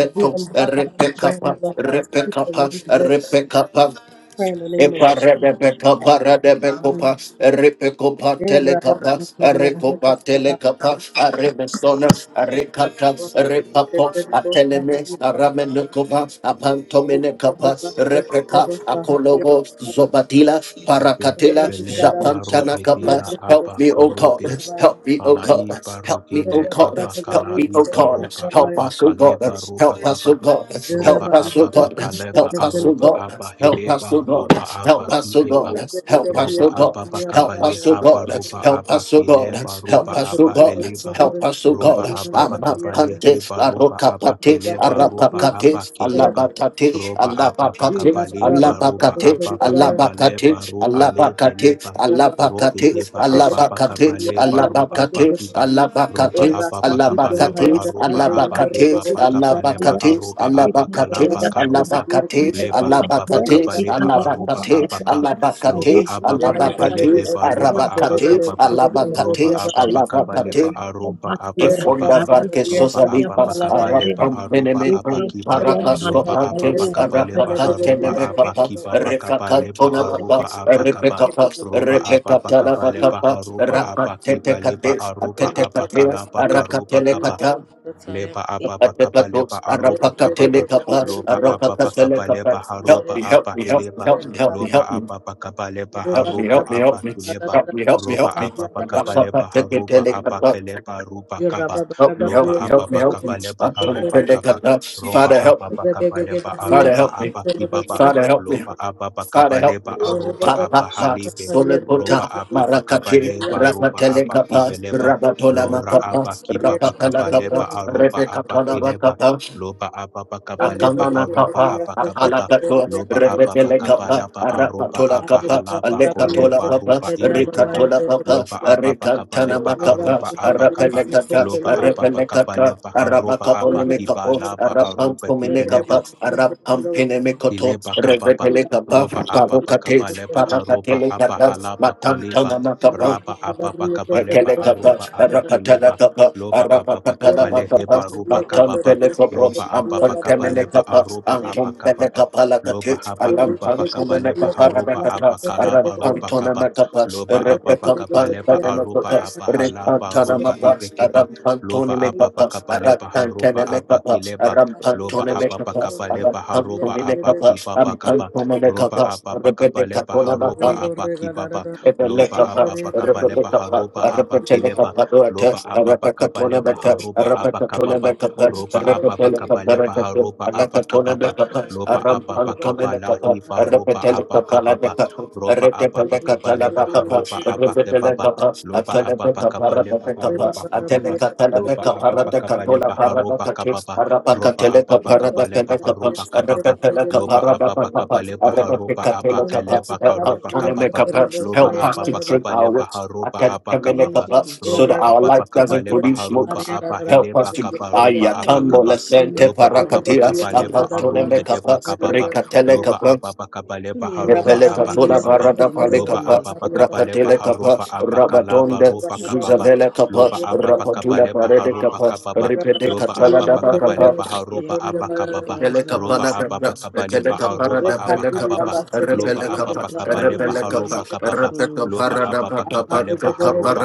[SPEAKER 2] As we embark on this journey,
[SPEAKER 1] Repekapa,
[SPEAKER 2] Lord God, to keep the
[SPEAKER 1] Repekapa,
[SPEAKER 2] lamp lit,
[SPEAKER 1] Repekapa,
[SPEAKER 2] pray in the
[SPEAKER 1] Zobadila
[SPEAKER 2] name of Jesus. God. Mhm. Eh, Rabba Shakaria, Help us, Lord God. Rabba Brigitete, Rabba Shakaria, Rabba. Rabba
[SPEAKER 4] robe
[SPEAKER 1] Parakatela
[SPEAKER 4] bele paru
[SPEAKER 1] Zapantana Kappa.
[SPEAKER 4] edila aba
[SPEAKER 1] Help me, O God.
[SPEAKER 4] korobe
[SPEAKER 1] Help me, O
[SPEAKER 4] Kala
[SPEAKER 1] God.
[SPEAKER 4] i
[SPEAKER 1] Help me,
[SPEAKER 4] barugile
[SPEAKER 1] O God.
[SPEAKER 4] aba kala
[SPEAKER 1] Help me,
[SPEAKER 4] i
[SPEAKER 1] O God.
[SPEAKER 4] baruba
[SPEAKER 1] Help
[SPEAKER 4] aba
[SPEAKER 1] us, O
[SPEAKER 4] kale
[SPEAKER 1] God.
[SPEAKER 4] baruba
[SPEAKER 1] Help us,
[SPEAKER 4] kaba
[SPEAKER 1] O God.
[SPEAKER 4] roba
[SPEAKER 1] Help us,
[SPEAKER 4] aba
[SPEAKER 1] O God.
[SPEAKER 4] bakaleba
[SPEAKER 1] Help us, O
[SPEAKER 4] aruba
[SPEAKER 1] God.
[SPEAKER 4] aba
[SPEAKER 1] Help
[SPEAKER 4] heleba
[SPEAKER 1] us, O
[SPEAKER 4] roba
[SPEAKER 1] God.
[SPEAKER 4] aba
[SPEAKER 1] Help us, O
[SPEAKER 4] kileba
[SPEAKER 1] God. Help us,
[SPEAKER 4] roba
[SPEAKER 1] O
[SPEAKER 4] aba
[SPEAKER 1] God. Help
[SPEAKER 4] bakabale
[SPEAKER 1] us, O
[SPEAKER 4] haba
[SPEAKER 1] God.
[SPEAKER 4] roba
[SPEAKER 1] Help
[SPEAKER 4] aba
[SPEAKER 1] us, O God.
[SPEAKER 4] kileba roba
[SPEAKER 1] Help us, O
[SPEAKER 4] aba
[SPEAKER 1] God.
[SPEAKER 4] heleba
[SPEAKER 1] Help us, O
[SPEAKER 4] roba
[SPEAKER 1] God.
[SPEAKER 4] aba bakabale
[SPEAKER 1] Amapante,
[SPEAKER 4] heba roba aba
[SPEAKER 1] Arokapate,
[SPEAKER 4] keleba roba aba
[SPEAKER 1] Arapakate,
[SPEAKER 4] kideba
[SPEAKER 1] Alabatate,
[SPEAKER 4] roba aba
[SPEAKER 1] Alabakate,
[SPEAKER 4] bakabale ba roba
[SPEAKER 1] Alabakate,
[SPEAKER 4] aba bakabale ba
[SPEAKER 1] Alabakate,
[SPEAKER 4] ru alebeleba
[SPEAKER 1] Alabakate,
[SPEAKER 4] roke
[SPEAKER 1] Alabakate,
[SPEAKER 4] deba aba
[SPEAKER 1] Alabakate,
[SPEAKER 4] bakaba leba ro aba
[SPEAKER 1] alabakates,
[SPEAKER 4] kiba roba
[SPEAKER 2] Thank
[SPEAKER 1] alabakates,
[SPEAKER 4] aba bakaba laba
[SPEAKER 1] alabakates,
[SPEAKER 4] aroba aba kiba
[SPEAKER 1] alabakates, alabakates,
[SPEAKER 4] bakaba leba
[SPEAKER 1] alabakates,
[SPEAKER 4] haroba aba
[SPEAKER 1] alabakates,
[SPEAKER 4] kalaba karoba
[SPEAKER 1] alabakates,
[SPEAKER 4] leba haba bakaba
[SPEAKER 1] alabakates, alabakates,
[SPEAKER 4] leba aroba
[SPEAKER 1] alabakates,
[SPEAKER 4] aba ka loba aba bakaba
[SPEAKER 1] alabakates,
[SPEAKER 4] leheba roba aba
[SPEAKER 1] arabakates,
[SPEAKER 4] kababa roba
[SPEAKER 1] alabakates,
[SPEAKER 4] aba bakaba
[SPEAKER 1] alabakates,
[SPEAKER 4] leba aroba aba
[SPEAKER 1] Ifonda
[SPEAKER 4] kibaba
[SPEAKER 1] varke
[SPEAKER 4] roba
[SPEAKER 1] sosa
[SPEAKER 4] aba
[SPEAKER 1] lipas
[SPEAKER 4] bakaba leba
[SPEAKER 1] arapam
[SPEAKER 4] aroba aba
[SPEAKER 1] menemeto
[SPEAKER 4] kiba
[SPEAKER 1] parakasto
[SPEAKER 4] loba aba
[SPEAKER 1] pantes
[SPEAKER 4] bakaba leba
[SPEAKER 1] arapakante
[SPEAKER 4] haroba
[SPEAKER 1] nemekapa
[SPEAKER 4] kiba bakaba leba
[SPEAKER 1] refakatona
[SPEAKER 4] aroba
[SPEAKER 1] vapas
[SPEAKER 4] aba kaba
[SPEAKER 5] you.
[SPEAKER 1] repekapas
[SPEAKER 4] roba apa
[SPEAKER 1] repekatala
[SPEAKER 4] pakapa lepa
[SPEAKER 1] vakapa
[SPEAKER 4] harupa apa
[SPEAKER 1] rapatete
[SPEAKER 4] kipa lepa
[SPEAKER 1] kates
[SPEAKER 4] arupa
[SPEAKER 1] atete
[SPEAKER 4] apa
[SPEAKER 1] kateas
[SPEAKER 4] kalapa karupa
[SPEAKER 1] arakatele
[SPEAKER 4] kapa
[SPEAKER 1] kata
[SPEAKER 4] leba ababa kaba leba
[SPEAKER 1] Atekatos,
[SPEAKER 4] aruba
[SPEAKER 1] Arapakatele
[SPEAKER 4] kababa
[SPEAKER 1] kapas,
[SPEAKER 4] loba ababa
[SPEAKER 1] Arapakatele
[SPEAKER 4] kaba leba
[SPEAKER 1] kapas. Help
[SPEAKER 4] haruba
[SPEAKER 1] me, help
[SPEAKER 4] aba
[SPEAKER 1] me, help me,
[SPEAKER 4] hileba
[SPEAKER 1] help me, help me,
[SPEAKER 2] you.
[SPEAKER 4] loba
[SPEAKER 1] help me.
[SPEAKER 4] ababa kaba
[SPEAKER 2] Thank
[SPEAKER 4] leba
[SPEAKER 1] Help me,
[SPEAKER 4] haruba
[SPEAKER 1] help me,
[SPEAKER 4] aba
[SPEAKER 1] help me,
[SPEAKER 4] kileba
[SPEAKER 1] help me, help me,
[SPEAKER 4] roba
[SPEAKER 1] help me.
[SPEAKER 4] ababa kaba leba haruba
[SPEAKER 1] Rapapakatele
[SPEAKER 4] aba
[SPEAKER 1] kapas.
[SPEAKER 4] keleba ruba kaba
[SPEAKER 1] Help me,
[SPEAKER 4] loba
[SPEAKER 1] help me, help me,
[SPEAKER 4] ababa
[SPEAKER 1] help me.
[SPEAKER 4] kaba leba
[SPEAKER 1] I'm gonna pray
[SPEAKER 4] haruba
[SPEAKER 1] that
[SPEAKER 4] kaba
[SPEAKER 1] God helps.
[SPEAKER 4] roba
[SPEAKER 1] Father, help me.
[SPEAKER 4] ababa kaba leba
[SPEAKER 1] Father,
[SPEAKER 4] aruba
[SPEAKER 1] help me.
[SPEAKER 4] aba kibaba
[SPEAKER 1] Father, help me.
[SPEAKER 4] loba ababa
[SPEAKER 1] Father,
[SPEAKER 4] kaba
[SPEAKER 1] help
[SPEAKER 4] leba
[SPEAKER 1] me.
[SPEAKER 4] aruba
[SPEAKER 1] Pa, pa,
[SPEAKER 4] aba
[SPEAKER 1] pa.
[SPEAKER 4] halibe roba
[SPEAKER 1] Solekota,
[SPEAKER 4] ababa kaba
[SPEAKER 1] Marakati,
[SPEAKER 4] leba roba
[SPEAKER 1] Rapatele
[SPEAKER 4] aba
[SPEAKER 1] Kapas,
[SPEAKER 4] kibeleba
[SPEAKER 1] Rapatola
[SPEAKER 4] Lora aba
[SPEAKER 1] Makapas,
[SPEAKER 4] kiba
[SPEAKER 1] Rapatala
[SPEAKER 4] bakaba leba
[SPEAKER 1] Kapas,
[SPEAKER 4] aruba
[SPEAKER 1] Rebecca
[SPEAKER 4] aba kileba.
[SPEAKER 1] Tona
[SPEAKER 4] Loba aba bakaba leba
[SPEAKER 1] Akamana
[SPEAKER 4] haruba
[SPEAKER 1] kapa,
[SPEAKER 4] aba kababa.
[SPEAKER 1] akalakato,
[SPEAKER 4] Loba aba
[SPEAKER 1] revetele
[SPEAKER 4] bakaba
[SPEAKER 1] kapa,
[SPEAKER 4] laba aruba
[SPEAKER 1] arapatola
[SPEAKER 4] aba
[SPEAKER 1] kapa,
[SPEAKER 4] halaba
[SPEAKER 1] alekatola
[SPEAKER 4] koleba
[SPEAKER 1] papa,
[SPEAKER 4] ruba ibekeba.
[SPEAKER 1] rikatola papa,
[SPEAKER 4] Loba aba bakaba
[SPEAKER 1] rikantana
[SPEAKER 4] leba
[SPEAKER 1] makapa,
[SPEAKER 4] aruba aba
[SPEAKER 1] arapele
[SPEAKER 4] kaba.
[SPEAKER 1] kata,
[SPEAKER 4] Loba
[SPEAKER 2] you.
[SPEAKER 4] aba
[SPEAKER 1] arapele
[SPEAKER 4] bakaba
[SPEAKER 1] kata,
[SPEAKER 4] leba haruba
[SPEAKER 1] arapakapo
[SPEAKER 2] Thank
[SPEAKER 4] aba kiba
[SPEAKER 1] nemekapo,
[SPEAKER 4] laba aruba
[SPEAKER 1] arapampo
[SPEAKER 4] kibeleba
[SPEAKER 1] menekapa, arapampine mekoto,
[SPEAKER 4] ileba kábába,
[SPEAKER 1] revetele kapa,
[SPEAKER 4] roba apapa
[SPEAKER 1] parukate,
[SPEAKER 4] kábaléba haroba
[SPEAKER 1] parakatele
[SPEAKER 4] apa
[SPEAKER 1] kata,
[SPEAKER 4] halapa koleba
[SPEAKER 1] matantana makapa,
[SPEAKER 4] raba apapa kabaleba
[SPEAKER 1] Ekelekapa,
[SPEAKER 4] aruba apa kileba
[SPEAKER 1] Rapatelekapa,
[SPEAKER 4] loba apapa
[SPEAKER 1] Arapatelekapa,
[SPEAKER 4] kabaleheba ruba
[SPEAKER 1] Maton
[SPEAKER 4] kababa
[SPEAKER 1] Pelekapa,
[SPEAKER 4] roba apapa kabaleba
[SPEAKER 1] Ampantemenekapa,
[SPEAKER 4] aruba apa kababa
[SPEAKER 1] Antonbelekapa Lakati,
[SPEAKER 4] loba hapa kibaba kabaleba
[SPEAKER 1] Alampantomenekapa
[SPEAKER 4] haruba
[SPEAKER 1] Rabekata,
[SPEAKER 4] apa kalaba ruba kaba
[SPEAKER 1] Arampantonemekapa,
[SPEAKER 4] loba apapa kabaleba aruba
[SPEAKER 1] Repekampantonemekapa,
[SPEAKER 4] apa halaba ruba
[SPEAKER 1] Repantanamapa,
[SPEAKER 4] ipekeba loba apapa
[SPEAKER 1] Arampantonemekapa,
[SPEAKER 4] kabaleba haruba apa
[SPEAKER 1] Aratantenemekapa,
[SPEAKER 4] kileba Loba ababa
[SPEAKER 1] Arampantonemekapa,
[SPEAKER 4] kaba leba haroba
[SPEAKER 1] Arampantomenekapa,
[SPEAKER 4] abaki baba kaba. Roba
[SPEAKER 1] Ampantomenekapa,
[SPEAKER 4] ababa kaba leba haroba
[SPEAKER 1] Rebedekatonamapa,
[SPEAKER 4] abaki baba.
[SPEAKER 1] Rebecca,
[SPEAKER 4] Loba ababa kaba leba haroba abaki
[SPEAKER 2] you.
[SPEAKER 4] leba. Loba ababa kaba leba
[SPEAKER 2] Rabba
[SPEAKER 4] haroba abakababa. Roba ababa kaba leba haroba abakababa. Loba ababa kaba lahi baroba abakababa. Roba ababa kaba leba haroba abakebaba. Loba
[SPEAKER 1] Help
[SPEAKER 4] ababa kaba
[SPEAKER 1] us
[SPEAKER 4] leba haroba
[SPEAKER 1] to trim
[SPEAKER 4] kababa. Loba ababa kaba leba haroba kababa roba ababa kabale baharuba kababa loba ababa kabale baharuba abakele bakaruba kababa
[SPEAKER 5] Yes,
[SPEAKER 4] loba ababa kabale
[SPEAKER 1] our lips. I
[SPEAKER 4] baharuba
[SPEAKER 1] can make
[SPEAKER 5] yes,
[SPEAKER 1] a
[SPEAKER 4] abakababa
[SPEAKER 1] wits
[SPEAKER 5] Daddy.
[SPEAKER 1] so
[SPEAKER 4] roba
[SPEAKER 1] that our
[SPEAKER 4] ababa
[SPEAKER 1] life doesn't
[SPEAKER 4] kabale
[SPEAKER 1] produce
[SPEAKER 4] baharuba
[SPEAKER 1] smoke. Help
[SPEAKER 4] abahile
[SPEAKER 1] us to I
[SPEAKER 4] bakabaruba
[SPEAKER 1] am
[SPEAKER 5] Now I made
[SPEAKER 4] abakaba
[SPEAKER 5] two Nema
[SPEAKER 4] loba
[SPEAKER 5] for
[SPEAKER 4] ababa
[SPEAKER 5] Friday,
[SPEAKER 1] dear.
[SPEAKER 4] kabale
[SPEAKER 5] Saturday, and Sunday.
[SPEAKER 4] baharuhe de
[SPEAKER 1] I
[SPEAKER 4] bakababa loba ababa
[SPEAKER 5] Made
[SPEAKER 4] kabale
[SPEAKER 5] two Nema
[SPEAKER 4] baharuba
[SPEAKER 5] for Friday,
[SPEAKER 1] Epelekatola
[SPEAKER 4] abakibaba
[SPEAKER 1] barada
[SPEAKER 5] Saturday, and
[SPEAKER 4] loba
[SPEAKER 1] palekapa,
[SPEAKER 5] Sunday.
[SPEAKER 4] ababa kabale
[SPEAKER 1] rapatelekapa,
[SPEAKER 4] baharuba
[SPEAKER 5] Um,
[SPEAKER 4] abakalaba
[SPEAKER 1] rabatonde,
[SPEAKER 4] roba kababa
[SPEAKER 1] zuzavelekapa,
[SPEAKER 4] loba ababa kabale
[SPEAKER 1] rapatula
[SPEAKER 4] baharuba
[SPEAKER 1] paredekapa,
[SPEAKER 4] kababa
[SPEAKER 5] say
[SPEAKER 4] Loba
[SPEAKER 1] ripedekatala
[SPEAKER 5] Friday, I'm
[SPEAKER 4] ababa
[SPEAKER 5] going
[SPEAKER 1] dabakapa,
[SPEAKER 5] call
[SPEAKER 4] kabaleba haroba
[SPEAKER 5] your family
[SPEAKER 1] Antolileta, Atelekapa,
[SPEAKER 4] abakababa.
[SPEAKER 5] house now. I'm
[SPEAKER 4] Roba
[SPEAKER 5] as a
[SPEAKER 4] ababa
[SPEAKER 5] man. I'm
[SPEAKER 4] kabaleba
[SPEAKER 5] black.
[SPEAKER 4] haroba abakababa.
[SPEAKER 5] Saturday,
[SPEAKER 4] Loba
[SPEAKER 5] and
[SPEAKER 4] ababa
[SPEAKER 5] actually, I'm not
[SPEAKER 4] kabaleba
[SPEAKER 5] making
[SPEAKER 4] haroba
[SPEAKER 5] a
[SPEAKER 4] kababa.
[SPEAKER 5] funeral of
[SPEAKER 4] Loba
[SPEAKER 5] freedom.
[SPEAKER 4] ababa kabaleba haroba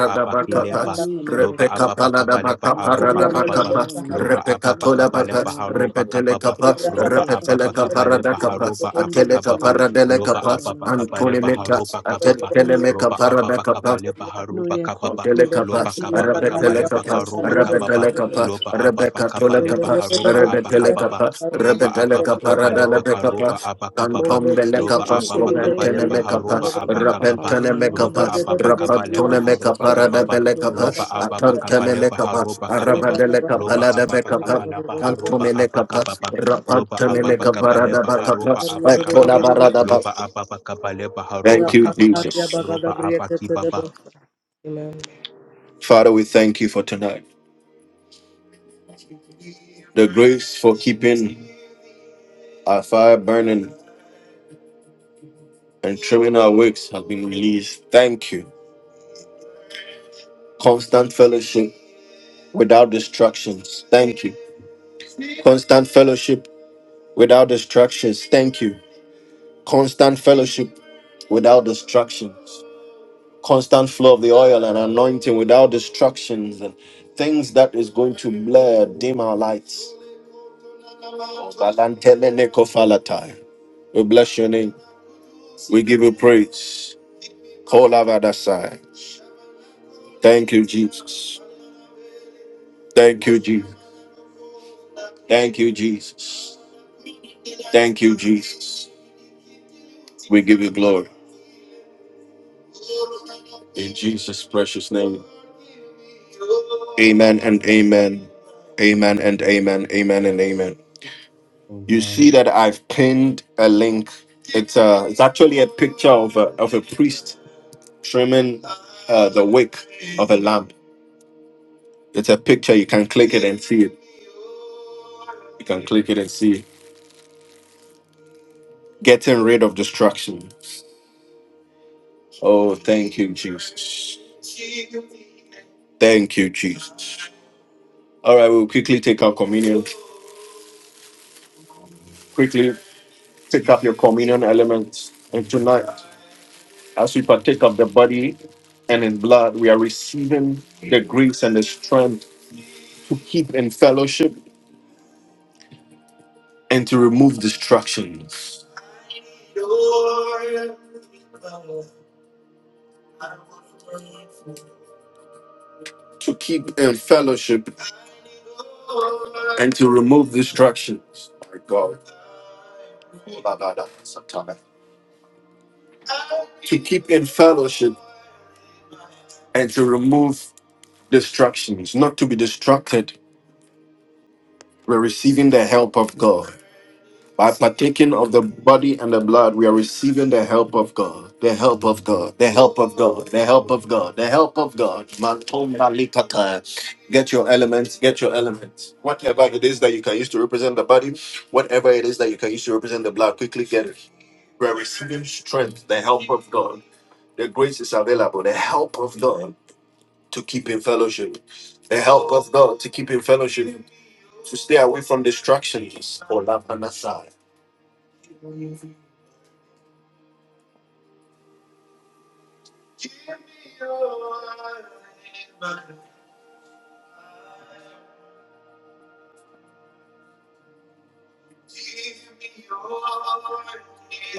[SPEAKER 5] Friday,
[SPEAKER 4] abakileba.
[SPEAKER 5] I'm going to
[SPEAKER 4] Loba
[SPEAKER 5] call.
[SPEAKER 4] ababa kabaleba
[SPEAKER 5] I'm as a
[SPEAKER 4] haroba
[SPEAKER 5] man. Me,
[SPEAKER 4] kababa.
[SPEAKER 5] I'm a man.
[SPEAKER 4] Loba
[SPEAKER 5] It's
[SPEAKER 4] ababa
[SPEAKER 5] never perform
[SPEAKER 4] kabaleba
[SPEAKER 5] what they
[SPEAKER 4] haroba
[SPEAKER 5] feel.
[SPEAKER 4] kababa. Roba
[SPEAKER 5] Saturday, I'm going
[SPEAKER 4] ababa
[SPEAKER 5] to cathedral.
[SPEAKER 4] kabaleba haroba
[SPEAKER 5] Sunday, it's
[SPEAKER 4] abakababa.
[SPEAKER 5] me. If it's a
[SPEAKER 4] Loba
[SPEAKER 5] cathedral,
[SPEAKER 4] ababa
[SPEAKER 5] I'm as a man. I
[SPEAKER 4] kabaleba
[SPEAKER 5] don't know.
[SPEAKER 4] haroba kababa.
[SPEAKER 5] Thanksgiving.
[SPEAKER 4] Roba ababa kabaleba
[SPEAKER 5] No,
[SPEAKER 4] haroba
[SPEAKER 5] yeah, yɛkɔ
[SPEAKER 4] kababa.
[SPEAKER 1] Telekapa,
[SPEAKER 4] Loba
[SPEAKER 5] cathedral
[SPEAKER 4] kababa
[SPEAKER 5] any ɛne
[SPEAKER 4] kabaleba
[SPEAKER 1] Arabetelekapa,
[SPEAKER 5] officers
[SPEAKER 4] karoba
[SPEAKER 5] men so sɛ
[SPEAKER 4] kababa
[SPEAKER 2] Gracias.
[SPEAKER 1] Arabetelekapa,
[SPEAKER 5] yɛbɛyɛ.
[SPEAKER 4] Loba ababa kaba leba
[SPEAKER 1] Arabekatolekapa,
[SPEAKER 2] Amen.
[SPEAKER 4] haruba abakababa.
[SPEAKER 1] Arabetelekapa,
[SPEAKER 4] Roba ababa
[SPEAKER 1] Arabetelekapa,
[SPEAKER 4] kaba leba
[SPEAKER 1] Radalebekapa,
[SPEAKER 4] karuba abakababa.
[SPEAKER 1] Antom
[SPEAKER 4] Loba
[SPEAKER 1] Belekapa,
[SPEAKER 5] Ɛne sɛ
[SPEAKER 4] ababa
[SPEAKER 5] baabi a
[SPEAKER 4] kaba
[SPEAKER 1] Scoventene
[SPEAKER 5] yɛyɛ
[SPEAKER 4] leba
[SPEAKER 5] ne papa
[SPEAKER 1] Mekapa,
[SPEAKER 4] haruba
[SPEAKER 5] ɔno mo papa
[SPEAKER 4] abakababa.
[SPEAKER 5] wɔ
[SPEAKER 1] Rapentene
[SPEAKER 5] no ɛna
[SPEAKER 4] Roba
[SPEAKER 5] na
[SPEAKER 1] Mekapa,
[SPEAKER 4] ababa
[SPEAKER 5] menim
[SPEAKER 4] kaba
[SPEAKER 5] but
[SPEAKER 4] leba
[SPEAKER 5] me
[SPEAKER 1] Rapantone
[SPEAKER 5] check
[SPEAKER 1] Mekapa,
[SPEAKER 5] it.
[SPEAKER 4] haruba kababa.
[SPEAKER 1] Radabelekapa,
[SPEAKER 4] Loba ababa kaba
[SPEAKER 1] Atantene
[SPEAKER 4] leba
[SPEAKER 1] Mekapa,
[SPEAKER 4] haruba kababa.
[SPEAKER 1] Arabadelekapa,
[SPEAKER 4] Loba ababa kaba
[SPEAKER 1] Ladabekapa,
[SPEAKER 4] leba haruba
[SPEAKER 1] Antomelekapa,
[SPEAKER 4] abakababa. Loba ababa
[SPEAKER 1] Rapantamelekapa,
[SPEAKER 4] kaba leba haruba
[SPEAKER 1] Radabakapa,
[SPEAKER 4] abakababa.
[SPEAKER 1] Antonabaradaba.
[SPEAKER 4] Loba ababa kaba leba
[SPEAKER 1] Thank
[SPEAKER 4] haruba
[SPEAKER 1] you,
[SPEAKER 4] kababa.
[SPEAKER 1] Jesus.
[SPEAKER 4] Roba abakibaba.
[SPEAKER 1] The grace for keeping and Criminal works have been released. Thank you. Constant fellowship without distractions. Thank you. Constant fellowship without distractions. Thank you. Constant fellowship without distractions. Constant flow of the oil and anointing without distractions and things that is going to blur, dim our lights. Balantemenekofalatai. We bless your name. We give you praise. Kolavadasai. Thank you, Jesus. Thank you, Jesus. Thank you, Jesus. Thank you, Jesus. We give you glory. In Jesus' precious name. Amen and amen. Amen and amen. Amen and amen. You see
[SPEAKER 4] Amen.
[SPEAKER 1] that I've pinned a link. It's uh it's actually a picture of a of a priest trimming uh the wick of a lamp. It's a picture, you can click it and see it. You can click it and see it. Getting rid of destruction. Oh, thank you, Jesus. Thank you, Jesus. All right, we'll quickly take our communion. and in blood, we are receiving the grace and the strength to keep in fellowship and to remove distractions. To keep in fellowship and to remove distractions. My God. To keep in fellowship and to remove distractions, not to be distracted. We're receiving the help of God. By partaking of the body and the blood, we are receiving the help of God, the help of God, the help of God, the help of God, the help of God. Matomba likata. Get your elements, get your elements. Whatever it is that you can use to represent the body, whatever it is that you can use to represent the blood, quickly get it. We are receiving strength, the help of God. The grace is available, the help of God to keep in fellowship, the help of God to keep in fellowship, to stay away from distractions. Olapanasai.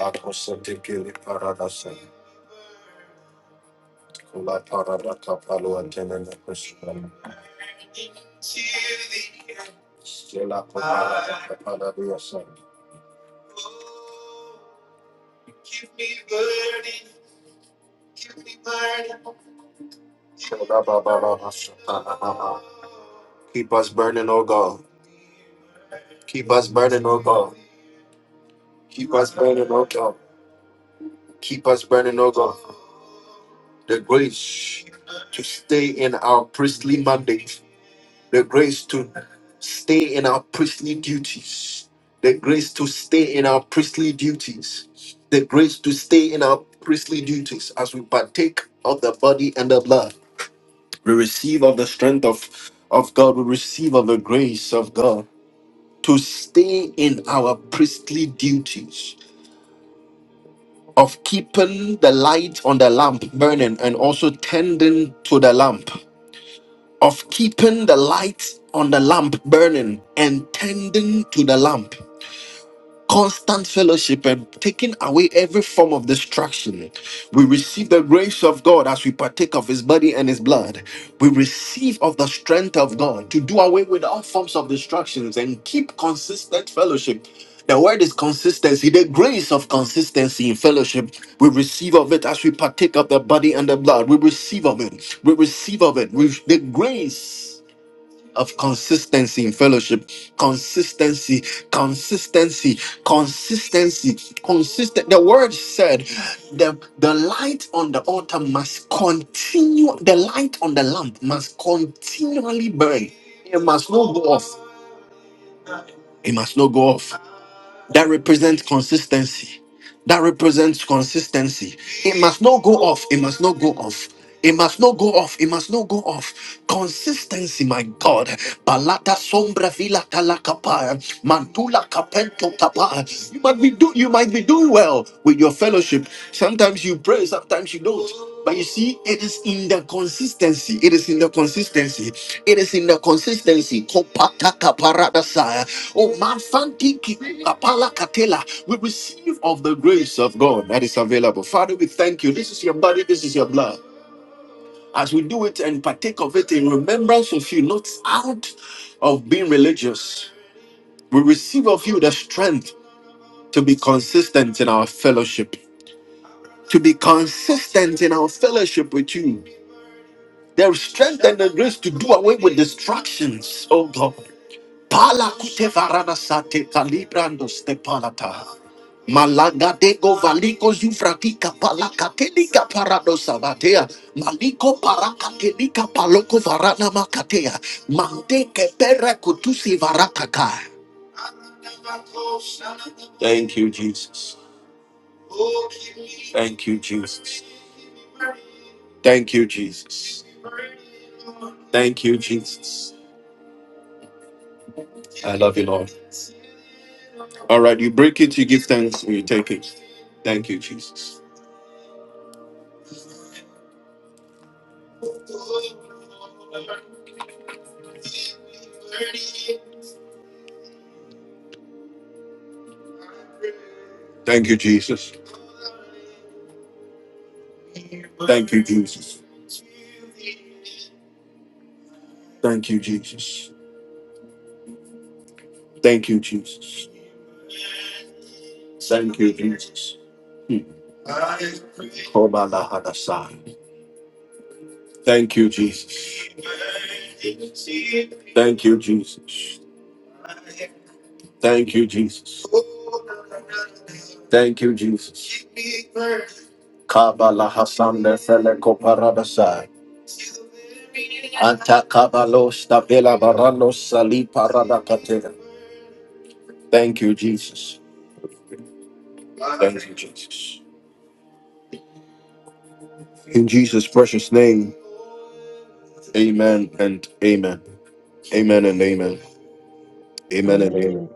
[SPEAKER 1] Aposetikili paradasa kula paradaka palo antenene kushkana. Stila paradasa. Shoda baba baba Keep us burning, O God. Keep us burning, O God. Keep us burning, O God. Keep us burning, O God. The grace to stay in our priestly mandate. the grace to stay in our priestly duties, the grace to stay in our priestly duties, the grace to stay in our priestly duties as we partake of the body and the blood. We receive of the strength of, of God, we receive of the grace of God to stay in our priestly duties. Of keeping the light on the lamp burning and also tending to the lamp of keeping the light on the lamp burning and tending to the lamp. Constant fellowship and taking away every form of distraction. We receive the grace of God as we partake of His body and His blood. We receive of the strength of God to do away with all forms of distractions and keep consistent fellowship. The word is consistency, the grace of consistency in fellowship. We receive of it as we partake of the body and the blood. We receive of it. We receive of it. We, the grace of consistency in fellowship. Consistency, consistency, consistency, consistent. The word said the, the light on the altar must continue, the light on the lamp must continually burn. It must not go off. It must not go off that represents consistency. That represents consistency. It must not go off. It must not go off. It must not go off. It must not go off. Consistency, my God. Palata sombra vila talakapa. Mantula capento tapa. You might be do you might be doing well with your fellowship. Sometimes you you pray, sometimes you don't. But you see, it is in the consistency. It is in the consistency. It is in the consistency. Kopataka paradasaya. Oh, man, fanti ki- kapala katela. We receive of the grace of God that is available. Father, we thank you. This is your body, this is your blood. As we do it and partake of it in remembrance of you, not out of being religious, we receive of you the strength to be consistent in our fellowship, to be consistent in our fellowship with you. There is strength and the grace to do away with distractions, oh God. Pala kute varana sate kalibrando ste Malaga dego valiko zufratika palaka telika parado sabatea. Maliko paraka telika paloko varana makatea. Mante kepere kutusi varakaka. Thank you, Jesus. Thank you, Jesus. Thank you, Jesus. Thank you, Jesus. I love you, Lord. All right, you break it, you give thanks, and you take it. Thank you, Jesus. Thank you, Jesus. Jesus. Thank you, Jesus. Thank you, Jesus. Mm. Obalahadasai. Thank you, Jesus. Thank you, Jesus. Thank you, Jesus. Thank you, Jesus. Kabala Hasan Feleko Paradasai. Anta Kabalo Stabela Barano Sali Paradakatela. Thank you, Jesus. In Jesus' precious name, amen and amen. Amen and amen. Amen and amen.
[SPEAKER 5] Amen.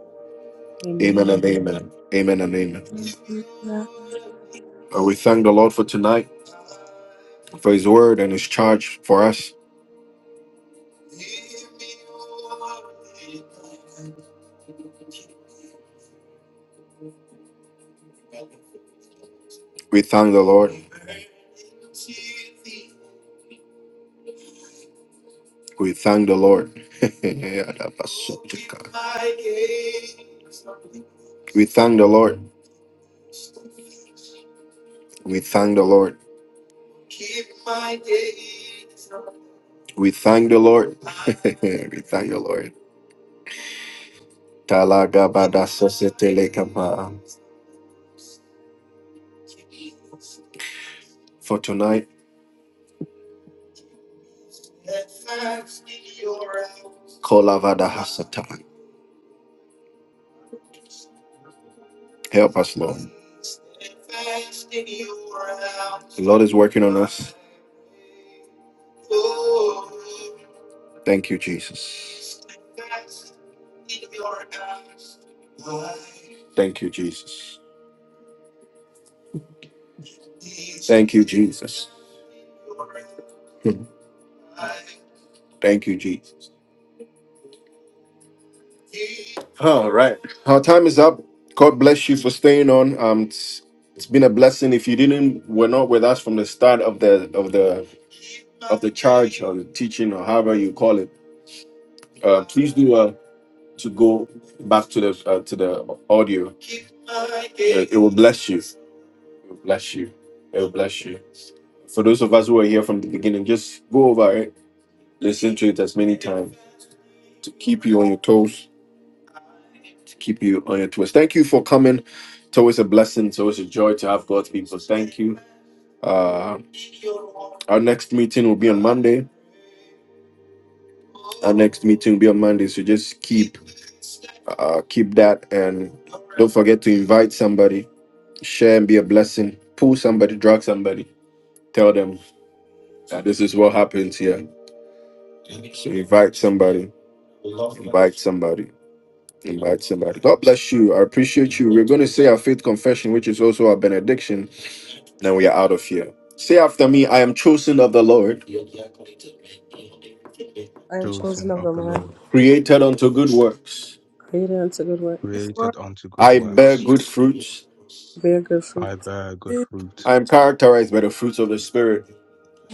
[SPEAKER 1] Amen and
[SPEAKER 5] Amen.
[SPEAKER 1] amen. Amen and amen. Uh, we thank the Lord for tonight. for his word and his charge for us. We thank the Lord. We thank the Lord. we thought we thank the Lord. we thank the Lord. Talagabada sosetelekapa. For tonight, Kolavada Hasatan. Help us, Lord. The Lord is working on us. Thank you, Jesus. Thank you, Jesus. Thank you, Jesus. Thank you, Jesus. Huh. Our time is up. God bless you for staying on. Um, it's it's been a blessing. If you didn't, were not with us from the start of the of the or teaching or however you call it, uh, please do uh, to go back to the uh, to the audio. It will bless you. It will bless you. It will bless you. For those of us who are here from the beginning, just go over it, listen to it as many times to keep you on your toes, to keep you on your toes. Thank you for coming. It's always a blessing. It's always a joy to have God's people. Thank you. Uh, our next meeting will be on Monday. Our next meeting will be on Monday. So just keep uh, keep that and don't forget to invite somebody Share and be a blessing. Pull somebody, drag somebody. Tell them that this is what happens here. Invite somebody, invite somebody, invite somebody. God bless you. I appreciate you. We're going to say our faith confession, which is also our benediction. Then we are out of here. Say after me, I am chosen of the Lord,
[SPEAKER 2] I am chosen
[SPEAKER 4] Chosen
[SPEAKER 2] of
[SPEAKER 4] of
[SPEAKER 2] the
[SPEAKER 4] the
[SPEAKER 2] Lord,
[SPEAKER 4] Lord
[SPEAKER 1] created unto good works.
[SPEAKER 2] created unto good works,
[SPEAKER 4] created unto good
[SPEAKER 1] I
[SPEAKER 4] works.
[SPEAKER 1] bear good fruits.
[SPEAKER 2] bear good
[SPEAKER 4] I
[SPEAKER 2] fruits,
[SPEAKER 4] bear good fruit.
[SPEAKER 1] I am characterized by the fruits of the Spirit.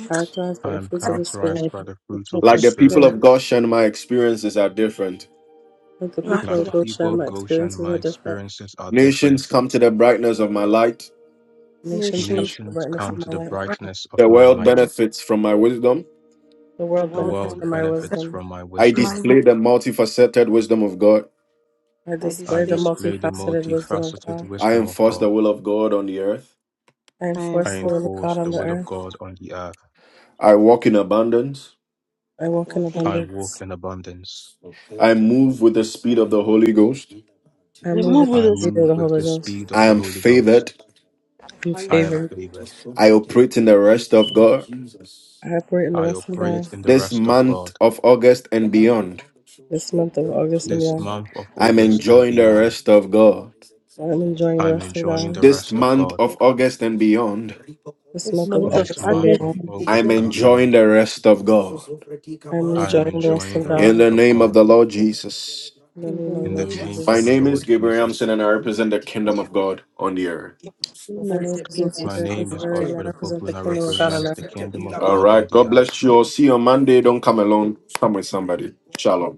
[SPEAKER 2] characterized by
[SPEAKER 4] I
[SPEAKER 2] the
[SPEAKER 4] am
[SPEAKER 2] fruits of the
[SPEAKER 4] characterized
[SPEAKER 2] Spirit.
[SPEAKER 4] by the
[SPEAKER 5] We
[SPEAKER 4] fruits
[SPEAKER 5] keep
[SPEAKER 4] of the
[SPEAKER 5] the
[SPEAKER 1] Like the people
[SPEAKER 5] spirit
[SPEAKER 4] Spirit.
[SPEAKER 1] of Goshen, my experiences are different.
[SPEAKER 2] Like the
[SPEAKER 5] i
[SPEAKER 2] people
[SPEAKER 4] Like
[SPEAKER 5] full
[SPEAKER 2] of
[SPEAKER 4] the
[SPEAKER 5] of
[SPEAKER 4] people
[SPEAKER 2] Goshen,
[SPEAKER 4] of
[SPEAKER 2] my
[SPEAKER 4] Goshen,
[SPEAKER 2] experiences
[SPEAKER 4] my
[SPEAKER 2] are different.
[SPEAKER 4] experiences are
[SPEAKER 1] Nations
[SPEAKER 4] different.
[SPEAKER 1] come to the brightness of my light.
[SPEAKER 2] Nations come to
[SPEAKER 5] nations
[SPEAKER 2] the
[SPEAKER 4] Nations
[SPEAKER 2] brightness
[SPEAKER 4] come
[SPEAKER 2] of
[SPEAKER 4] to
[SPEAKER 2] my
[SPEAKER 4] the
[SPEAKER 2] light.
[SPEAKER 4] brightness of
[SPEAKER 1] The
[SPEAKER 4] my
[SPEAKER 1] world
[SPEAKER 4] light.
[SPEAKER 5] like
[SPEAKER 1] benefits from my wisdom.
[SPEAKER 2] The
[SPEAKER 5] the
[SPEAKER 2] world
[SPEAKER 4] The
[SPEAKER 5] world
[SPEAKER 2] benefits
[SPEAKER 4] world
[SPEAKER 5] and
[SPEAKER 2] from my
[SPEAKER 4] benefits
[SPEAKER 2] wisdom.
[SPEAKER 4] from my
[SPEAKER 1] I
[SPEAKER 4] wisdom.
[SPEAKER 3] you.
[SPEAKER 1] display the multifaceted wisdom of God.
[SPEAKER 2] I
[SPEAKER 5] I
[SPEAKER 4] I
[SPEAKER 2] display the
[SPEAKER 5] display that
[SPEAKER 4] display the
[SPEAKER 2] multifaceted wisdom of
[SPEAKER 4] multifaceted
[SPEAKER 2] God.
[SPEAKER 1] I
[SPEAKER 4] wisdom of
[SPEAKER 1] enforce the
[SPEAKER 4] God.
[SPEAKER 1] will of God on the earth.
[SPEAKER 2] I
[SPEAKER 5] I am
[SPEAKER 4] I
[SPEAKER 2] enforce the
[SPEAKER 5] full
[SPEAKER 2] will
[SPEAKER 5] of
[SPEAKER 2] of God
[SPEAKER 4] enforce
[SPEAKER 2] on
[SPEAKER 4] the
[SPEAKER 2] the
[SPEAKER 4] will of
[SPEAKER 2] earth.
[SPEAKER 4] God on the earth.
[SPEAKER 1] I
[SPEAKER 5] Jesus.
[SPEAKER 1] walk in abundance.
[SPEAKER 2] I
[SPEAKER 5] I'm
[SPEAKER 2] walk in
[SPEAKER 5] walking up.
[SPEAKER 4] I walk
[SPEAKER 2] abundance.
[SPEAKER 4] in abundance.
[SPEAKER 1] I move with the speed of the Holy Ghost.
[SPEAKER 2] I
[SPEAKER 5] We
[SPEAKER 2] move
[SPEAKER 5] move
[SPEAKER 2] with the
[SPEAKER 5] with
[SPEAKER 4] I
[SPEAKER 5] us
[SPEAKER 2] speed
[SPEAKER 4] move
[SPEAKER 2] of the
[SPEAKER 4] with
[SPEAKER 2] Holy
[SPEAKER 4] the
[SPEAKER 2] Ghost.
[SPEAKER 4] speed of
[SPEAKER 1] I
[SPEAKER 4] the
[SPEAKER 1] am
[SPEAKER 4] Holy Ghost.
[SPEAKER 1] favored.
[SPEAKER 2] I'm
[SPEAKER 5] I
[SPEAKER 4] I
[SPEAKER 5] am
[SPEAKER 4] am
[SPEAKER 2] favored.
[SPEAKER 4] favored.
[SPEAKER 1] I operate in the rest of God.
[SPEAKER 2] I operate in the
[SPEAKER 4] I
[SPEAKER 2] rest of
[SPEAKER 4] operate
[SPEAKER 2] God
[SPEAKER 4] in the
[SPEAKER 1] This
[SPEAKER 4] rest of
[SPEAKER 1] month
[SPEAKER 4] God.
[SPEAKER 1] of August and
[SPEAKER 2] this month of August and
[SPEAKER 4] This
[SPEAKER 2] beyond.
[SPEAKER 4] month of
[SPEAKER 1] I mean
[SPEAKER 4] August and beyond.
[SPEAKER 2] I'm enjoying the
[SPEAKER 4] I'm
[SPEAKER 2] rest of
[SPEAKER 4] enjoying
[SPEAKER 2] God
[SPEAKER 4] the
[SPEAKER 1] this
[SPEAKER 4] rest of
[SPEAKER 1] month
[SPEAKER 4] God.
[SPEAKER 1] of
[SPEAKER 5] full.
[SPEAKER 1] August and beyond.
[SPEAKER 2] this
[SPEAKER 5] this
[SPEAKER 2] month of
[SPEAKER 5] month
[SPEAKER 4] This
[SPEAKER 5] of
[SPEAKER 2] August and
[SPEAKER 4] month
[SPEAKER 5] August
[SPEAKER 4] of
[SPEAKER 2] beyond.
[SPEAKER 5] and
[SPEAKER 4] August
[SPEAKER 5] September.
[SPEAKER 4] and
[SPEAKER 1] Join
[SPEAKER 4] beyond,
[SPEAKER 1] the rest of God.
[SPEAKER 2] I'm
[SPEAKER 5] I
[SPEAKER 4] I am
[SPEAKER 2] enjoying the
[SPEAKER 5] rejoice
[SPEAKER 2] rest
[SPEAKER 4] enjoying
[SPEAKER 2] of
[SPEAKER 4] the
[SPEAKER 2] God
[SPEAKER 1] In
[SPEAKER 4] rest
[SPEAKER 1] the
[SPEAKER 4] of
[SPEAKER 1] name of
[SPEAKER 4] God
[SPEAKER 1] the Lord Jesus.
[SPEAKER 2] in the
[SPEAKER 5] in
[SPEAKER 2] name
[SPEAKER 5] the
[SPEAKER 2] of
[SPEAKER 4] in
[SPEAKER 2] the
[SPEAKER 4] the
[SPEAKER 2] Lord
[SPEAKER 5] name
[SPEAKER 4] name
[SPEAKER 1] My
[SPEAKER 4] of
[SPEAKER 2] Jesus.
[SPEAKER 4] the
[SPEAKER 1] name
[SPEAKER 4] Lord Jesus.
[SPEAKER 1] Williamson and I represent the kingdom God on the earth.
[SPEAKER 2] My
[SPEAKER 5] of
[SPEAKER 2] name is
[SPEAKER 4] My
[SPEAKER 2] Yatsura
[SPEAKER 5] Jesus.
[SPEAKER 4] name is
[SPEAKER 2] Consider, and I
[SPEAKER 4] Godfrey
[SPEAKER 2] represent
[SPEAKER 4] Opoku
[SPEAKER 2] the
[SPEAKER 4] and I
[SPEAKER 2] kingdom of God on
[SPEAKER 4] represent
[SPEAKER 2] earth.
[SPEAKER 4] the kingdom of
[SPEAKER 1] All
[SPEAKER 4] God on
[SPEAKER 1] right.
[SPEAKER 4] the
[SPEAKER 1] God
[SPEAKER 4] earth.
[SPEAKER 1] bless you all. See you on Monday. Don't come alone. Come with somebody. Shalom.